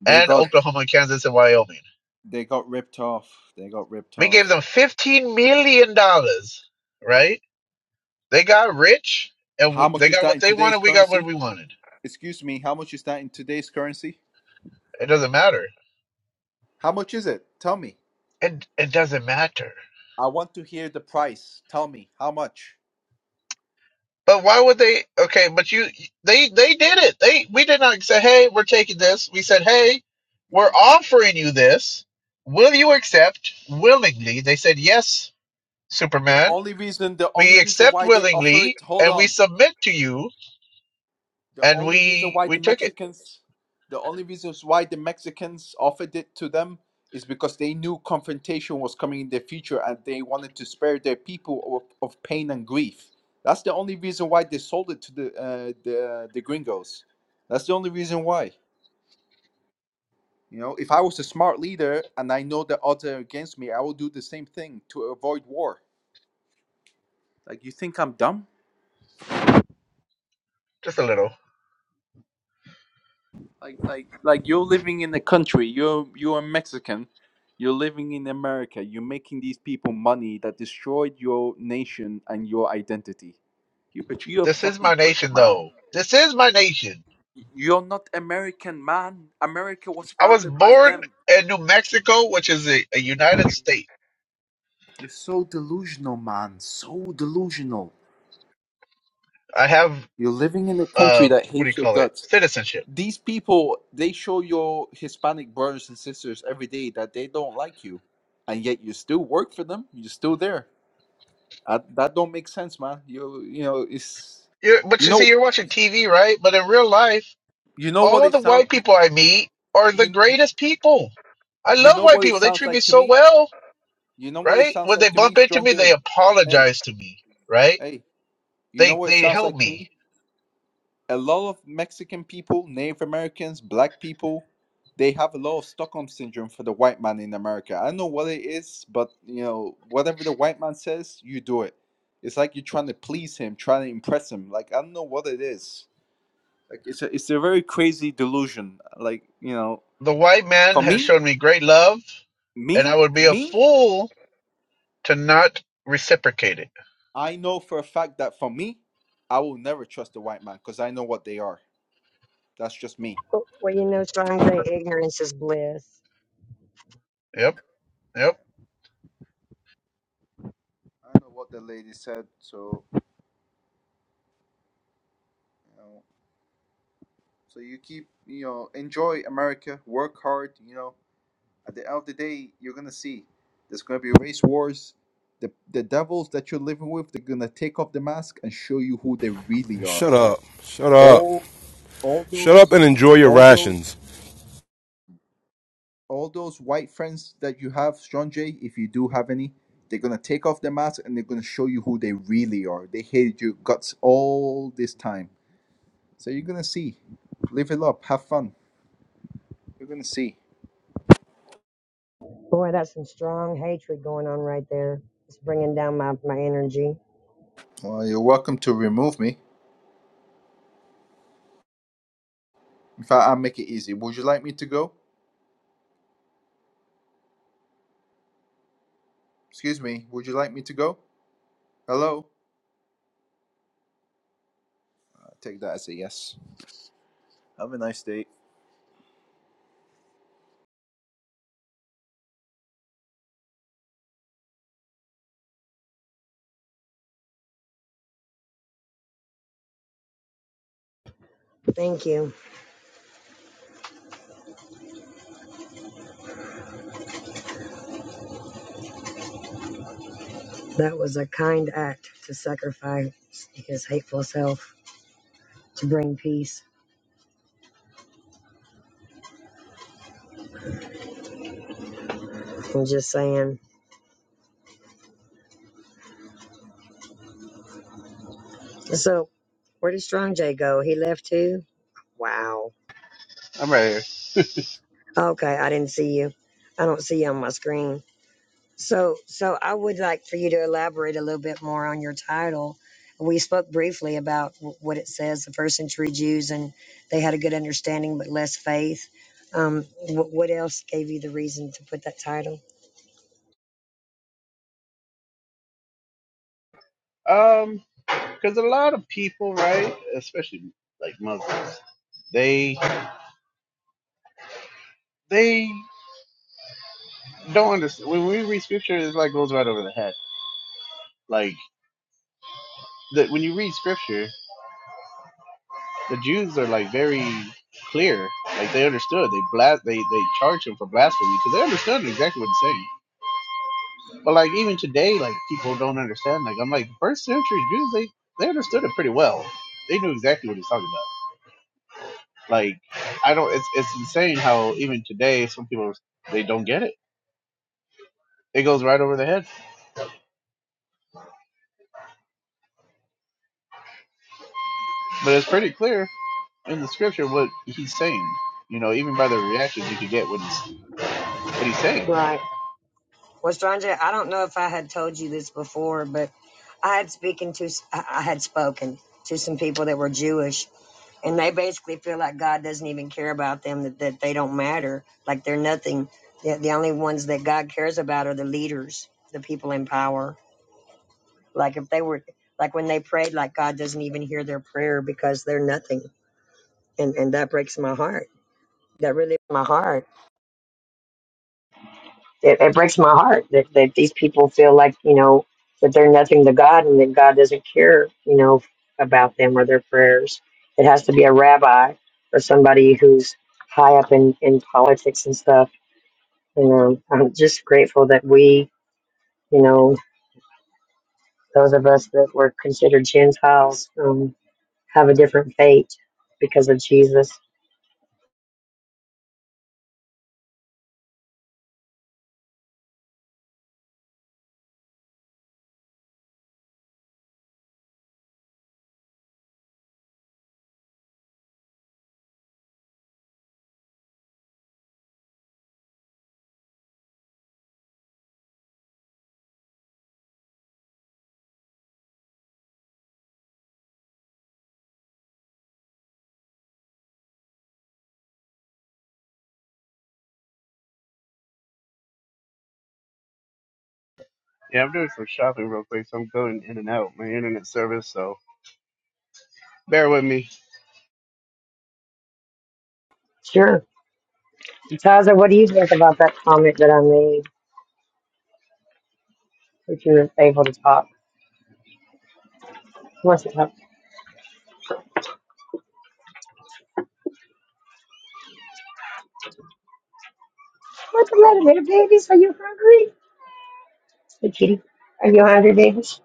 They
and
got
Oklahoma, Kansas, and Wyoming.
They got ripped off. They got ripped
We
off.
gave them fifteen million dollars, right? They got rich and
How
we,
much
they
is
got
that
what
in
they
today's
wanted. We got what
currency?
we wanted.
Excuse me, how much is that in today's currency?
It doesn't matter.
How much is it? Tell me.
It it doesn't matter.
I want to hear the price. Tell me how much.
But why would they? Okay, but you they they did it. They we did not say, hey, we're taking this. We said, hey, we're
Okay.
offering you this. Will you accept willingly? They said yes,
The
Superman.
only reason the only
We
reason
accept
why they offer
willingly
it, hold
and we
on.
submit to you.
The
And
only reason
we
why the
we took it
Mexicans, the only reasons why the Mexicans offered it to them is because they knew confrontation was coming in their future and they wanted to spare their people of, of pain and grief. That's the only reason why they sold it to the uh, the the gringos. That's the only reason why. You know, if I was a smart leader and I know the odds are against me, I will do the same thing to avoid war. Like you think I'm dumb?
just a little.
like like like you're living in the country you're you're a mexican you're living in america you're making these people money that destroyed your nation and your identity you but you're a
This is
fucking
my
traitor
nation,
man
though. This is my nation.
you're not american man america was
I was
founded by
born
them
in New Mexico, which is a, a United State.
you're so delusional man so delusional
I have
you're living in a country
uh,
that
what do you
hates your
call it?
guts
Citizenship.
these people they show your hispanic brothers and sisters every day that they don't like you and yet you still work for them you're still there I, that don't make sense, man. You you know it's
You're, but
you
you
know
see, you're watching TV, right? But in real life,
you know what
all
it
the
sounds
white
you,
people I meet are the
you
greatest people. I
you
love
know
white
what it
people. They
sounds
treat me
like to
so
me.
well,
You know what it
right?
sounds
When they
like to me,
bump into
Strong
me, they
J. Hey
apologize to me, right?
hey, you know
They
what it
they
sounds
help
like to
me.
me. A lot of Mexican people, Native Americans, Black people, they have a lot of Stockholm syndrome for the white man in America. I don't know what it is, but you know whatever the white man says, you do it. It's like you're trying to please him, trying to impress him. Like I don't know what it is like it's a it's a very crazy delusion like you know
The white man
for
has
me
shown me great love, and I
me
would be a
me
fool to not reciprocate it.
i know for a fact that for me i will never trust the white man because i know what they are that's just me
Well, well, you know, strong J, ignorance is bliss.
Yep, yep.
I know what the lady said. So, you know, so you keep, you know, enjoy America, work hard. You know, at the end of the day, you're gonna see there's gonna be race wars. The the devils that you're living with, they're gonna take off the mask and show you who they really are.
Shut up. Shut up.
All, all
Shut up
those,
and enjoy your
all those.
rations.
all those white friends that you have, Sean Jay, if you do have any, they're gonna take off their mask and they're gonna show you who they really are. They hated your guts all this time. So you're gonna see. Live it up, have fun. You're gonna see.
Boy, that's some strong hatred going on right there. It's bringing down my, my energy.
Well, you're welcome to remove me. In fact, I'll make it easy. Would you like me to go? Excuse me, would you like me to go? Hello? I take that as a yes. Have a nice day.
Thank you. That was a kind act to sacrifice his hateful self to bring peace. I'm just saying. So, where did Strong J go? He left too? Wow.
I'm right
Okay, I didn't see you. I don't see you on my screen. So, so I would like for you to elaborate a little bit more on your title. We spoke briefly about w- what it says, the first century Jews, and they had a good understanding but less faith. Um, wh- what else gave you the reason to put that title?
here. Um, because a lot of people, right, especially like Muslims, they they don't understand. When we read scripture, it like goes right over the head. Like that when you read scripture, the Jews are like very clear. Like they understood. They blas. They they charge him for blasphemy because they understood exactly what he's saying. But like even today, like people don't understand. Like I'm like first century Jews, they they understood it pretty well. They knew exactly what he's talking about. Like I don't. It's it's insane how even today some people they don't get it It goes right over their head. But it's pretty clear in the scripture what he's saying. You know, even by the reactions you could get what he's what he's saying.
Right. Well, Stranger, I don't know if I had told you this before, but I had speaking to I I had spoken to some people that were Jewish, and they basically feel like God doesn't even care about them, that, that they don't matter, like they're nothing. The, the only ones that God cares about are the leaders, the people in power. Like if they were, like when they prayed, like God doesn't even hear their prayer because they're nothing, and and that breaks my heart. That really my heart. it, it breaks my heart that, that these people feel like you know that they're nothing to God and that God doesn't care you know about them or their prayers. It has to be a rabbi or somebody who's high up in in politics and stuff. And um, I'm just grateful that we you know those of us that were considered Gentiles um, have a different fate because of Jesus.
Yeah, I'm doing some shopping real quick, so I'm going in and out my internet service, so bear with me.
Sure, Taza, what do you think about that comment that I made? If you're able to talk, who wants to talk? What's the matter, little babies? Are you hungry? Hey, kitty. Are you hungry, babies?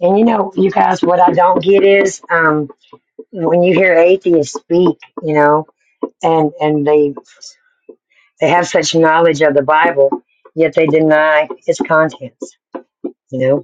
And you know, you guys, what I don't get is um, when you hear atheists speak, you know, and and they they have such knowledge of the Bible, yet they deny its contents. You know,